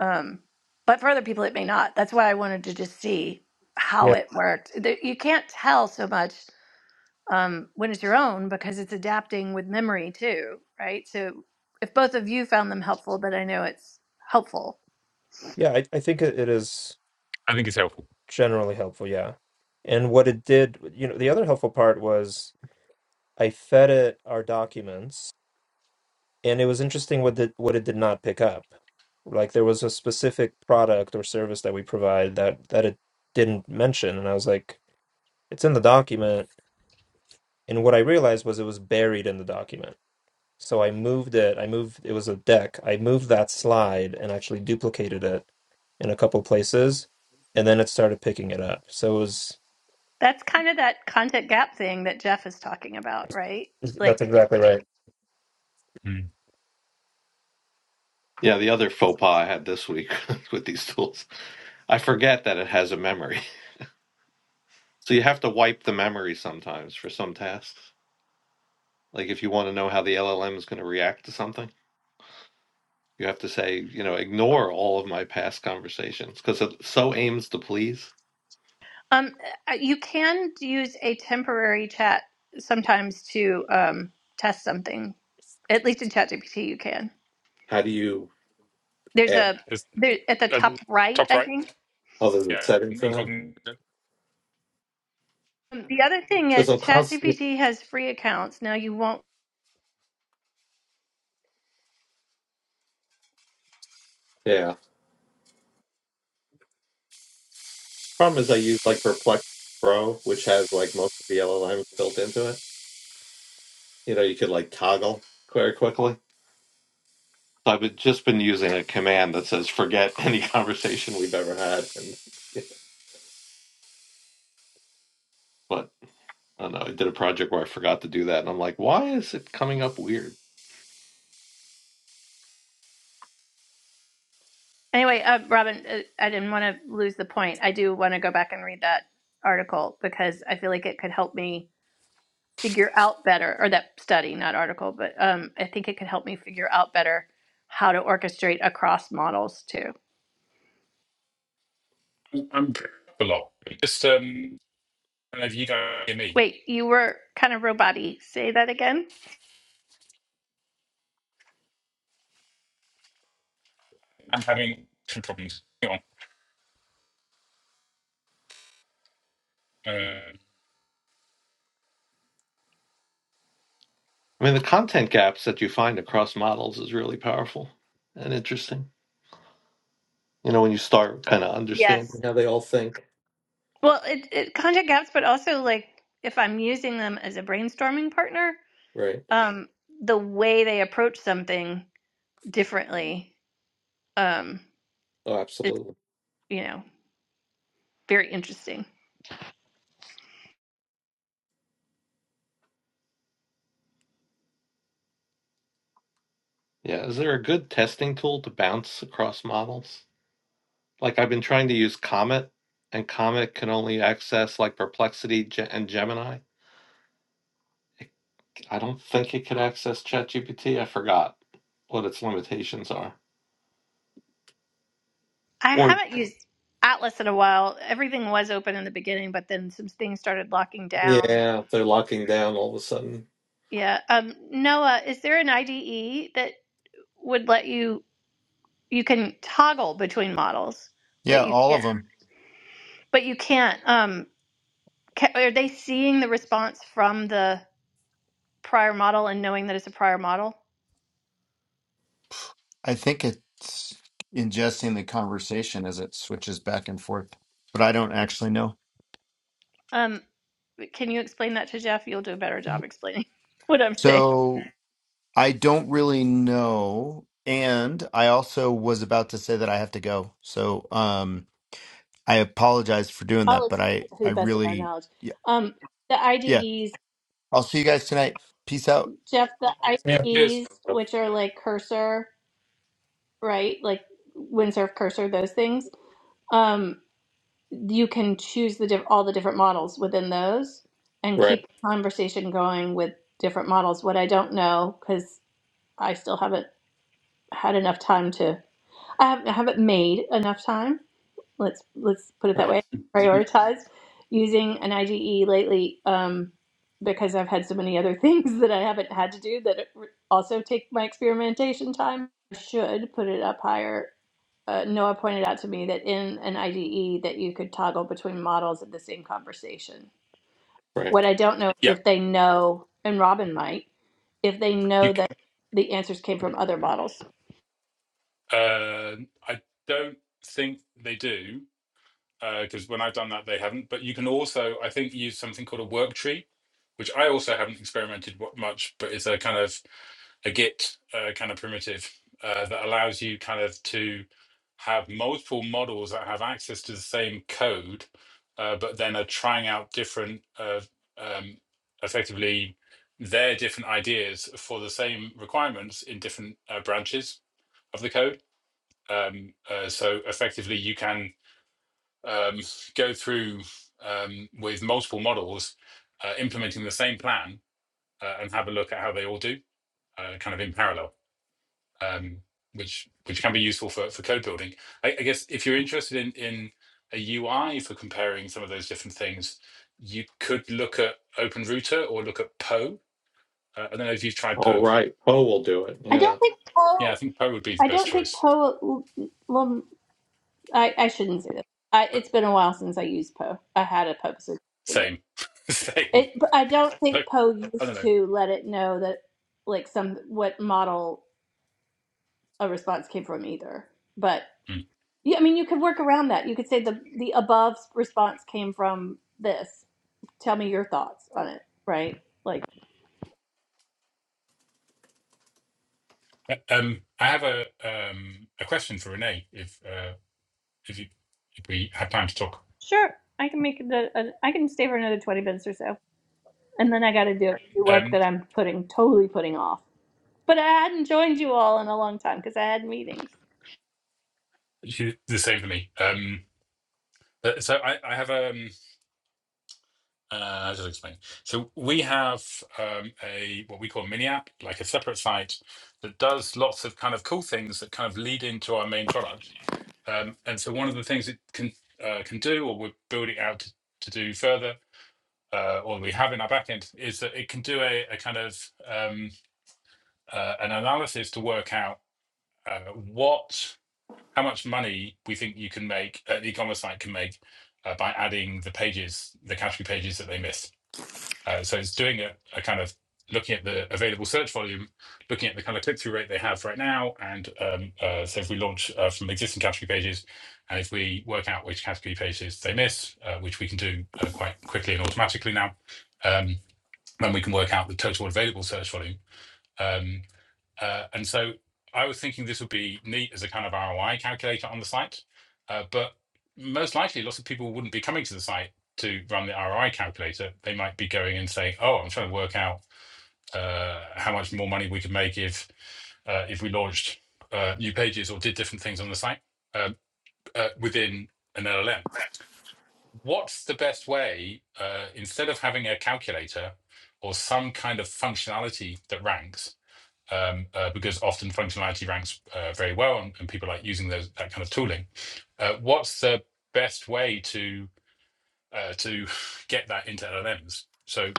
Um, but for other people, it may not. That's why I wanted to just see how
yeah
it worked. There- You can't tell so much um, when it's your own because it's adapting with memory too, right? So if both of you found them helpful, but I know it's helpful.
yeah I, I think it it is
I think it's helpful.
generally helpful yeah and what it did you know the other helpful part was i fed it our documents and it was interesting what the, what it did not pick up like there was a specific product or service that we provide that that it didn't mention and i was like It's in the document. And what I realized was it was buried in the document. So I moved it. I moved, it was a deck. I moved that slide and actually duplicated it in a couple places. And then it started picking it up. So it was,
That's kind of that content gap thing that Jeff is talking about, right?
that's
Like,
exactly right.
Mm.
Yeah, the other faux pas I had this week with these tools, I forget that it has a memory. So you have to wipe the memory sometimes for some tasks. Like if you want to know how the LLM is going to react to something, you have to say, you know, ignore all of my past conversations because it so aims to please.
um, uh, you can use a temporary chat sometimes to um, test something. At least in ChatGPT, you can.
How do you
There's
add
a
It's
there at the
uh,
top right,
top
I
right.
think.
other than
Yeah,
setting for that?
incognito.
Um, The other thing
Because
is
I'm constantly.
ChatGPT has free accounts. Now you won't
Yeah, Problem is, I use like Perplexity Pro, which has like most of the LLMs built into it. You know, you could like toggle very quickly. So I've been, just been using a command that says "forget any conversation we've ever had," and yeah, but I don't know. I did a project where I forgot to do that, and I'm like, why is it coming up weird?
Anyway, uh, Robin, uh, I didn't want to lose the point. I do want to go back and read that article because I feel like it could help me figure out better, or that study, not article, but um, I think it could help me figure out better how to orchestrate across models too.
I'm a lot. Just um, I don't know if you don't hear me.
Wait, you were kind of robot-y. Say that again.
I'm having some problems. Hang On. Uh,
I mean, the content gaps that you find across models is really powerful and interesting. You know, when you start kind of
Yes.
understanding how they all think,
Well, it, it content gaps, but also like if I'm using them as a brainstorming partner,
right?
um, the way they approach something differently, um,
Oh,
is
absolutely.
you know Very interesting.
Yeah. Is there a good testing tool to bounce across models? like I've been trying to use Comet, and Comet can only access like Perplexity Ge- and Gemini. It, I don't think it could access ChatGPT. I forgot what its limitations are.
I
Or
haven't used Atlas in a while. Everything was open in the beginning, but then some things started locking down.
yeah, if they're locking down all of a sudden.
Yeah. Um, Noah, is there an IDE that would let you you can toggle between models, but
Yeah,
you
all of
can't
them.
but you can't um ca are they seeing the response from the prior model and knowing that it's a prior model?
I think it's ingesting the conversation as it switches back and forth, but I don't actually know.
Um, can you explain that to Jeff? You'll do a better job explaining what I'm saying.
So I don't really know. And I also was about to say that I have to go. So um, I apologize for doing
I'll
that, but
explain
I,
it to
I
the best of my
really,
knowledge.
yeah,
Um, the
yeah.
IDEs
I'll see you guys tonight. Peace out.
Jeff, the
Yeah.
cheers.
IEs,
Yep.
which are like cursor, right? Like windsurf cursor, those things. Um, you can choose the diff all the different models within those and
Right,
keep the conversation going with different models. What I don't know, because I still haven't had enough time to. I haven't, I haven't made enough time. Let's let's put it that
right,
way. Prioritized using an IGE lately um, because I've had so many other things that I haven't had to do that also take my experimentation time. I should put it up higher. Uh, Noah pointed out to me that in an IDE that you could toggle between models of the same conversation. What
right.
I don't know is
Yeah,
if they know, and Robin might, if they
you.
know that the answers came from other models.
Uh, I don't think they do because uh, when I've done that, they haven't. But you can also, I think, use something called a work tree, which I also haven't experimented much, but it's a kind of a Git uh, kind of primitive uh, that allows you kind of to have multiple models that have access to the same code, uh, but then are trying out different, uh, um, effectively, their different ideas for the same requirements in different uh, branches of the code. Um, uh, so effectively, you can um, go through um, with multiple models, uh, implementing the same plan, uh, and have a look at how they all do, uh, kind of in parallel um, which which can be useful for, for code building. I, I guess if you're interested in in a UI for comparing some of those different things, you could look at OpenRouter or look at Poe. Uh, I don't know if you've tried
All
Poe.
right, Poe will do it.
I
Yeah,
don't think.
Yeah,
Oh,
I think Poe would be the
I
best
don't think
choice.
Poe. Lum, I, I shouldn't say that. I,
But
it's been a while since I used Poe. I had a Poe subscription.
same, same.
It, but I don't think
Like,
Poe
I don't
used
know.
to let it know that, like, some what model a response came from either. But
Hmm.
yeah, I mean, you could work around that. You could say the the above response came from this. Tell me your thoughts on it, right? Like,
Uh, Um, I have a um, a question for Renee. If uh, if you if we have time to talk,
sure, I can make the. Uh, I can stay for another twenty minutes or so, and then I got to do work
um,
that I'm putting totally putting off. But I hadn't joined you all in a long time because I had meetings.
she, the same for me. Um, uh, so I, I have a. Uh, I'll just explain. So we have um, a what we call a mini app, like a separate site that does lots of kind of cool things that kind of lead into our main product. Um, and so one of the things it can uh, can do, or we're building out to, to do further, uh, or we have in our backend, is that it can do a, a kind of um, uh, an analysis to work out uh, what how much money we think you can make, uh, the e-commerce site can make uh, by adding the pages, the category pages that they miss. Uh, so it's doing a, a kind of looking at the available search volume, looking at the kind of click through rate they have right now. And um, uh, so if we launch uh, from existing category pages, and if we work out which category pages they miss, uh, which we can do uh, quite quickly and automatically now, um, then we can work out the total available search volume. Um, uh, and so I was thinking this would be neat as a kind of ROI calculator on the site, uh, but most likely lots of people wouldn't be coming to the site to run the ROI calculator. They might be going and saying, "Oh, I'm trying to work out uh, how much more money we could make if uh, if we launched uh, new pages or did different things on the site uh, uh, within an LLM." What's the best way uh, instead of having a calculator or some kind of functionality that ranks? um, uh, because often functionality ranks uh, very well and, and people like using those that kind of tooling. Uh, what's the best way to uh, to get that into LLMs? So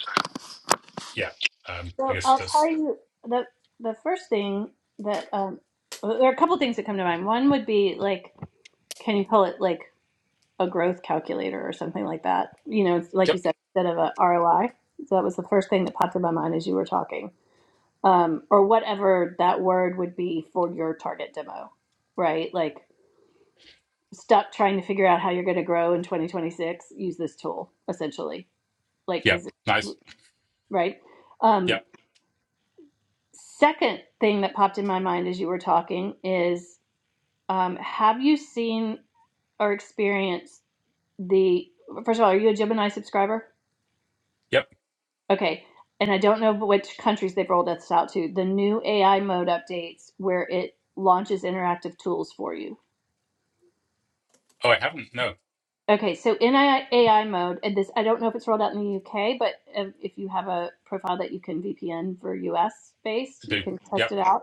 yeah, um, I
So
guess
I'll
that's
tell you the the first thing that um, well, there are a couple things that come to mind. One would be like, can you call it like a growth calculator or something like that? You know, it's like you
yep,
said, instead of a ROI. So that was the first thing that popped in my mind as you were talking, um, or whatever that word would be for your target demo, right? Like stuck trying to figure out how you're going to grow in 2026. Use this tool essentially, like
yep,
because.
nice,
Right. Um,
yep,
second thing that popped in my mind as you were talking is um, have you seen or experienced the, first of all, are you a Gemini subscriber?
yep.
Okay. And I don't know which countries they've rolled this out to, the new AI mode updates where it launches interactive tools for you.
Oh, I haven't. No, I
Okay, so in AI mode, and this I don't know if it's rolled out in the UK, but if if you have a profile that you can VPN for US based, you
do.
can
Yep.
test it out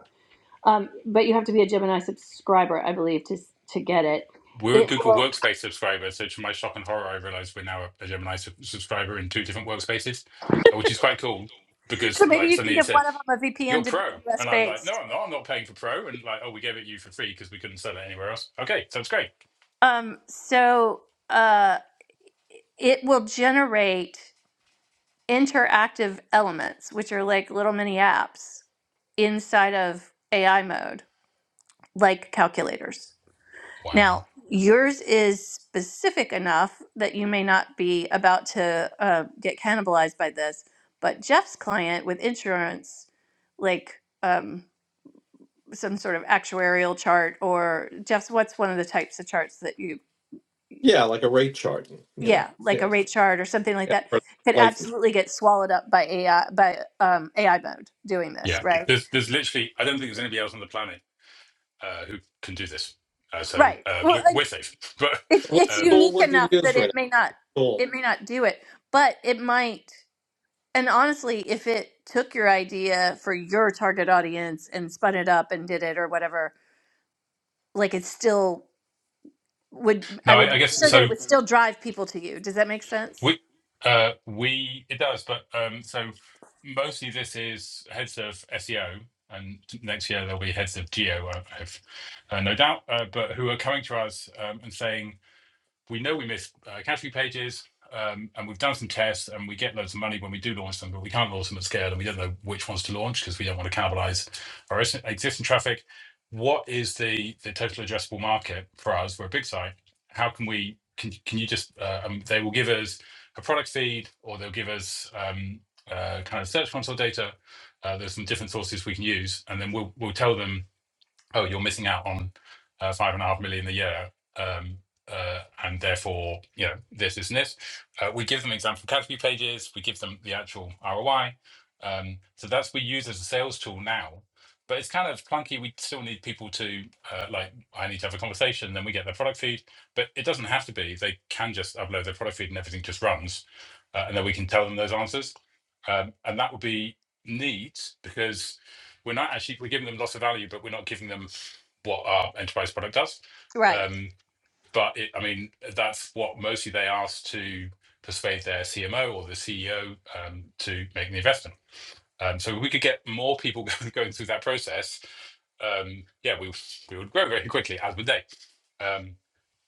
Um, but you have to be a Gemini subscriber, I believe, to to get it.
We're a
It
Google
will.
Workspace subscriber, so to my shock and horror, I realized we're now a Gemini sub- subscriber in two different workspaces, uh, which is quite cool
So
because
maybe
like
you can
suddenly it
give
said,
one of them a
you're
VPN to be
pro.
US
And I'm like, no,
based.
I'm not. I'm not paying for pro. And like, oh, we gave it you for free because we couldn't sell it anywhere else. Okay, sounds great.
Um, so uh, it will generate interactive elements, which are like little mini apps inside of AI mode, like calculators. Now,
Wow.
yours is specific enough that you may not be about to uh, get cannibalized by this, but Jeff's client with insurance, like um, some sort of actuarial chart or Jeff's, what's one of the types of charts that you,
yeah, like a rate chart. You know,
yeah, like a
yes,
rate chart or something like
yeah.
that,
For
could
license.
absolutely get swallowed up by AI by um, AI mode doing this,
Yeah.
right? Yeah.
There's there's literally, I don't think there's anybody else on the planet uh, who can do this. Uh, so
Right.
uh,
Well,
we're,
and
we're safe. But
it's
What
it's
um,
tool
unique
would you
enough
use
that
right
it may not
now? Tool.
it may not do it, but it might. And honestly, if it took your idea for your target audience and spun it up and did it or whatever, like it still would,
no,
I
I, I
would make
guess
sure that
so.
it would still drive people to you. Does that make sense?
We, uh, we it does, but um, so mostly this is heads of SEO, and next year there'll be heads of geo, I have uh, no doubt, uh, but who are coming to us um, and saying, we know we miss uh, category pages um, and we've done some tests and we get loads of money when we do launch them, but we can't launch them at scale and we don't know which ones to launch because we don't want to cannibalize our existing traffic. What is the, the total addressable market for us? We're a big site. How can we, can, can you just, uh, um, they will give us a product feed or they'll give us um, uh, kind of search console data. Uh, there's some different sources we can use and then we'll, we'll tell them oh, you're missing out on uh, five and a half million a year, um, uh, and therefore, you know, this, this, and this. Uh, we give them example category pages. We give them the actual ROI. Um, so that's we use as a sales tool now, but it's kind of clunky. We still need people to uh, like. I need to have a conversation, then we get their product feed. But it doesn't have to be. They can just upload their product feed, and everything just runs, uh, and then we can tell them those answers. Um, and that would be neat because we're not actually we're giving them lots of value, but we're not giving them what our enterprise product does.
Right.
Um, but it, I mean, that's what mostly they ask to persuade their CMO or the CEO um, to make the investment. Um, so if we could get more people going through that process. Um, yeah, we we would grow very quickly, as would they. Um,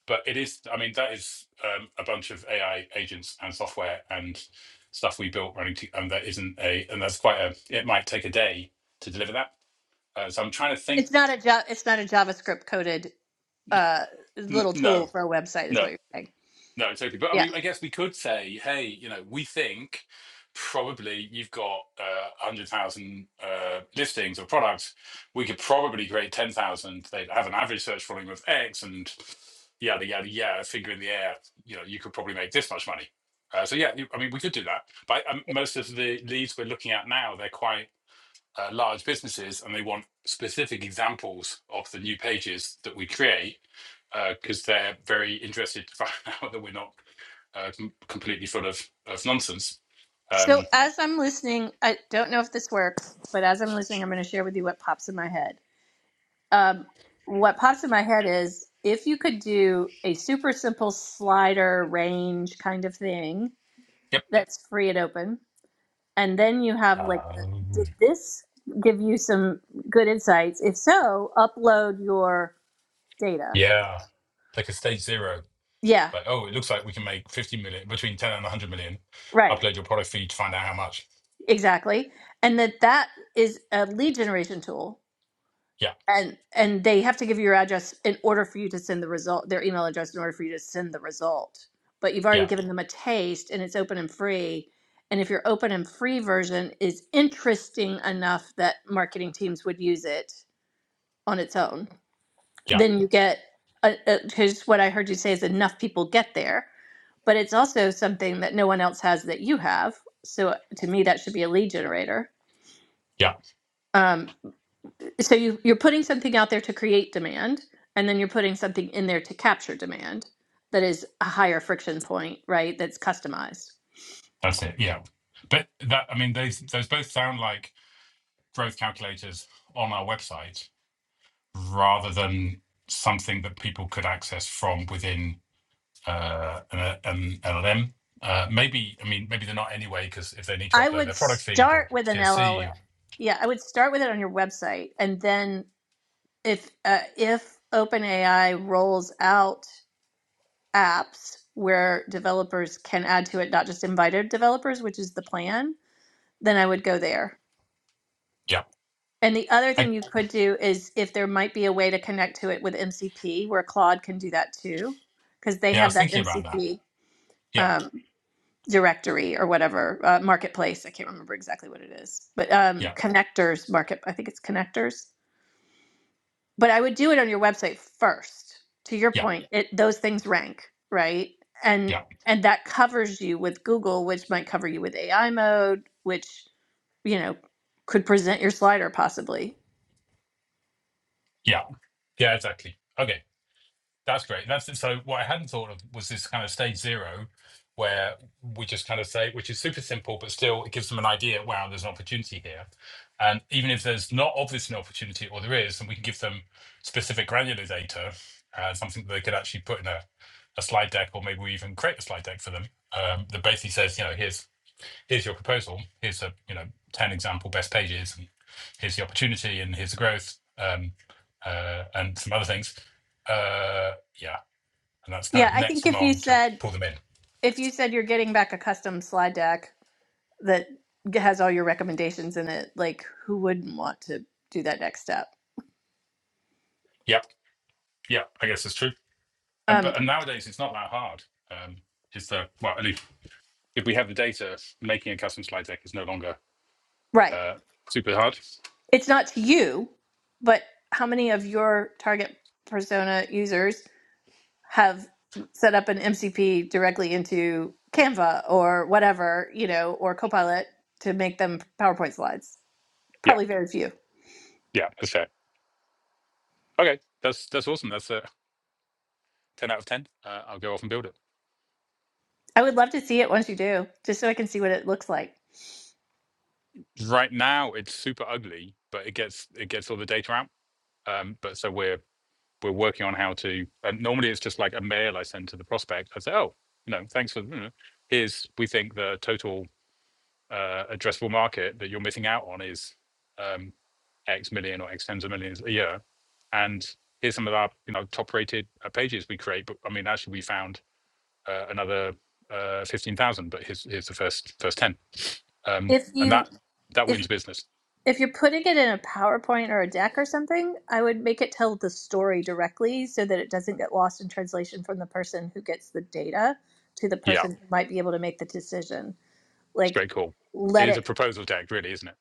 but it is, I mean, that is um, a bunch of AI agents and software and stuff we built running, to, and that isn't a, and that's quite a. It might take a day to deliver that uh, so I'm trying to think.
It's not a job. It's not a JavaScript coded uh, little
No,
tool for a website, is what
no,
you're saying.
no, totally. But I
Yeah.
mean, I guess we could say, hey, you know, we think probably you've got uh, 100,000 uh, listings or products. We could probably create 10,000. They have an average search volume of X and yada, yada, yada, finger in the air. You know, you could probably make this much money. Uh, so yeah, you- I mean, we could do that. But um, most of the leads we're looking at now, they're quite uh, large businesses and they want specific examples of the new pages that we create because uh, they're very interested to find out that we're not uh, completely full of, of nonsense.
So
Um,
as I'm listening, I don't know if this works, but as I'm listening, I'm going to share with you what pops in my head. um, what pops in my head is if you could do a super simple slider range kind of thing
yep.
that's free and open, and then you have like, the,
Um,
did this give you some good insights? If so, upload your data.
yeah. Like a stage zero.
Yeah,
Like, oh, it looks like we can make 50 million, between 10 and 100 million.
right,
Upload your product feed to find out how much.
exactly. And that that is a lead generation tool
Yeah.
and and they have to give you your address in order for you to send the result their email address in order for you to send the result but you've already
Yeah.
given them a taste and it's open and free and if your open and free version is interesting enough that marketing teams would use it on its own
Yeah.
then you get because what i heard you say is enough people get there but it's also something that no one else has that you have so to me that should be a lead generator
Yeah.
Um, so you, you're putting something out there to create demand and then you're putting something in there to capture demand that is a higher friction point right that's customized
That's it. Yeah. But that, I mean, those, those both sound like growth calculators on our website rather than something that people could access from within uh, an, an LLM. Uh, maybe, I mean, maybe they're not anyway, because if they need to
i
upload
would
their product feed or
start with an
CSC,
llm
or,
yeah i would start with it on your website and then if uh, if openai rolls out apps where developers can add to it not just invited developers which is the plan then i would go there
yeah,
And the other
I,
thing you could do is if there might be a way to connect to it with MCP, where Claude can do that too, because they
yeah, I
have
was
that
thinking about that.
MCP
Yeah,
um, directory or whatever uh, marketplace. I can't remember exactly what it is, but um,
yeah,
connectors market. I think it's connectors. But I would do it on your website first. To your
yeah,
point, it those things rank right, and
yeah,
and that covers you with Google, which might cover you with AI mode, which you know could present your slider possibly.
yeah, yeah, exactly. Okay. That's great. That's it. so. What I hadn't thought of was this kind of stage zero, where we just kind of say, which is super simple, but still it gives them an idea. Wow, there's an opportunity here, and even if there's not obviously an opportunity, or there is, then we can give them specific granular data, uh, something that they could actually put in a, a slide deck, or maybe we even create a slide deck for them um, that basically says, you know, here's here's your proposal here's a you know 10 example best pages and here's the opportunity and here's the growth um, uh, and some other things uh, yeah and that's kind
Yeah,
of
I
next
think if you
along to
said
pull them in
if you said you're getting back a custom slide deck that has all your recommendations in it, like who wouldn't want to do that next step?
yep yep i guess that's true and
Um,
but and nowadays it's not that hard um, is the well at least if we have the data making a custom slide deck is no longer
right.
uh, super hard
It's not to you, but how many of your target persona users have set up an MCP directly into Canva or whatever, you know, or Copilot to make them PowerPoint slides?
yeah
Probably very few.
yeah that's fair okay that's that's awesome that's a 10 out of 10 uh, i'll go off and build it
I would love to see it once you do, just so I can see what it looks like.
right now it's super ugly but it gets it gets all the data out Um, but so we're we're working on how to. And normally it's just like a mail I send to the prospect. I say, oh, you know, thanks for. You know, here's we think the total uh, addressable market that you're missing out on is um, X million or X tens of millions a year, and here's some of our you know top rated uh, pages we create. But I mean, actually, we found uh, another uh, fifteen thousand, but here's here's the first first ten, um,
If
and
you
that that
if
wins business.
if you're putting it in a PowerPoint or a deck or something, I would make it tell the story directly so that it doesn't get lost in translation from the person who gets the data to the
Yeah,
person who might be able to make the decision.
it's a
Like
great call. It
let
is a
it
proposal deck, really, isn't it?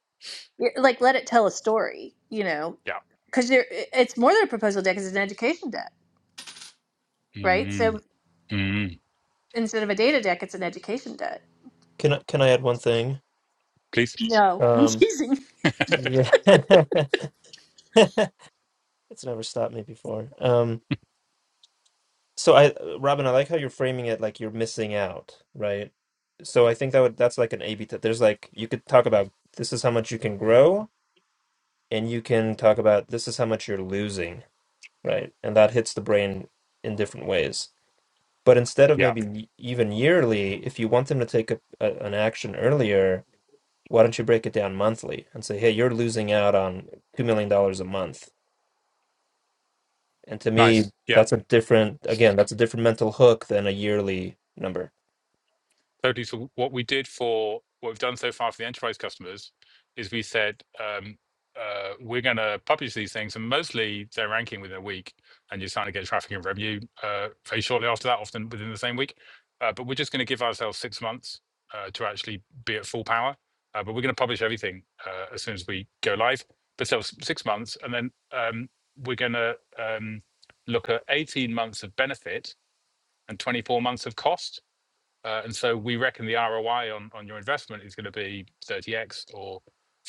like let it tell a story, you know,
Yeah.
cuz it's more than a proposal deck, it's an education deck, right?
Mm-hmm.
So
Mm,
instead of a data deck, it's an education deck.
Can I, can I add one thing?
please.
No, I'm
Um,
teasing.
yeah. it's never stopped me before. Um, so I, Robin, I like how you're framing it like you're missing out, right? So I think that would, that's like an A/B test. There's like, you could talk about this is how much you can grow and you can talk about this is how much you're losing, right? And that hits the brain in different ways. But instead of
yeah.
maybe y- even yearly, if you want them to take a, a, an action earlier, why don't you break it down monthly and say, hey, you're losing out on $2 million dollars a month? And to
Nice.
me,
Yeah.
that's a different, again, that's a different mental hook than a yearly number.
Totally. So what we did for what we've done so far for the enterprise customers is we said um, uh, we're going to publish these things, and mostly they're ranking within a week, and you're starting to get traffic and revenue uh, very shortly after that, often within the same week. Uh, but we're just going to give ourselves six months uh, to actually be at full power. Uh, but we're going to publish everything uh, as soon as we go live. But so six months, and then um, we're going to um, look at 18 months of benefit and 24 months of cost. Uh, and so we reckon the ROI on, on your investment is going to be 30x or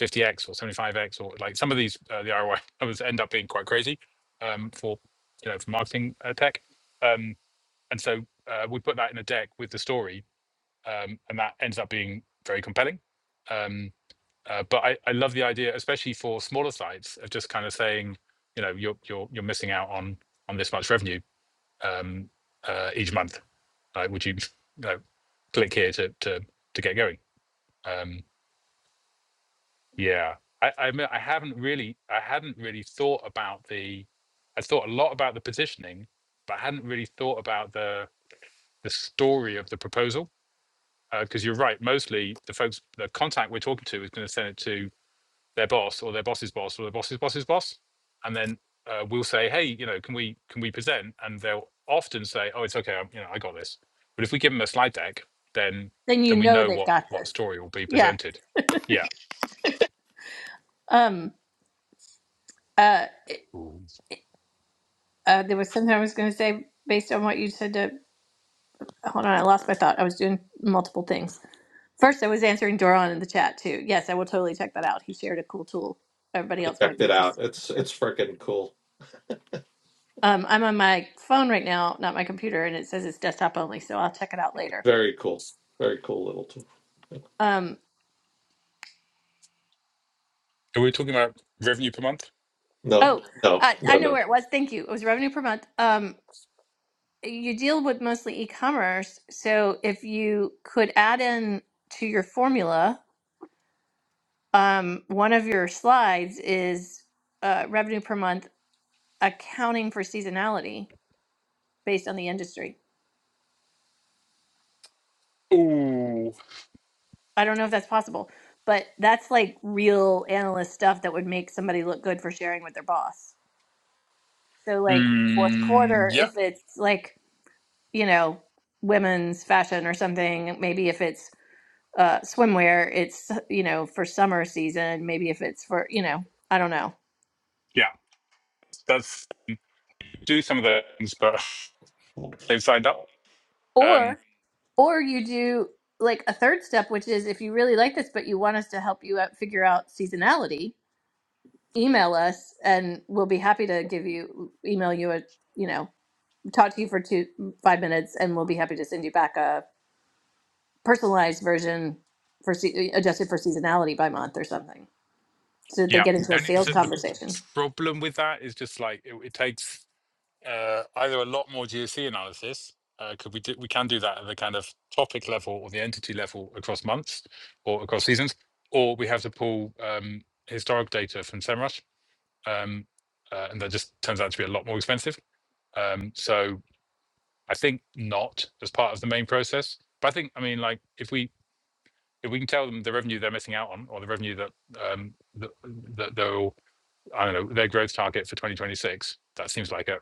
50x or 75x or like some of these uh, the ROI numbers end up being quite crazy um, for you know for marketing uh, tech. Um, and so uh, we put that in a deck with the story, um, and that ends up being very compelling. Um, uh, but I, I love the idea, especially for smaller sites, of just kind of saying, you know, you're you're you're missing out on on this much revenue um, uh, each month. Like, would you, you know, click here to to to get going? Um, yeah, I I, admit I haven't really I hadn't really thought about the I thought a lot about the positioning, but I hadn't really thought about the the story of the proposal because you're right. Mostly the folks the contact we're talking to is going to send it to their boss or their boss's boss or their boss's boss's boss, and then uh, we'll say, "Hey, you know, can we can we present?" And they'll often say, "Oh, it's okay, I'm, you know, I got this." But if we give them a slide deck, then
Then you
then we
know
know
they've
what
got
what
this.
story will be
Yeah.
presented. Yeah.
Um uh,
Ooh.
uh there was something I was going to say based on what you said to. hold on, I lost my thought. I was doing multiple things. First, I was answering Doron in the chat too. Yes, I will totally check that out. He shared a cool tool. Everybody
I
else might
checked
be
it out.
interested
It's
in too.
it's freaking cool.
Um, I'm on my phone right now, not my computer, and it says it's desktop only, so I'll check it out later.
Very cool. Very cool little tool.
Um,
Are we talking about revenue per month?
No,
oh,
no,
I, I
no,
know
no.
where it was. Thank you. It was revenue per month. Um, you deal with mostly e-commerce, so if you could add in to your formula, um, one of your slides is uh, revenue per month accounting for seasonality based on the industry.
Ooh.
I don't know if that's possible, but that's like real analyst stuff that would make somebody look good for sharing with their boss. So like fourth
Mm,
quarter,
yeah.
if it's like, you know, women's fashion or something, maybe if it's uh swimwear, it's you know, for summer season, maybe if it's for, you know, I don't know.
Yeah. That's do some of the things, but they've signed up. Um,
Or or you do like a third step which is if you really like this but you want us to help you out figure out seasonality, email us and we'll be happy to give you email you a you know talk to you for two mm, five minutes and we'll be happy to send you back a personalized version for se- uh, adjusted for seasonality by month or something so that they
yeah.
get into
The
a
only
sales
the, the
conversation
problem with that is just like it, it takes uh, either a lot more GOC analysis, because we do, we can do that at the kind of topic level or the entity level across months or across seasons, or we have to pull um, historic data from SEMrush, um, uh, and that just turns out to be a lot more expensive. Um, so I think not as part of the main process, but I think I mean like if we if we can tell them the revenue they're missing out on or the revenue that um, that, that they'll I don't know their growth target for 2026, that seems like a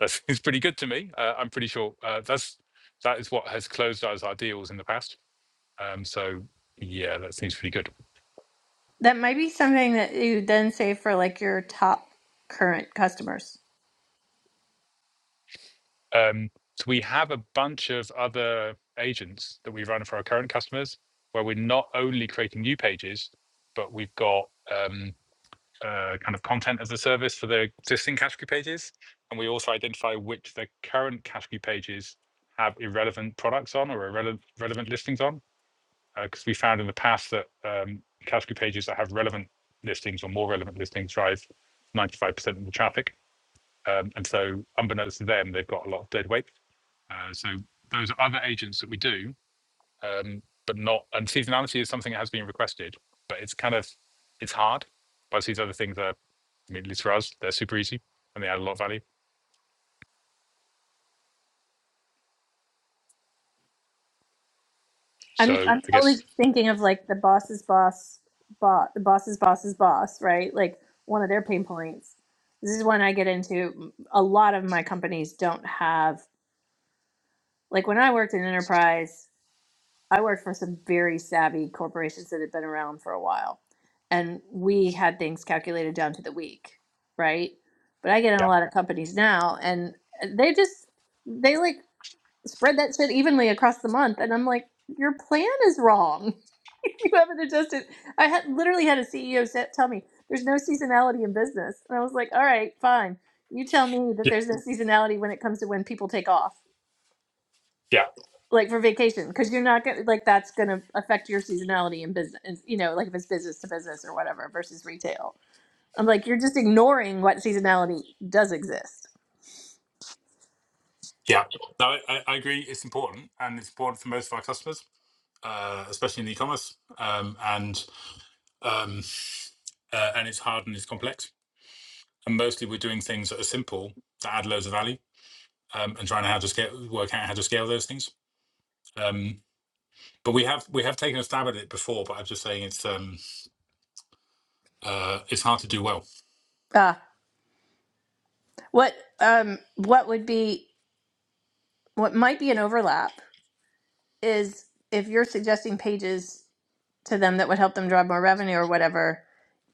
That seems pretty good to me. Uh, I'm pretty sure uh, that's that is what has closed us our deals in the past. Um, so yeah, that seems pretty good.
that might be something that you then say for like your top current customers
Um, so we have a bunch of other agents that we run for our current customers, where we're not only creating new pages, but we've got um, uh, kind of content as a service for the existing category pages, and we also identify which the current category pages have irrelevant products on or irrelevant relevant listings on because uh, we found in the past that um, category pages that have relevant listings or more relevant listings drive 95% of the traffic. Um, and so, unbeknownst to them, they've got a lot of dead weight. Uh, so, those are other agents that we do, um, but not. And seasonality is something that has been requested, but it's kind of it's hard. But these other things are, I mean, at least for us, they're super easy and they add a lot of value.
I'm
So,
I'm
I
totally
guess,
thinking of like the boss's boss boss the boss's boss's boss, right? Like one of their pain points. This is one I get into. A lot of my companies don't have like when I worked in enterprise, I worked for some very savvy corporations that had been around for a while. And we had things calculated down to the week, right? But I get in a
yeah,
lot of companies now and they just they like spread that shit evenly across the month. And I'm like, your plan is wrong. you haven't adjusted. I had literally had a CEO set tell me there's no seasonality in business, and I was like, all right, fine. You tell me that
yeah,
there's no seasonality when it comes to when people take off,
yeah.
like for vacation, because you're not gonna like that's gonna affect your seasonality in business. You know, like if it's business to business or whatever versus retail. I'm like, you're just ignoring what seasonality does exist.
yeah. No, I I agree. It's important, and it's important for most of our customers. uh, especially in e-commerce, um, and um, uh, and it's hard and it's complex. And mostly, we're doing things that are simple that add loads of value, um, and trying to how to scale, work out how to scale those things. Um, but we have we have taken a stab at it before, but I'm just saying it's um, uh, it's hard to do well.
Uh, what um what would be what might be an overlap is if you're suggesting pages to them that would help them drive more revenue or whatever,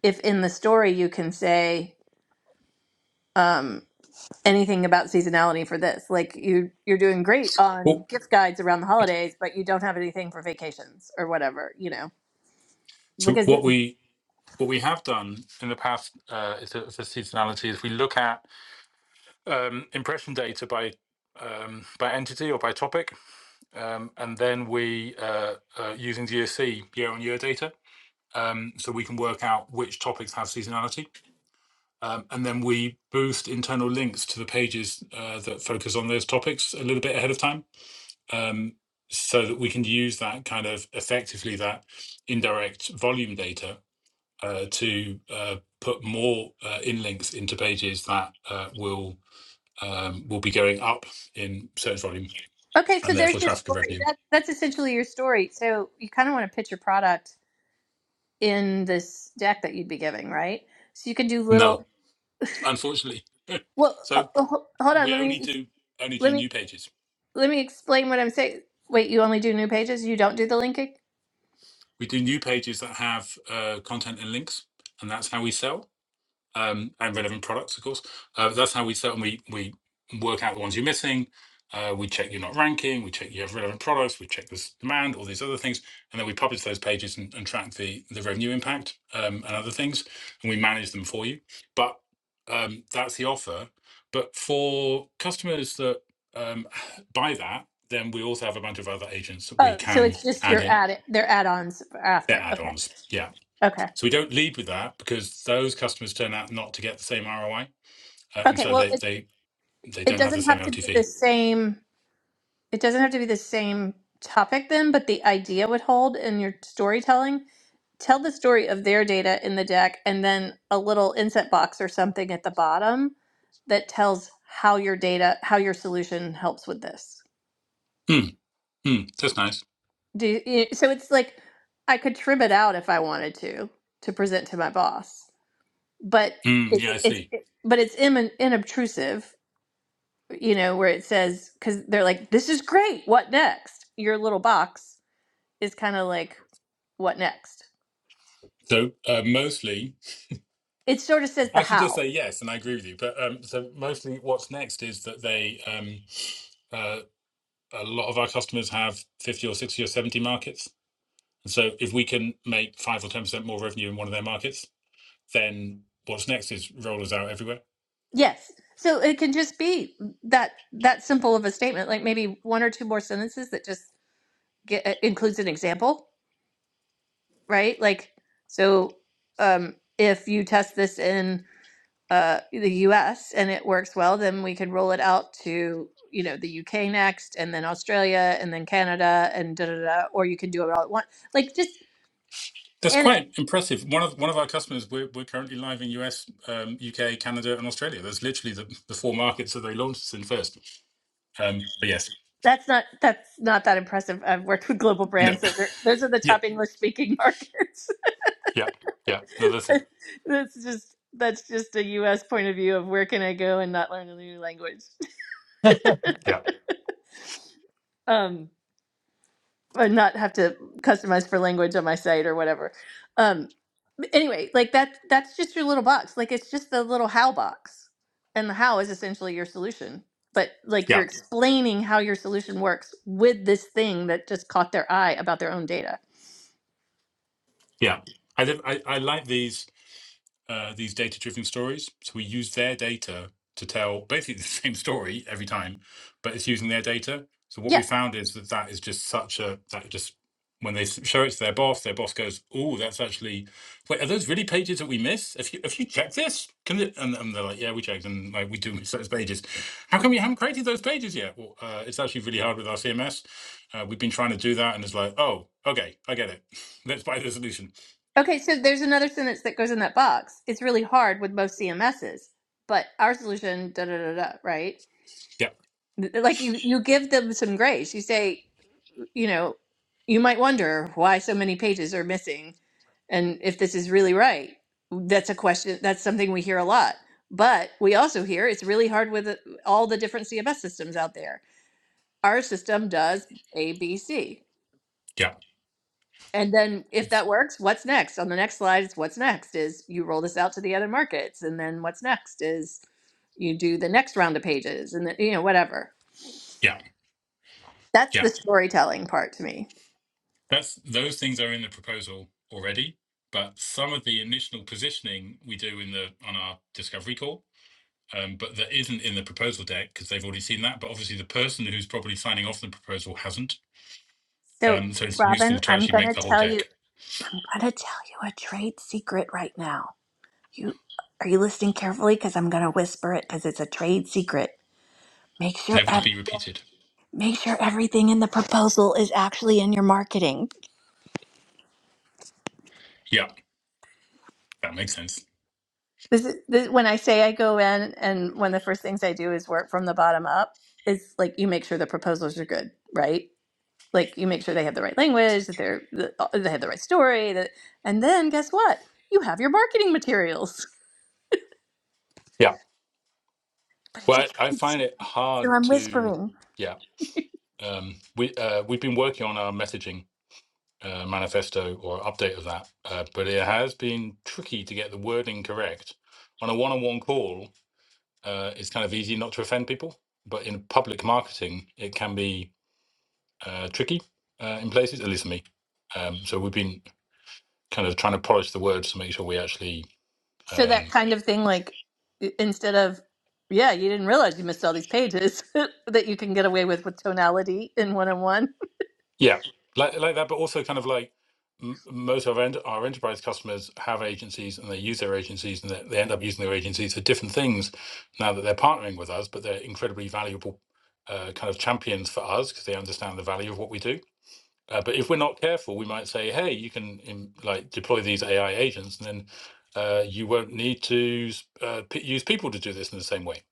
if in the story you can say um, anything about seasonality for this, like you you're doing great on
Well,
gift guides around the holidays, but you don't have anything for vacations or whatever, you know,
So
because
what
then
we what we have done in the past uh, is a for seasonality is we look at um, impression data by um, by entity or by topic, um, and then we uh, uh, using DSC year on year data um, so we can work out which topics have seasonality. Um, and then we boost internal links to the pages uh, that focus on those topics a little bit ahead of time um, so that we can use that kind of effectively that indirect volume data uh, to uh, put more uh, in links into pages that uh, will um, will be going up in search volume
okay, so
and therefore
there's your
traffic and
story.
revenue.
That, that's essentially your story. So you kind of want to pitch your product in this deck that you'd be giving, right? So you can do little.
No, unfortunately.
Well, uh,
So
uh, ho- hold on.
we
Let
only
me
do only do
let me
new pages.
let me explain what I'm saying. Wait, you only do new pages? You don't do the linking?
We do new pages that have uh, content and links, and that's how we sell um, and relevant products, of course. Uh, that's how we sell, and we we work out the ones you're missing. Uh, we check you're not ranking. We check you have relevant products. We check this demand, all these other things, and then we publish those pages and, and track the the revenue impact um, and other things, and we manage them for you. But um, that's the offer. But for customers that um, buy that, then we also have a bunch of other agents that we
Oh, so
can
it's just
add
your
in.
add their add-ons
They're
after. Okay.
add-ons. Yeah,
Okay.
so we don't lead with that because those customers turn out not to get the same ROI, uh, and
Okay.
so
Well,
they
it,
they they
it
don't have the
doesn't
same
have to be the
LTV.
same it doesn't have to be the same topic then, but the idea would hold in your storytelling. Tell the story of their data in the deck and then a little inset box or something at the bottom that tells how your data, how your solution helps with this.
Mm, mm, that's nice.
Do you, so it's like I could trim it out if I wanted to to present to my boss, but
Mm, yeah,
it's
I
it's
see.
it- but it's in, inobtrusive, you know, where it says because they're like, "This is great. What next?" Your little box is kind of like, "What next?"
So uh, mostly,
It sort of says the
I should just say
how.
yes, and I agree with you. But um, so mostly, what's next is that they um, uh, a lot of our customers have fifty or sixty or seventy markets. And so if we can make five or ten percent more revenue in one of their markets, then what's next is roll us out everywhere.
Yes, so it can just be that that simple of a statement, like maybe one or two more sentences that just get, uh, includes an example, right? Like, so um, if you test this in uh, the US and it works well, then we can roll it out to, you know, the UK next and then Australia and then Canada and da da da, or you can do it all at once. Like just
That's
and it,
quite impressive. One of one of our customers, we're, we're currently live in US, um, UK, Canada, and Australia. That's literally the, the four markets that they launched us in first. Um, but yes,
that's not that's not that impressive. I've worked with global
no,
brands. Those are those are the
yeah,
top English speaking markets.
yeah, yeah. No, that's it.
that's just that's just a US point of view of where can I go and not learn a new language.
Yeah,
Um or not have to customize for language on my site or whatever. Um, but anyway, like that that's just your little box. Like it's just the little how box. And the how is essentially your solution. But like
yeah.
you're explaining how your solution works with this thing that just caught their eye about their own data.
Yeah, I li- I, I like these uh, these data driven stories. So we use their data to tell basically the same story every time, but it's using their data. So what we
Yeah.
found is that that is just such a that just when they s- show it to their boss, their boss goes, "Oh, that's actually wait, are those really pages that we miss? If you if you check this, can it, and, and they're like, "Yeah, we checked, and like we do miss those pages. How come you haven't created those pages yet? Well, uh, it's actually really hard with our CMS. Uh, we've been trying to do that, and it's like, oh, okay, I get it. Let's buy the solution
Okay, so there's another sentence that goes in that box. It's really hard with most CMSs, but our solution da da da da, right?
Yeah,
Th- Like you you give them some grace. You say you know, you might wonder why so many pages are missing and if this is really right. That's a question, that's something we hear a lot. But we also hear it's really hard with uh, all the different CMS systems out there. Our system does A, B, C.
yeah,
And then if that works, what's next? On the next slide, it's what's next is you roll this out to the other markets. And then what's next is you do the next round of pages and then, you know, whatever.
yeah,
That's the
yeah.
storytelling part to me.
That's those things are in the proposal already, but some of the initial positioning we do in the on our discovery call, um, but that isn't in the proposal deck because they've already seen that. But obviously, the person who's probably signing off the proposal hasn't.
So,
Um, so it's useful
Robin,
to
I'm
actually
going
make
to
the whole
tell you
deck,
I'm gonna tell you a trade secret right now. You are you listening carefully? Because I'm gonna whisper it because it's a trade secret. Make sure
never to
ev-
be repeated.
make sure everything in the proposal is actually in your marketing.
Yeah, that makes sense.
This is this, when I say I go in, and one of the first things I do is work from the bottom up. Is like you make sure the proposals are good, right? Like you make sure they have the right language, that they're that they have the right story, that, and then guess what? You have your marketing materials.
Yeah.
But it's a
Well, I I
trade
find
secret,
it
so
hard
I'm
to.
whispering.
Yeah. Um, we uh, we've been working on our messaging uh, manifesto or update of that. Uh, but it has been tricky to get the wording correct. On a one on one call, uh, it's kind of easy not to offend people. But in public marketing, it can be uh, tricky uh, in places, at least for me. Um, so we've been kind of trying to polish the words to make sure we actually
So that
um,
kind of thing, like i- instead of, yeah, you didn't realize you missed all these pages that you can get away with with tonality in one on one.
Yeah, like like that, but also kind of like m- most of our, ent- our enterprise customers have agencies and they use their agencies and they, they end up using their agencies for different things now that they're partnering with us, but they're incredibly valuable uh, kind of champions for us because they understand the value of what we do. Uh, but if we're not careful, we might say, "Hey, you can im like deploy these AI agents, and then uh, you won't need to s- uh, p- use people to do this in the same way."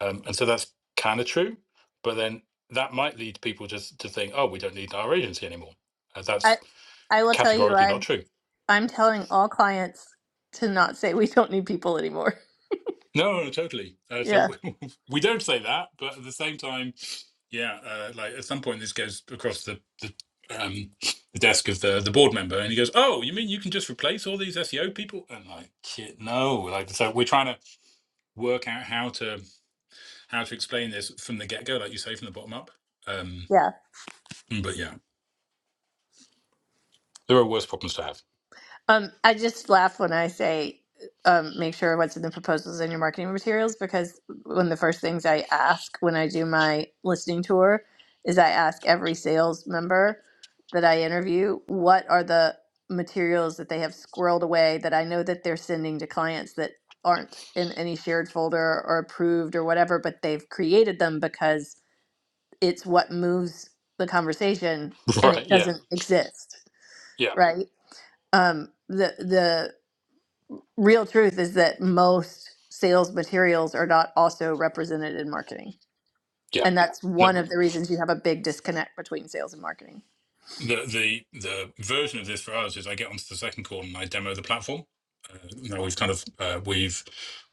Um, and so that's kind of true, but then that might lead people just to think, oh, we don't need our agency anymore. Uh,
I
that's
I will tell you,
categorically not
I'm
true.
I'm telling all clients to not say we don't need people anymore.
No, no, no, totally. Uh, so
Yeah,
we, we don't say that, but at the same time, yeah, uh, like at some point this goes across the the, um, the desk of the the board member, and he goes, "Oh, you mean you can just replace all these SEO people?" And like, no, like so we're trying to work out how to how to explain this from the get go, like you say, from the bottom up. Um,
yeah.
but yeah, there are worse problems to have.
Um, I just laugh when I say, um, make sure what's in the proposals and your marketing materials because one of the first things I ask when I do my listening tour is I ask every sales member that I interview what are the materials that they have squirreled away that I know that they're sending to clients that aren't in any shared folder or approved or whatever, but they've created them because it's what moves the conversation and it
Right. Yeah.
doesn't exist,
Yeah.
right? um the the real truth is that most sales materials are not also represented in marketing.
Yeah.
And that's one
No.
of the reasons you have a big disconnect between sales and marketing.
the the the version of this for us is I get onto the second call and I demo the platform. Uh, you know, we've kind of uh, we've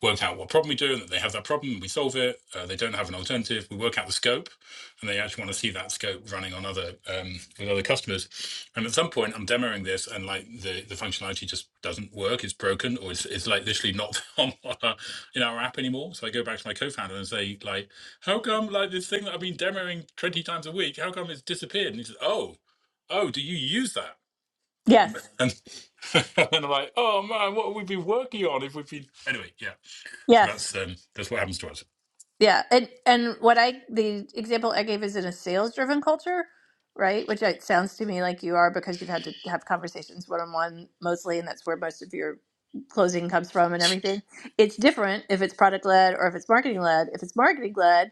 worked out what problem we do, and that they have that problem. We solve it. Uh, they don't have an alternative. We work out the scope, and they actually want to see that scope running on other um, with other customers. And at some point, I'm demoing this, and like the the functionality just doesn't work. It's broken, or it's, it's like literally not on our, in our app anymore. So I go back to my co-founder and say, like, how come like this thing that I've been demoing 20 times a week, how come it's disappeared? And he says, oh, oh, do you use that? Um,
Yes.
and, and I'm like, oh man, what would we be working on if we've been anyway? Yeah, so
Yes.
that's um, that's what happens to us.
Yeah. And and what I the example I gave is in a sales driven culture, right? Which it sounds to me like you are because you've had to have conversations one on one mostly and that's where most of your closing comes from and everything. It's different if it's product led or if it's marketing led. If it's marketing led,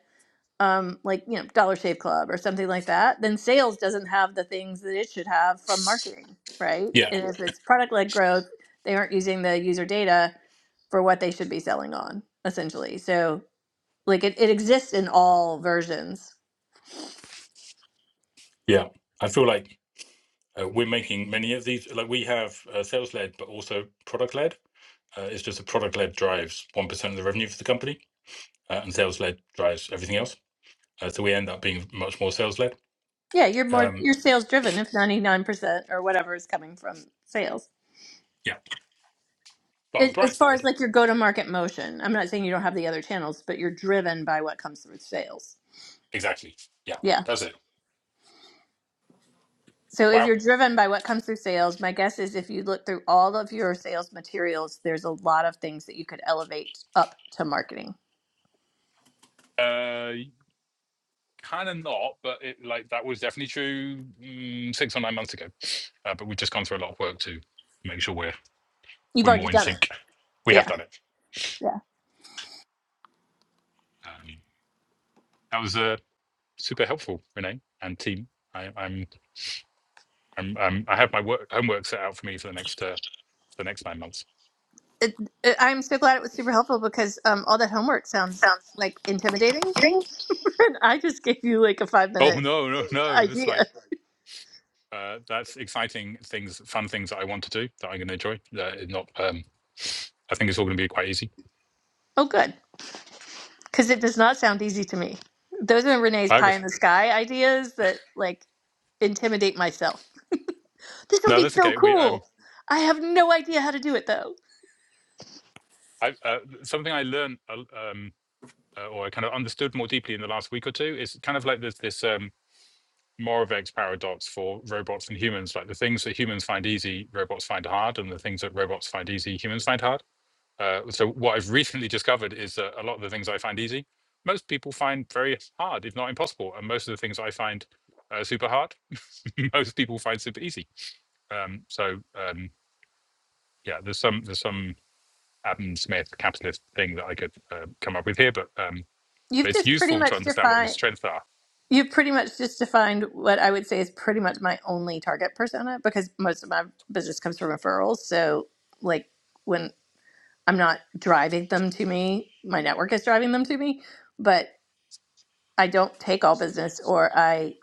um, like you know Dollar Shave Club or something like that, then sales doesn't have the things that it should have from marketing, right?
Yeah,
And if it's product led growth, they aren't using the user data for what they should be selling on, essentially. So like it, it exists in all versions.
yeah. I feel like uh, we're making many of these. Like we have uh, sales led, but also product led. Uh, it's just the product led drives one percent of the revenue for the company, uh, and sales led drives everything else. Uh, so we end up being much more sales led.
Yeah, you're more
Um,
you're sales driven if ninety nine percent or whatever is coming from sales.
yeah, but on the
As
bright
as far as
side,
like your go to market motion, I'm not saying you don't have the other channels, but you're driven by what comes through sales.
exactly. Yeah,
Yeah.
that's it.
So if
Wow.
you're driven by what comes through sales, my guess is if you look through all of your sales materials, there's a lot of things that you could elevate up to marketing.
Uh, kind of not, but it like that was definitely true mm, six or nine months ago. Uh, but we've just gone through a lot of work to make sure we're
You've
we're
already
more in
done it.
sync. We have
Yeah.
done it.
Yeah.
Um, that was uh, super helpful, Renee and team. I, I'm, I'm, i I have my work homework set out for me for the next uh, the next nine months.
It, it, I'm so glad it was super helpful because um, all that homework sounds like intimidating. and I just gave you like a five
Oh
minute
no no no! That's like
idea.
uh, that's exciting things, fun things that I want to do that I'm going to enjoy. Uh, not um, I think it's all going to be quite easy.
Oh, good. Because it does not sound easy to me. Those are Renee's
I
pie in the sky ideas that like intimidate myself. This would
no,
be
that's
so
okay. We um,
cool. I have no idea how to do it though.
I uh, something I learned. uh, um. uh, or I kind of understood more deeply in the last week or two is kind of like this this um, Moravec's paradox for robots and humans. Like the things that humans find easy, robots find hard, and the things that robots find easy, humans find hard. Uh, so what I've recently discovered is that a lot of the things I find easy, most people find very hard, if not impossible, and most of the things I find uh, super hard, most people find super easy. Um, so um, yeah, there's some there's some Adam Smith capitalist thing that I could uh, come up with here, but um, but
You've
it's
just pretty
useful
much
to understand what your
defined.
strengths are
You've pretty much just defined what I would say is pretty much my only target persona because most of my business comes from referrals. So, like when I'm not driving them to me, my network is driving them to me. But I don't take all business, or I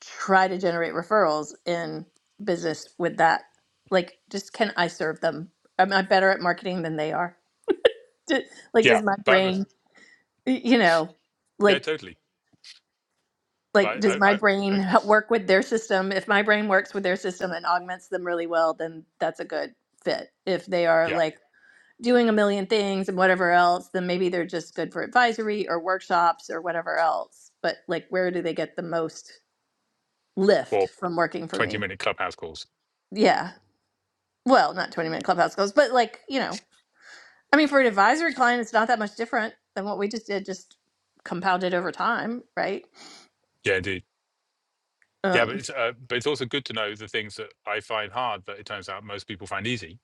try to generate referrals in business with that. Like, just can I serve them? Am I better at marketing than they are? Do- Like,
Yeah,
does my
but but-
brain, y- you know,
yeah,
like
totally.
like
But
does
I,
my
I,
brain
I
h- work with their system if my brain works with their system and augments them really well then that's a good fit if they are
yeah,
like doing a million things and whatever else then maybe they're just good for advisory or workshops or whatever else but like where do they get the most lift
or
from working for me
twenty-minute clubhouse calls.
yeah well not 20 minute clubhouse goals but like you know i mean for an advisory client it's not that much different than what we just did just compounded over time right
Yeah, indeed. Yeah,
Um.
but it's uh, but it's also good to know the things that I find hard that it turns out most people find easy.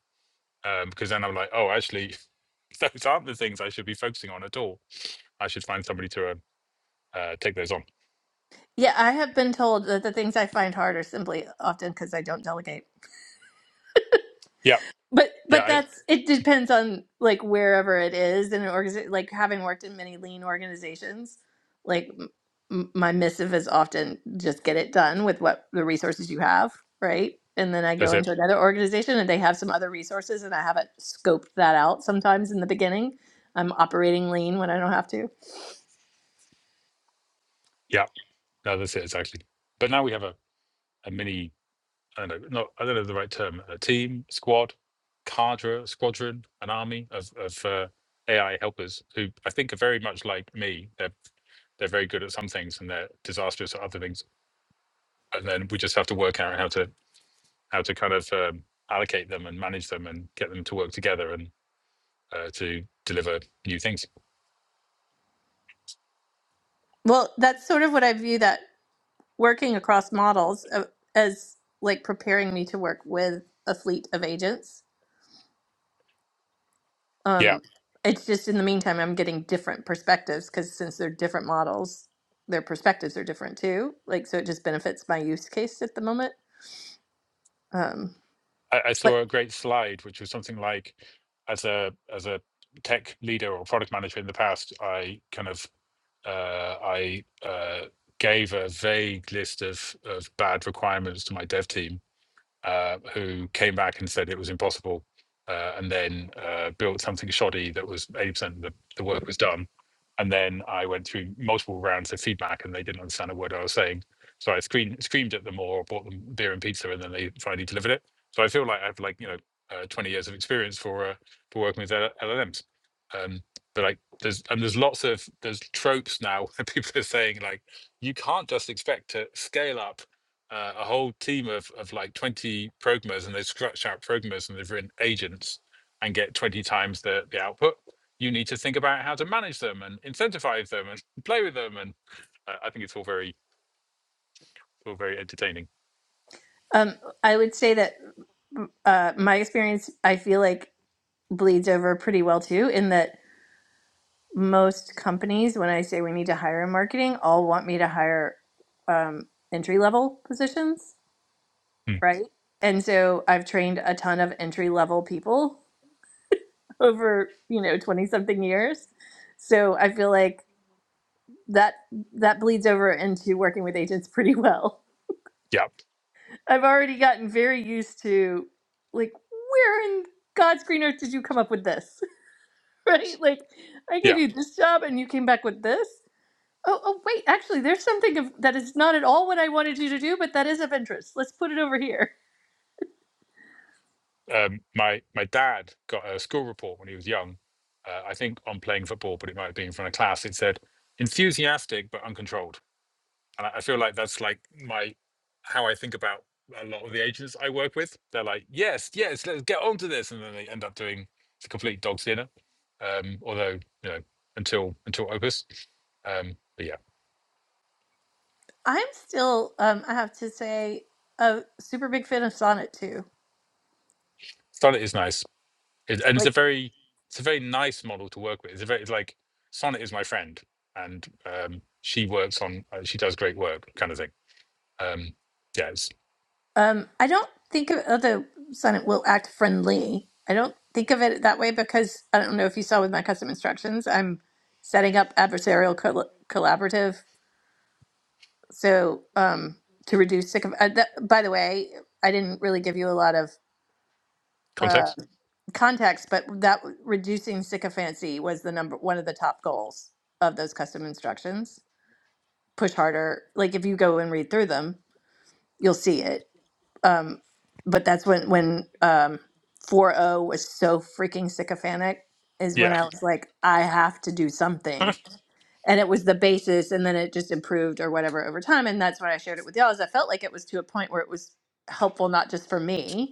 Um, because then I'm like, oh, actually, those aren't the things I should be focusing on at all. I should find somebody to uh, uh, take those on.
Yeah, I have been told that the things I find hard are simply often because I don't delegate.
Yeah,
But
yeah,
but
I,
that's it depends on like wherever it is in an organization. Like having worked in many lean organizations, like m- m- my missive is often just get it done with what the resources you have, right? And then I
that's
go
it.
into another organization and they have some other resources, and I haven't scoped that out. Sometimes in the beginning, I'm operating lean when I don't have to.
Yeah, no, that's it exactly. But now we have a, a mini I don't know, no, I don't know the right term, a team, squad, cadre, squadron, an army of, of uh, AI helpers who I think are very much like me. They're, they're very good at some things and they're disastrous at other things. And then we just have to work out how to, how to kind of um, allocate them and manage them and get them to work together and uh, to deliver new things.
Well, that's sort of what I view that working across models uh, as like preparing me to work with a fleet of agents.
Yeah.
Um, it's just in the meantime, I'm getting different perspectives because since they're different models, their perspectives are different too. Like, so it just benefits my use case at the moment. Um,
I, I
but
saw a great slide, which was something like as a, as a tech leader or product manager in the past, I kind of uh, I uh, gave a vague list of of bad requirements to my dev team, uh, who came back and said it was impossible, uh, and then uh, built something shoddy that was 80% of the, the work was done. And then I went through multiple rounds of feedback, and they didn't understand a word I was saying. So I screamed, screamed at them, or bought them beer and pizza, and then they finally delivered it. So I feel like I have like you know uh, 20 years of experience for uh, for working with L- LLMs. Um, but like there's and there's lots of there's tropes now that people are saying like you can't just expect to scale up uh, a whole team of, of like 20 programmers and they scratch out programmers and they've written agents and get 20 times the, the output you need to think about how to manage them and incentivize them and play with them and uh, i think it's all very all very entertaining
um, I would say that uh, my experience, I feel like bleeds over pretty well too, in that most companies, when I say we need to hire in marketing, all want me to hire um, entry level positions,
Hmm.
right? And so I've trained a ton of entry level people over you know twenty something years, so I feel like that that bleeds over into working with agents pretty well.
yeah
I've already gotten very used to like where in God's green earth did you come up with this, right? Like I gave
yeah
you this job and you came back with this. Oh, oh, wait, actually, there's something of, that is not at all what I wanted you to do, but that is of interest. Let's put it over here.
um, my my dad got a school report when he was young uh, i think on playing football but it might have been in front of class it said enthusiastic but uncontrolled and I I feel like that's like my how I think about a lot of the agents I work with. They're like, yes, yes, let's get on to this, and then they end up doing the complete dog's dinner. Um, although you know, until until Opus, um, but yeah,
I'm still, um, I have to say, a super big fan of Sonnet too.
Sonnet is nice, it, and it's a
Like,
very it's a very nice model to work with. It's a very it's like Sonnet is my friend, and um, she works on uh, she does great work, kind of thing. Um, yeah, it's
um, I don't think of although Sonnet will act friendly. I don't think of it that way because I don't know if you saw with my custom instructions, I'm setting up adversarial col- collaborative. So, um, to reduce sick of, uh, that, by the way, I didn't really give you a lot of. uh,
context.
context, but that reducing sycophancy was the number one of the top goals of those custom instructions. Push harder. Like if you go and read through them, you'll see it. Um, but that's when when um, 4.0 was so freaking sycophantic is when
Yeah,
I was like, I have to do
Yeah,
something. And it was the basis, and then it just improved or whatever over time. And that's when I shared it with y'all. Is I felt like it was to a point where it was helpful not just for me,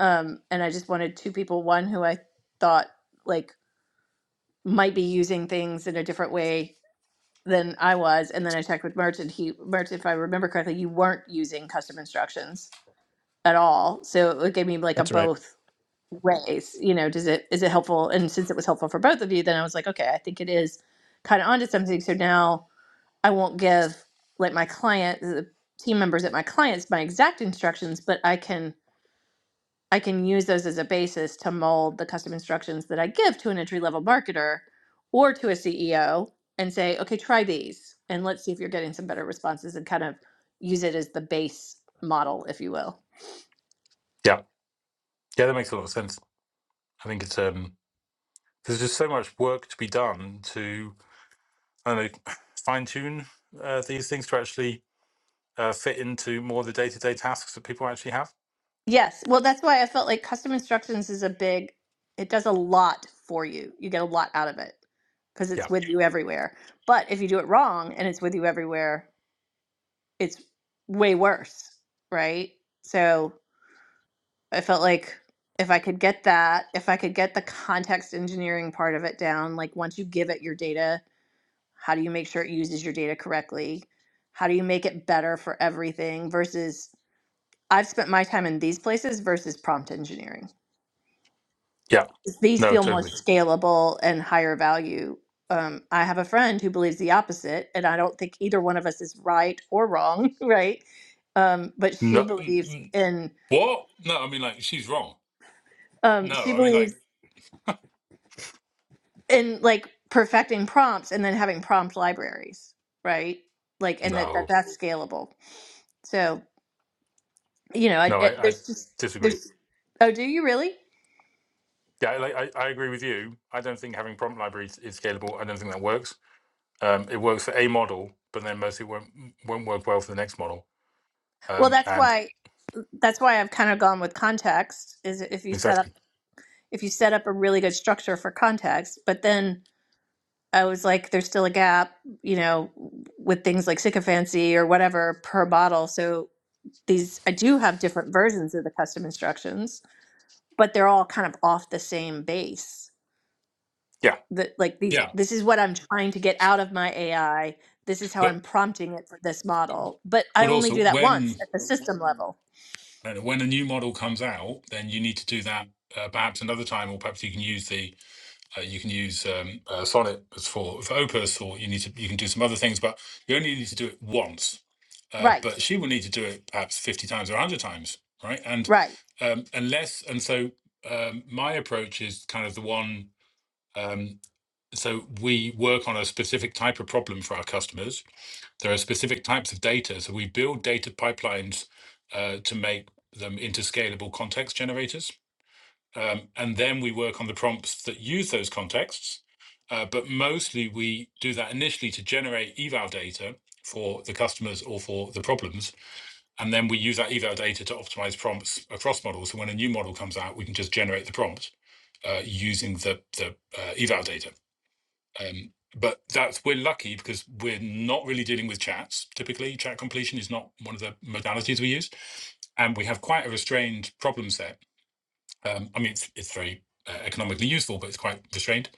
um, and I just wanted two people, one who I thought like might be using things in a different way than I was, and then I checked with Merch, and he Merch, if I remember correctly, you weren't using custom instructions at all, so it gave me like a
That's right.
both ways. You know, does it is it helpful? And since it was helpful for both of you, then I was like, okay, I think it is kind of onto something. So now I won't give like my client the team members at my clients my exact instructions, but I can I can use those as a basis to mold the custom instructions that I give to an entry level marketer or to a CEO and say, okay, try these and let's see if you're getting some better responses and kind of use it as the base model, if you will.
yeah, that makes a lot of sense. I think it's um There's just so much work to be done to, I don't know, fine tune uh, these things to actually uh, fit into more of the day to day tasks that people actually have.
Yes. Well, that's why I felt like custom instructions is a big, it does a lot for you. You get a lot out of it because
Yeah.
it's with you everywhere. But if you do it wrong and it's with you everywhere, it's way worse, right? So I felt like if I could get that, if I could get the context engineering part of it down, like once you give it your data, how do you make sure it uses your data correctly? How do you make it better for everything versus I've spent my time in these places versus prompt engineering.
Yeah.
These
No,
feel more
totally.
Mhm. scalable and higher value. Um, I have a friend who believes the opposite, and I don't think either one of us is right or wrong, right? Um, but she
No. Mm,
believes
mm.
in
What? No, I mean like she's wrong.
um,
No,
she
I mean
believes
like
and like perfecting prompts and then having prompt libraries right like and that, that
No.
that's scalable so you know I,
No,
I-
I, I
there's just
disagree.
there's oh do you really
Yeah, I- like I, I agree with you. I don't think having prompt libraries is scalable. I don't think that works. Um, it works for a model, but then mostly won't won't work well for the next model.
well
Um,
that's
and
why that's why i've kind of gone with context is if you set up
exactly.
if you set up a really good structure for context but then i was like there's still a gap you know with things like sycophancy or whatever per bottle so these i do have different versions of the custom instructions but they're all kind of off the same base
Yeah.
that like these
yeah,
this is what I'm trying to get out of my AI. This is how I'm
but
prompting it for this model. But I
but
only
also
do that once
when
at the system level.
I don't know, when a new model comes out, then you need to do that uh, perhaps another time, or perhaps you can use the uh, you can use um, uh, Sonnet as for for Opus, or you need to you can do some other things, but you only need to do it once. Uh,
Right.
but she will need to do it perhaps fifty times or one hundred times, right? And
Right.
um, unless and so um, my approach is kind of the one. Um, so we work on a specific type of problem for our customers, there are specific types of data. So we build data pipelines uh, to make them into scalable context generators. Um, and then we work on the prompts that use those contexts. Uh, but mostly we do that initially to generate eval data for the customers or for the problems. And then we use that eval data to optimize prompts across models. So when a new model comes out, we can just generate the prompt uh, using the, the uh, eval data. Um, but that's we're lucky because we're not really dealing with chats. Typically, chat completion is not one of the modalities we use, and we have quite a restrained problem set. Um, I mean, it's, it's very uh, economically useful, but it's quite restrained,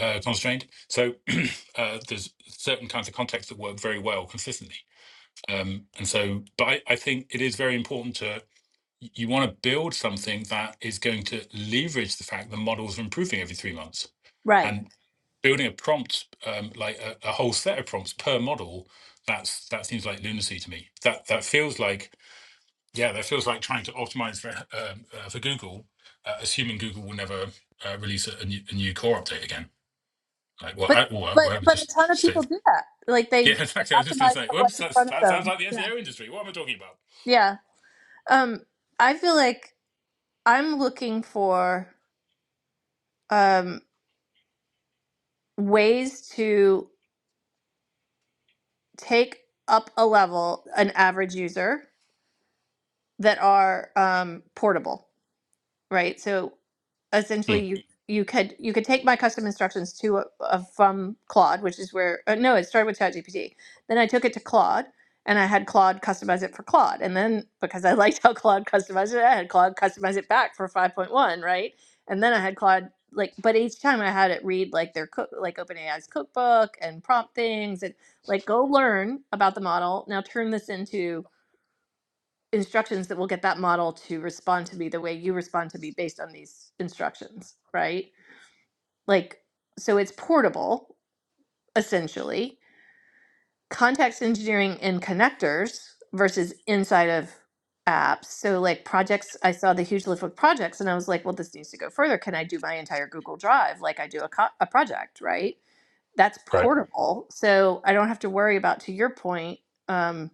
uh, constrained. So uh, there's certain kinds of contexts that work very well consistently. Um, and so, but I, I think it is very important to you want to build something that is going to leverage the fact that models are improving every three months.
Right.
and building a prompt um, like a, a whole set of prompts per model that's that seems like lunacy to me that that feels like yeah that feels like trying to optimize for um, uh, for google uh, assuming google will never uh, release a, a new, a new core update again like well
But
I, or I-
but
whatever
but a
just
ton of
say
people do that. Like they,
yeah
they
exactly i was just going to
optimize
say
for
whoops
what's in
that's,
front of
that sounds
them.
like the
Yeah.
seo industry what am i talking about
Yeah. Um I feel like I'm looking for um ways to take up a level an average user that are um portable right? So essentially,
Hmm,
you you could you could take my custom instructions to a a, from Claude, which is where uh, no, it started with ChatGPT. Then I took it to Claude, and I had Claude customize it for Claude. And then because I liked how Claude customized it, I had Claude customize it back for five point one, right? And then I had Claude like, but each time I had it read like their cook, like OpenAI's cookbook and prompt things, and like go learn about the model. Now turn this into instructions that will get that model to respond to me the way you respond to me based on these instructions, right? Like, so it's portable, essentially. Context engineering in connectors versus inside of apps. So, like, projects, I saw the huge lift with projects and I was like, well, this needs to go further. Can I do my entire Google Drive like I do a, co- a project, right? That's
right
portable. So I don't have to worry about, to your point, um,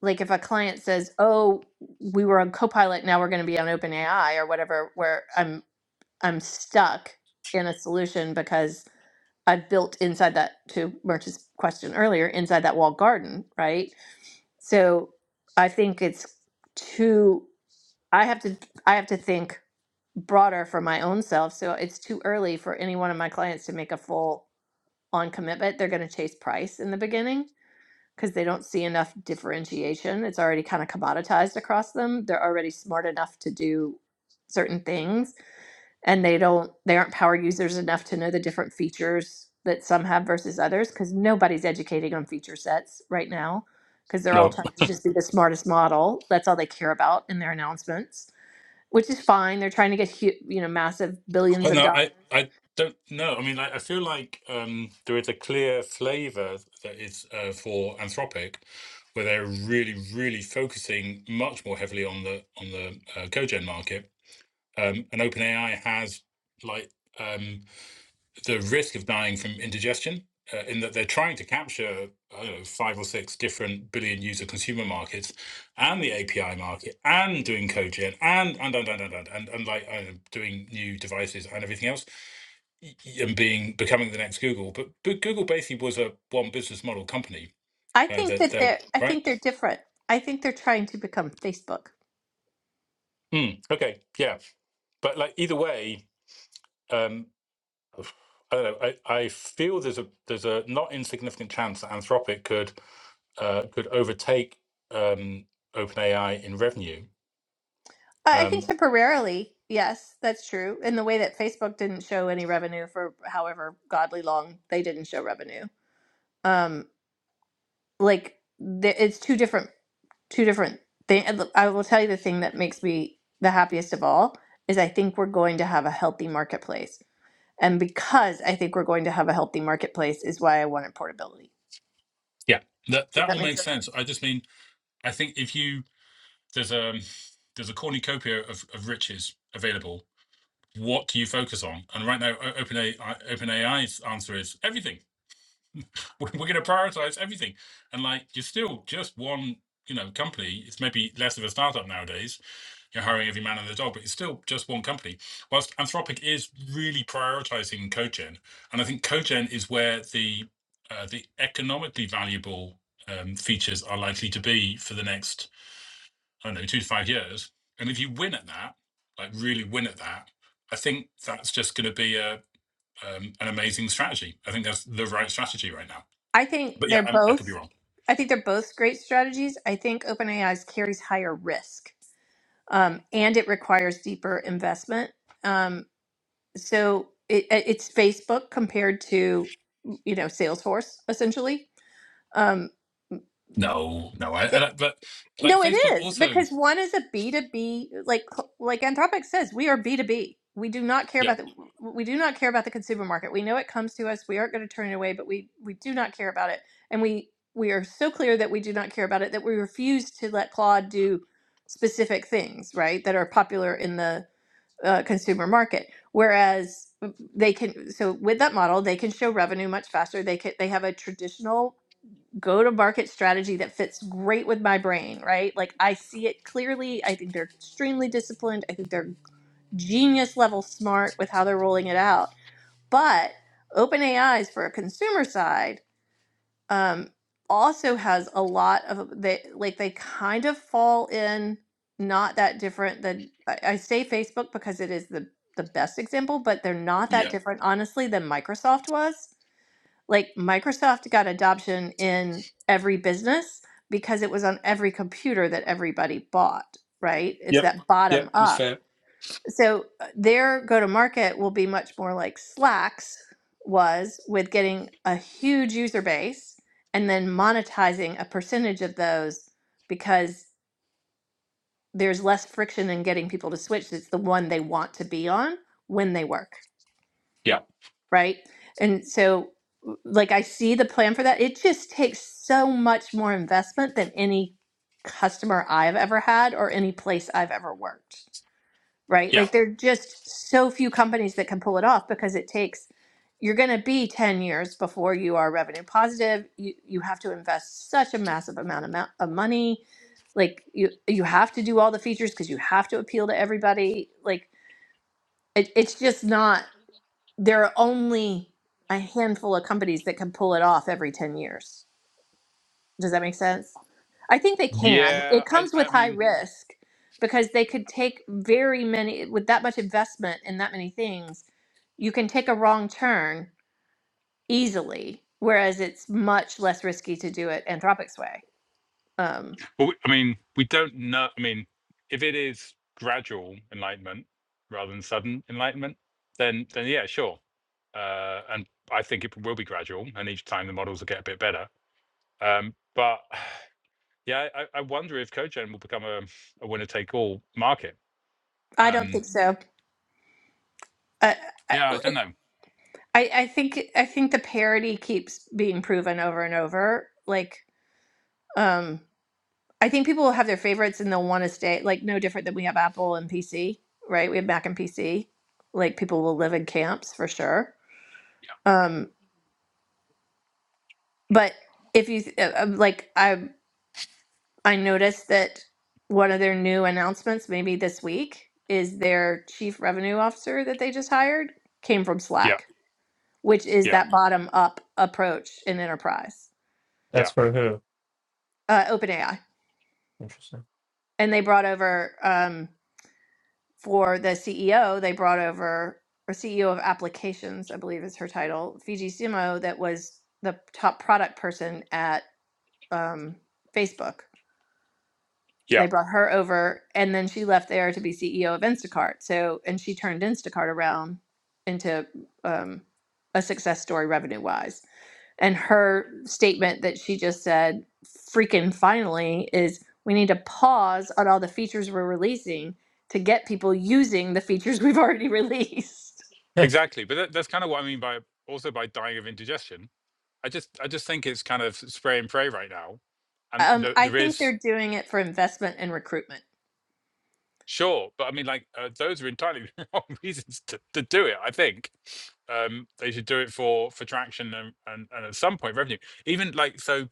like if a client says, "Oh, we were on Copilot, now we're going to be on OpenAI or whatever," where I'm I'm stuck in a solution because I've built inside that to Merch's question earlier inside that walled garden, right? So I think it's too. I have to I have to think broader for my own self. So it's too early for any one of my clients to make a full on commitment. They're going to chase price in the beginning because they don't see enough differentiation. It's already kind of commoditized across them. They're already smart enough to do certain things and they don't they aren't power users enough to know the different features that some have versus others because nobody's educating on feature sets right now because they're all
no
trying to just be the smartest model. That's all they care about in their announcements, which is fine. They're trying to get hu- you know massive billions
well,
of
no
dollars.
i i don't know i mean i, I feel like um, there is a clear flavor that is uh, for anthropic where they're really, really focusing much more heavily on the on the uh, cogen market. Um, and OpenAI has like um, the risk of dying from indigestion uh, in that they're trying to capture I don't know five or six different billion user consumer markets and the API market and doing cogen and and and and and and, and, and like I don't know, doing new devices and everything else and being becoming the next Google. But, but Google basically was a one business model company
I
uh,
think
that
that
that
they're I
right.
think they're different. I think they're trying to become Facebook.
Hmm, okay. Yeah. but like either way, um, I don't know. I, I feel there's a there's a not insignificant chance that Anthropic could uh, could overtake um, OpenAI in revenue.
I I think
Um,
temporarily, yes, that's true. In the way that Facebook didn't show any revenue for however godly long they didn't show revenue. Um, like th- it's two different, two different things. I will tell you the thing that makes me the happiest of all is I think we're going to have a healthy marketplace, and because I think we're going to have a healthy marketplace is why I wanted portability.
Yeah, that
Does
that all
that make
makes.
sense?
I just mean, I think if you there's a there's a cornucopia of, of riches available. What do you focus on? And right now, OpenAI OpenAI's answer is everything. We're going to prioritize everything. And like, you're still just one, you know, company. It's maybe less of a startup nowadays, you're hiring every man and their dog, but it's still just one company. Whilst Anthropic is really prioritizing cogen, and I think cogen is where the uh, the economically valuable um, features are likely to be for the next I don't know two to five years. And if you win at that, like really win at that, I think that's just going to be a um, an amazing strategy. I think that's the right strategy right now.
I think
But yeah,
they're
i I could be
both.
wrong.
I think they're both great strategies. I think OpenAI's carries higher risk, um, and it requires deeper investment. Um, so it, it- it's Facebook compared to you know Salesforce essentially. Um,
No, no, I, I but like
No, it
Facebook
is
also.
because one is a B2B, like like Anthropic says, we are B2B. We do not care
Yeah,
about the we do not care about the consumer market. We know it comes to us. We aren't going to turn it away, but we we do not care about it. And we we are so clear that we do not care about it that we refuse to let Claude do specific things, right, that are popular in the uh, consumer market. Whereas they can so with that model, they can show revenue much faster. They can they have a traditional go to market strategy that fits great with my brain, right? Like I see it clearly. I think they're extremely disciplined. I think they're genius level smart with how they're rolling it out. But OpenAI's for a consumer side um, also has a lot of they like they kind of fall in not that different than I I say Facebook because it is the the best example, but they're not that
yeah,
different honestly than Microsoft was like Microsoft got adoption in every business because it was on every computer that everybody bought, right? It's
Yep.
that bottom
Yep. That's
up.
fair.
So uh, their go to market will be much more like Slack's was with getting a huge user base and then monetizing a percentage of those because there's less friction in getting people to switch. It's the one they want to be on when they work.
yeah,
right? And so, like, I see the plan for that. It just takes so much more investment than any customer I've ever had or any place I've ever worked, right?
Yeah.
Like, there are just so few companies that can pull it off because it takes, you're going to be 10 years before you are revenue positive. You, you have to invest such a massive amount of, amount of money. Like, you, you have to do all the features because you have to appeal to everybody. Like, it, it's just not there are only a handful of companies that can pull it off every 10 years. Does that make sense? I think they can.
Yeah,
It
I,
comes
I
with high
mean,
risk because they could take very many, with that much investment in that many things, you can take a wrong turn easily, whereas it's much less risky to do it Anthropic's way. Um,
but we- I mean, we don't know. I mean, if it is gradual enlightenment rather than sudden enlightenment, then then yeah, sure. Uh, and I think it will be gradual, and each time the models will get a bit better. Um, but yeah, I, I wonder if cogen will become a, a winner take all market.
I don't
Um,
think so. I, I,
yeah, I
like,
don't know.
I I think I think the parity keeps being proven over and over. Like, um, I think people will have their favorites and they'll want to stay like no different than we have Apple and PC, right? We have Mac and PC. Like people will live in camps for sure.
Yeah,
Um, but if you th- uh, uh, like, I I noticed that one of their new announcements, maybe this week, is their chief revenue officer that they just hired came from
yeah,
Slack, which is
yeah,
that bottom up approach in enterprise,
That's
yeah,
for who?
uh, OpenAI,
Interesting.
and they brought over. um, for the CEO, they brought over or CEO of applications, I believe is her title, Fiji Simo, that was the top product person at um, Facebook.
yeah,
They brought her over, and then she left there to be CEO of Instacart. So, and she turned Instacart around into um, a success story revenue wise. And her statement that she just said, freaking finally, is we need to pause on all the features we're releasing to get people using the features we've already released.
yeah,
exactly. But that, that's kind of what I mean by also by dying of indigestion I just I just think it's kind of spray and pray right now, and
Um,
the,
I
there
think
is
they're doing it for investment and recruitment.
sure, but I mean like uh, those are entirely wrong reasons to, to do it. I think um, they should do it for for traction and, and and at some point revenue. Even like so,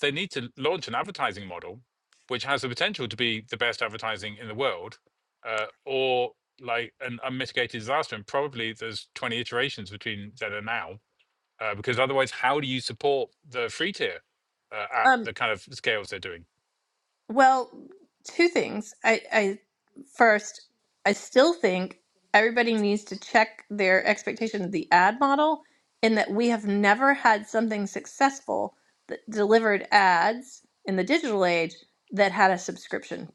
they need to launch an advertising model, which has the potential to be the best advertising in the world, uh, or like an unmitigated disaster. And probably there's 20 iterations between then and now uh, because otherwise, how do you support the free tier uh, at
Um,
the kind of scales they're doing?
Well, two things. I, I first, I still think everybody needs to check their expectation of the ad model in that we have never had something successful that delivered ads in the digital age that had a subscription.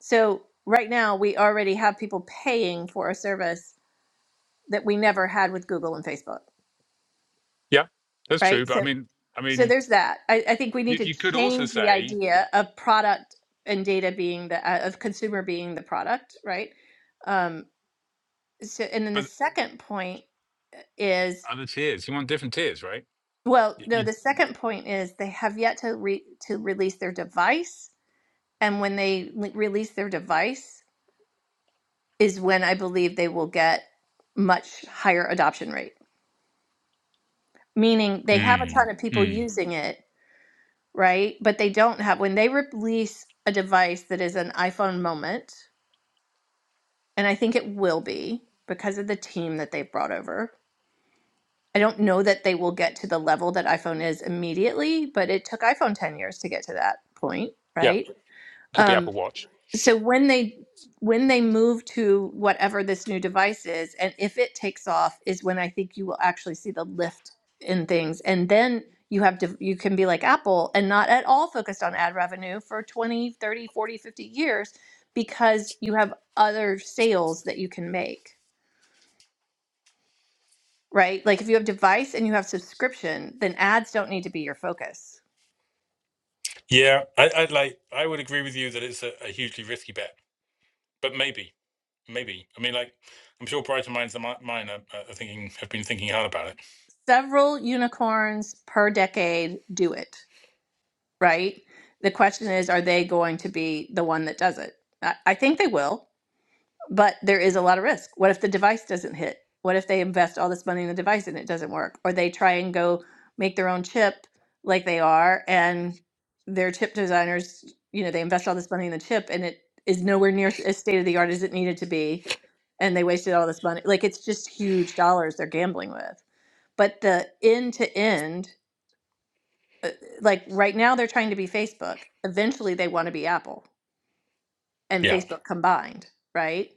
So right now we already have people paying for a service that we never had with Google and Facebook,
Yeah, that's true.
right?
But I
So
mean, I
So
mean,
there's that. I, I think we
you,
need to
you could also
change the
say,
idea of product and data being the uh, of consumer being the product, right? Um, so, and then the
but
second point uh, is
other tiers, you want different tiers, right?
well,
You,
no,
you
the second point is they have yet to re- to release their device, and when they l- release their device is when I believe they will get much higher adoption rate. Meaning they have a
mm,
ton of people
mm.
using it, right? But they don't have, when they release a device that is an iPhone moment, and I think it will be because of the team that they've brought over. I don't know that they will get to the level that iPhone is immediately, but it took iPhone 10 years to get to that point,
yeah,
right?
could be
Um,
Apple Watch.
so when they when they move to whatever this new device is and if it takes off is when i think you will actually see the lift in things and then you have to you can be like apple and not at all focused on ad revenue for 20, 30, 40, 50 years because you have other sales that you can make right like if you have device and you have subscription then ads don't need to be your focus
Yeah, I, I'd like. I would agree with you that it's a, a hugely risky bet, but maybe, maybe. I mean, like, I'm sure brighter minds than mine are, are thinking have been thinking hard about it.
several unicorns per decade do it right? The question is, are they going to be the one that does it? I, I think they will, but there is a lot of risk. What if the device doesn't hit? What if they invest all this money in the device and it doesn't work? Or they try and go make their own chip like they are and their chip designers, you know, they invest all this money in the chip and it is nowhere near as state of the art as it needed to be and they wasted all this money. Like it's just huge dollars they're gambling with. But the end to end like right now they're trying to be Facebook. Eventually they want to be Apple and
Yeah,
Facebook combined, right?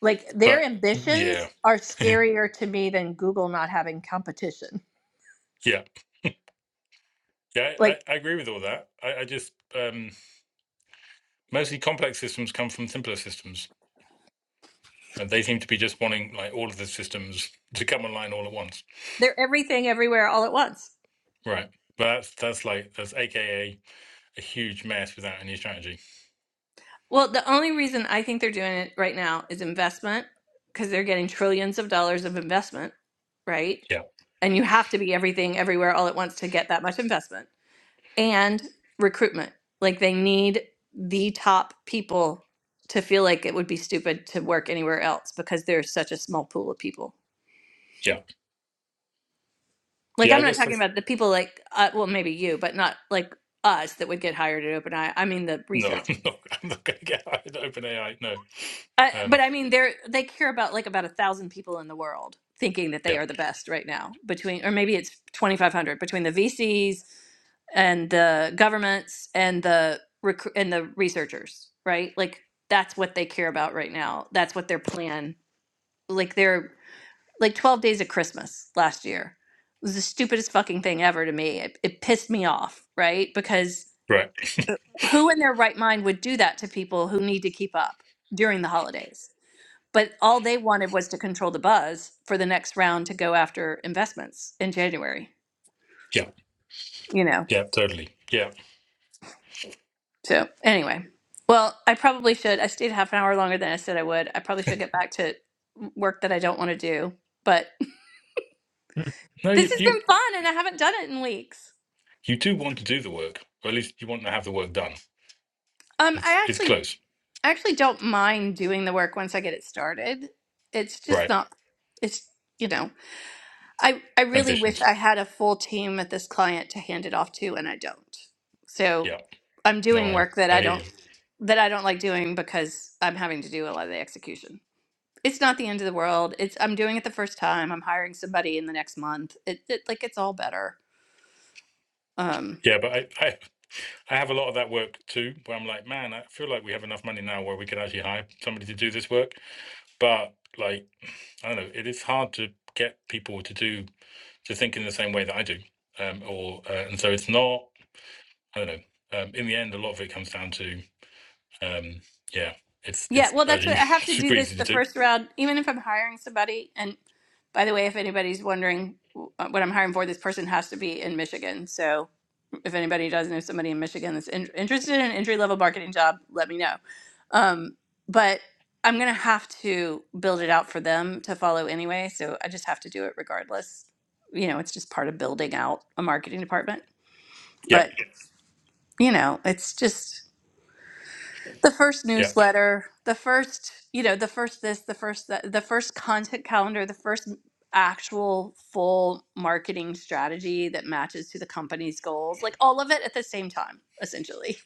Like their
but yeah,
ambitions are scarier to me than Google not having competition.
yeah, yeah. I, I
Like
agree with all that. I, I just, Um, mostly complex systems come from simpler systems and they seem to be just wanting like all of the systems to come online all at once
they're everything everywhere all at once.
right but that's that's like that's aka a huge mess without any strategy
Well, the only reason I think they're doing it right now is investment because they're getting trillions of dollars of investment, right?
yeah
And you have to be everything everywhere all at once to get that much investment. and recruitment. Like they need the top people to feel like it would be stupid to work anywhere else because there's such a small pool of people.
yeah
Like
yeah i
I'm not
guess
talking
that's
about the people like uh, well maybe you, but not like us that would get hired at OpenAI. I mean the
no
researchers.
i'm not i'm not gonna get out of open ai no
I,
um
but I mean, they're they care about like about a thousand people in the world thinking that they
yeah
are the best right now between, or maybe it's twenty five hundred between the VCs and the governments and the recru and the researchers, right? Like that's what they care about right now. That's what their plan. Like they're like twelve days of Christmas last year It was the stupidest fucking thing ever to me. It, it pissed me off, right? Because
right
who in their right mind would do that to people who need to keep up during the holidays? But all they wanted was to control the buzz for the next round to go after investments in January,
yeah
you know.
yeah totally yeah
So, anyway, well, I probably should. I stayed half an hour longer than I said I would. I probably should get back to work that I don't want to do. But
no
this
you
has
you
been fun and I haven't done it in weeks.
you do want to do the work or at least you want to have the work done
Um,
it's
I
it's
actually
close
I actually don't mind doing the work once I get it started. It's just
right
not it's you know, I, I really wish
transitions
I had a full team at this client to hand it off to, and I don't. So
yeah
I'm
no
doing
i
work that
i
I
hear
don't
you
that I don't like doing because I'm having to do a lot of the execution. It's not the end of the world. It's I'm doing it the first time. I'm hiring somebody in the next month. It, it like it's all better. Um,
yeah but i i I have a lot of that work too, where I'm like, man, I feel like we have enough money now where we could actually hire somebody to do this work. But like, I don't know, it is hard to get people to do to think in the same way that I do, um, or uh, and so it's not. I don't know. Um, in the end, a lot of it comes down to, um, yeah, it's
Yeah,
it's
well, that's
actually
what I have to do
super
this
easy
the
to do.
first round, even if I'm hiring somebody. And by the way, if anybody's wondering w- what I'm hiring for, this person has to be in Michigan. So if anybody does know somebody in Michigan that's in, interested in an entry level marketing job, let me know. Um, but I'm going to have to build it out for them to follow anyway. So I just have to do it regardless. You know, it's just part of building out a marketing department.
Yeah,
But, you know, it's just the first
yeah.
newsletter, the first, you know, the first this, the first that, the first content calendar, the first actual full marketing strategy that matches to the company's goals, like all of it at the same time, essentially.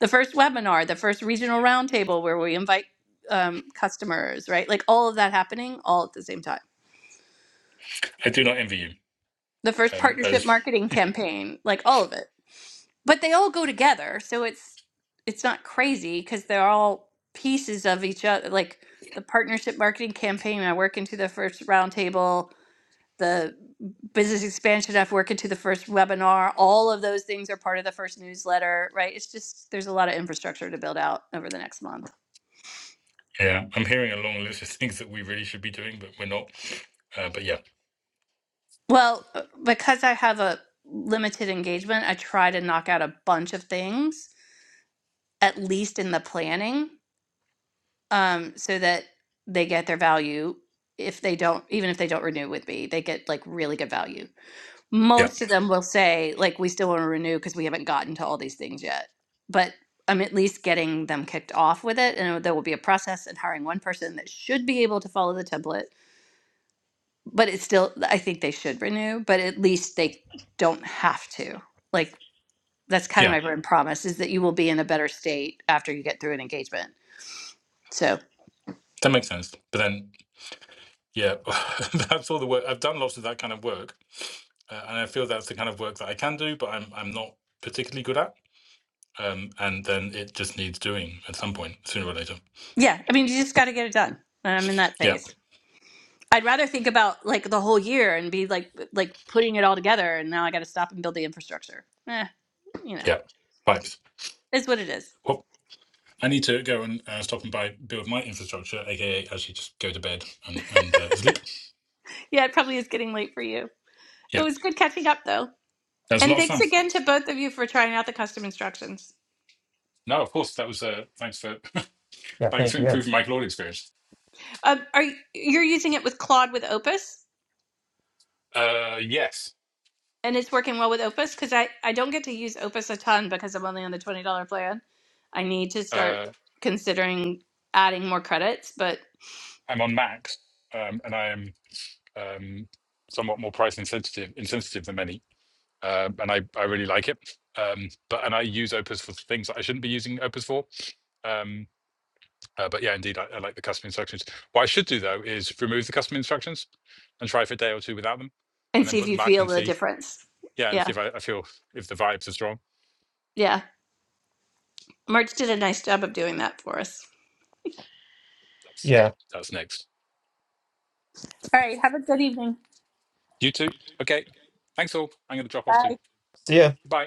The first webinar, the first regional roundtable where we invite um, customers, right? Like all of that happening all at the same time.
I do not envy you.
The first
Um,
partnership
those,
marketing campaign, like all of it. but they all go together so it's it's not crazy because they're all pieces of each other like the partnership marketing campaign i work into the first roundtable the business expansion i have worked into the first webinar all of those things are part of the first newsletter right it's just there's a lot of infrastructure to build out over the next month
yeah, I'm hearing a long list of things that we really should be doing, but we're not. Uh, but yeah,
well uh, because i have a limited engagement i try to knock out a bunch of things at least in the planning um, so that they get their value if they don't even if they don't renew with me they get like really good value
yeah,
most of them will say like we still want to renew because we haven't gotten to all these things yet but i'm at least getting them kicked off with it and there will be a process and hiring one person that should be able to follow the template but it's still i think they should renew but at least they don't have to like that's kind of
yeah.
my brand promise is that you will be in a better state after you get through an engagement So.
That makes sense. But then Yeah, that's all the work. I've done lots of that kind of work, uh, and I feel that's the kind of work that I can do, but I'm I'm not particularly good at. Um, and then it just needs doing at some point, sooner or later.
Yeah, I mean, you just got to get it done. And I'm in that
Yeah,
phase. I'd rather think about like the whole year and be like like putting it all together. And now I got to stop and build the infrastructure. Eh, you know,
yeah. Vibes.
is what it is.
Well, I need to go and uh, stop and buy build my infrastructure, aka actually just go to bed and and uh, sleep.
Yeah, it probably is getting late for you. It
Yeah,
was good catching up though.
that was a
And
lot of
thanks
fun.
again to both of you for trying out the custom instructions.
No, of course that was. Uh, thanks for thanks
thank
for
you. Yeah.
improving my cloud experience.
Um, are you, you're using it with Claude with Opus,
Uh, yes,
and it's working well with Opus because I I don't get to use Opus a ton because I'm only on the twenty dollar plan. I need to start
uh,
considering adding more credits, but
I'm on Mac, um, and I am. um, somewhat more price insensitive, insensitive than many, uh, and I, I really like it. Um, but and I use Opus for things that I shouldn't be using Opus for. Um, uh, but yeah, indeed, I, I like the custom instructions. What I should do though is remove the custom instructions and try for a day or two without them,
and
and then
see
put
if
them
you
back
feel
and
the
see.
difference.
Yeah, and see
Yeah.
if I, I feel if the vibes are strong.
Yeah. March did a nice job of doing that for us.
That's
Yeah.
that's next.
All right. Have a good evening.
You too. Okay. Thanks all. I'm going to drop off
Bye.
too.
See ya.
Bye.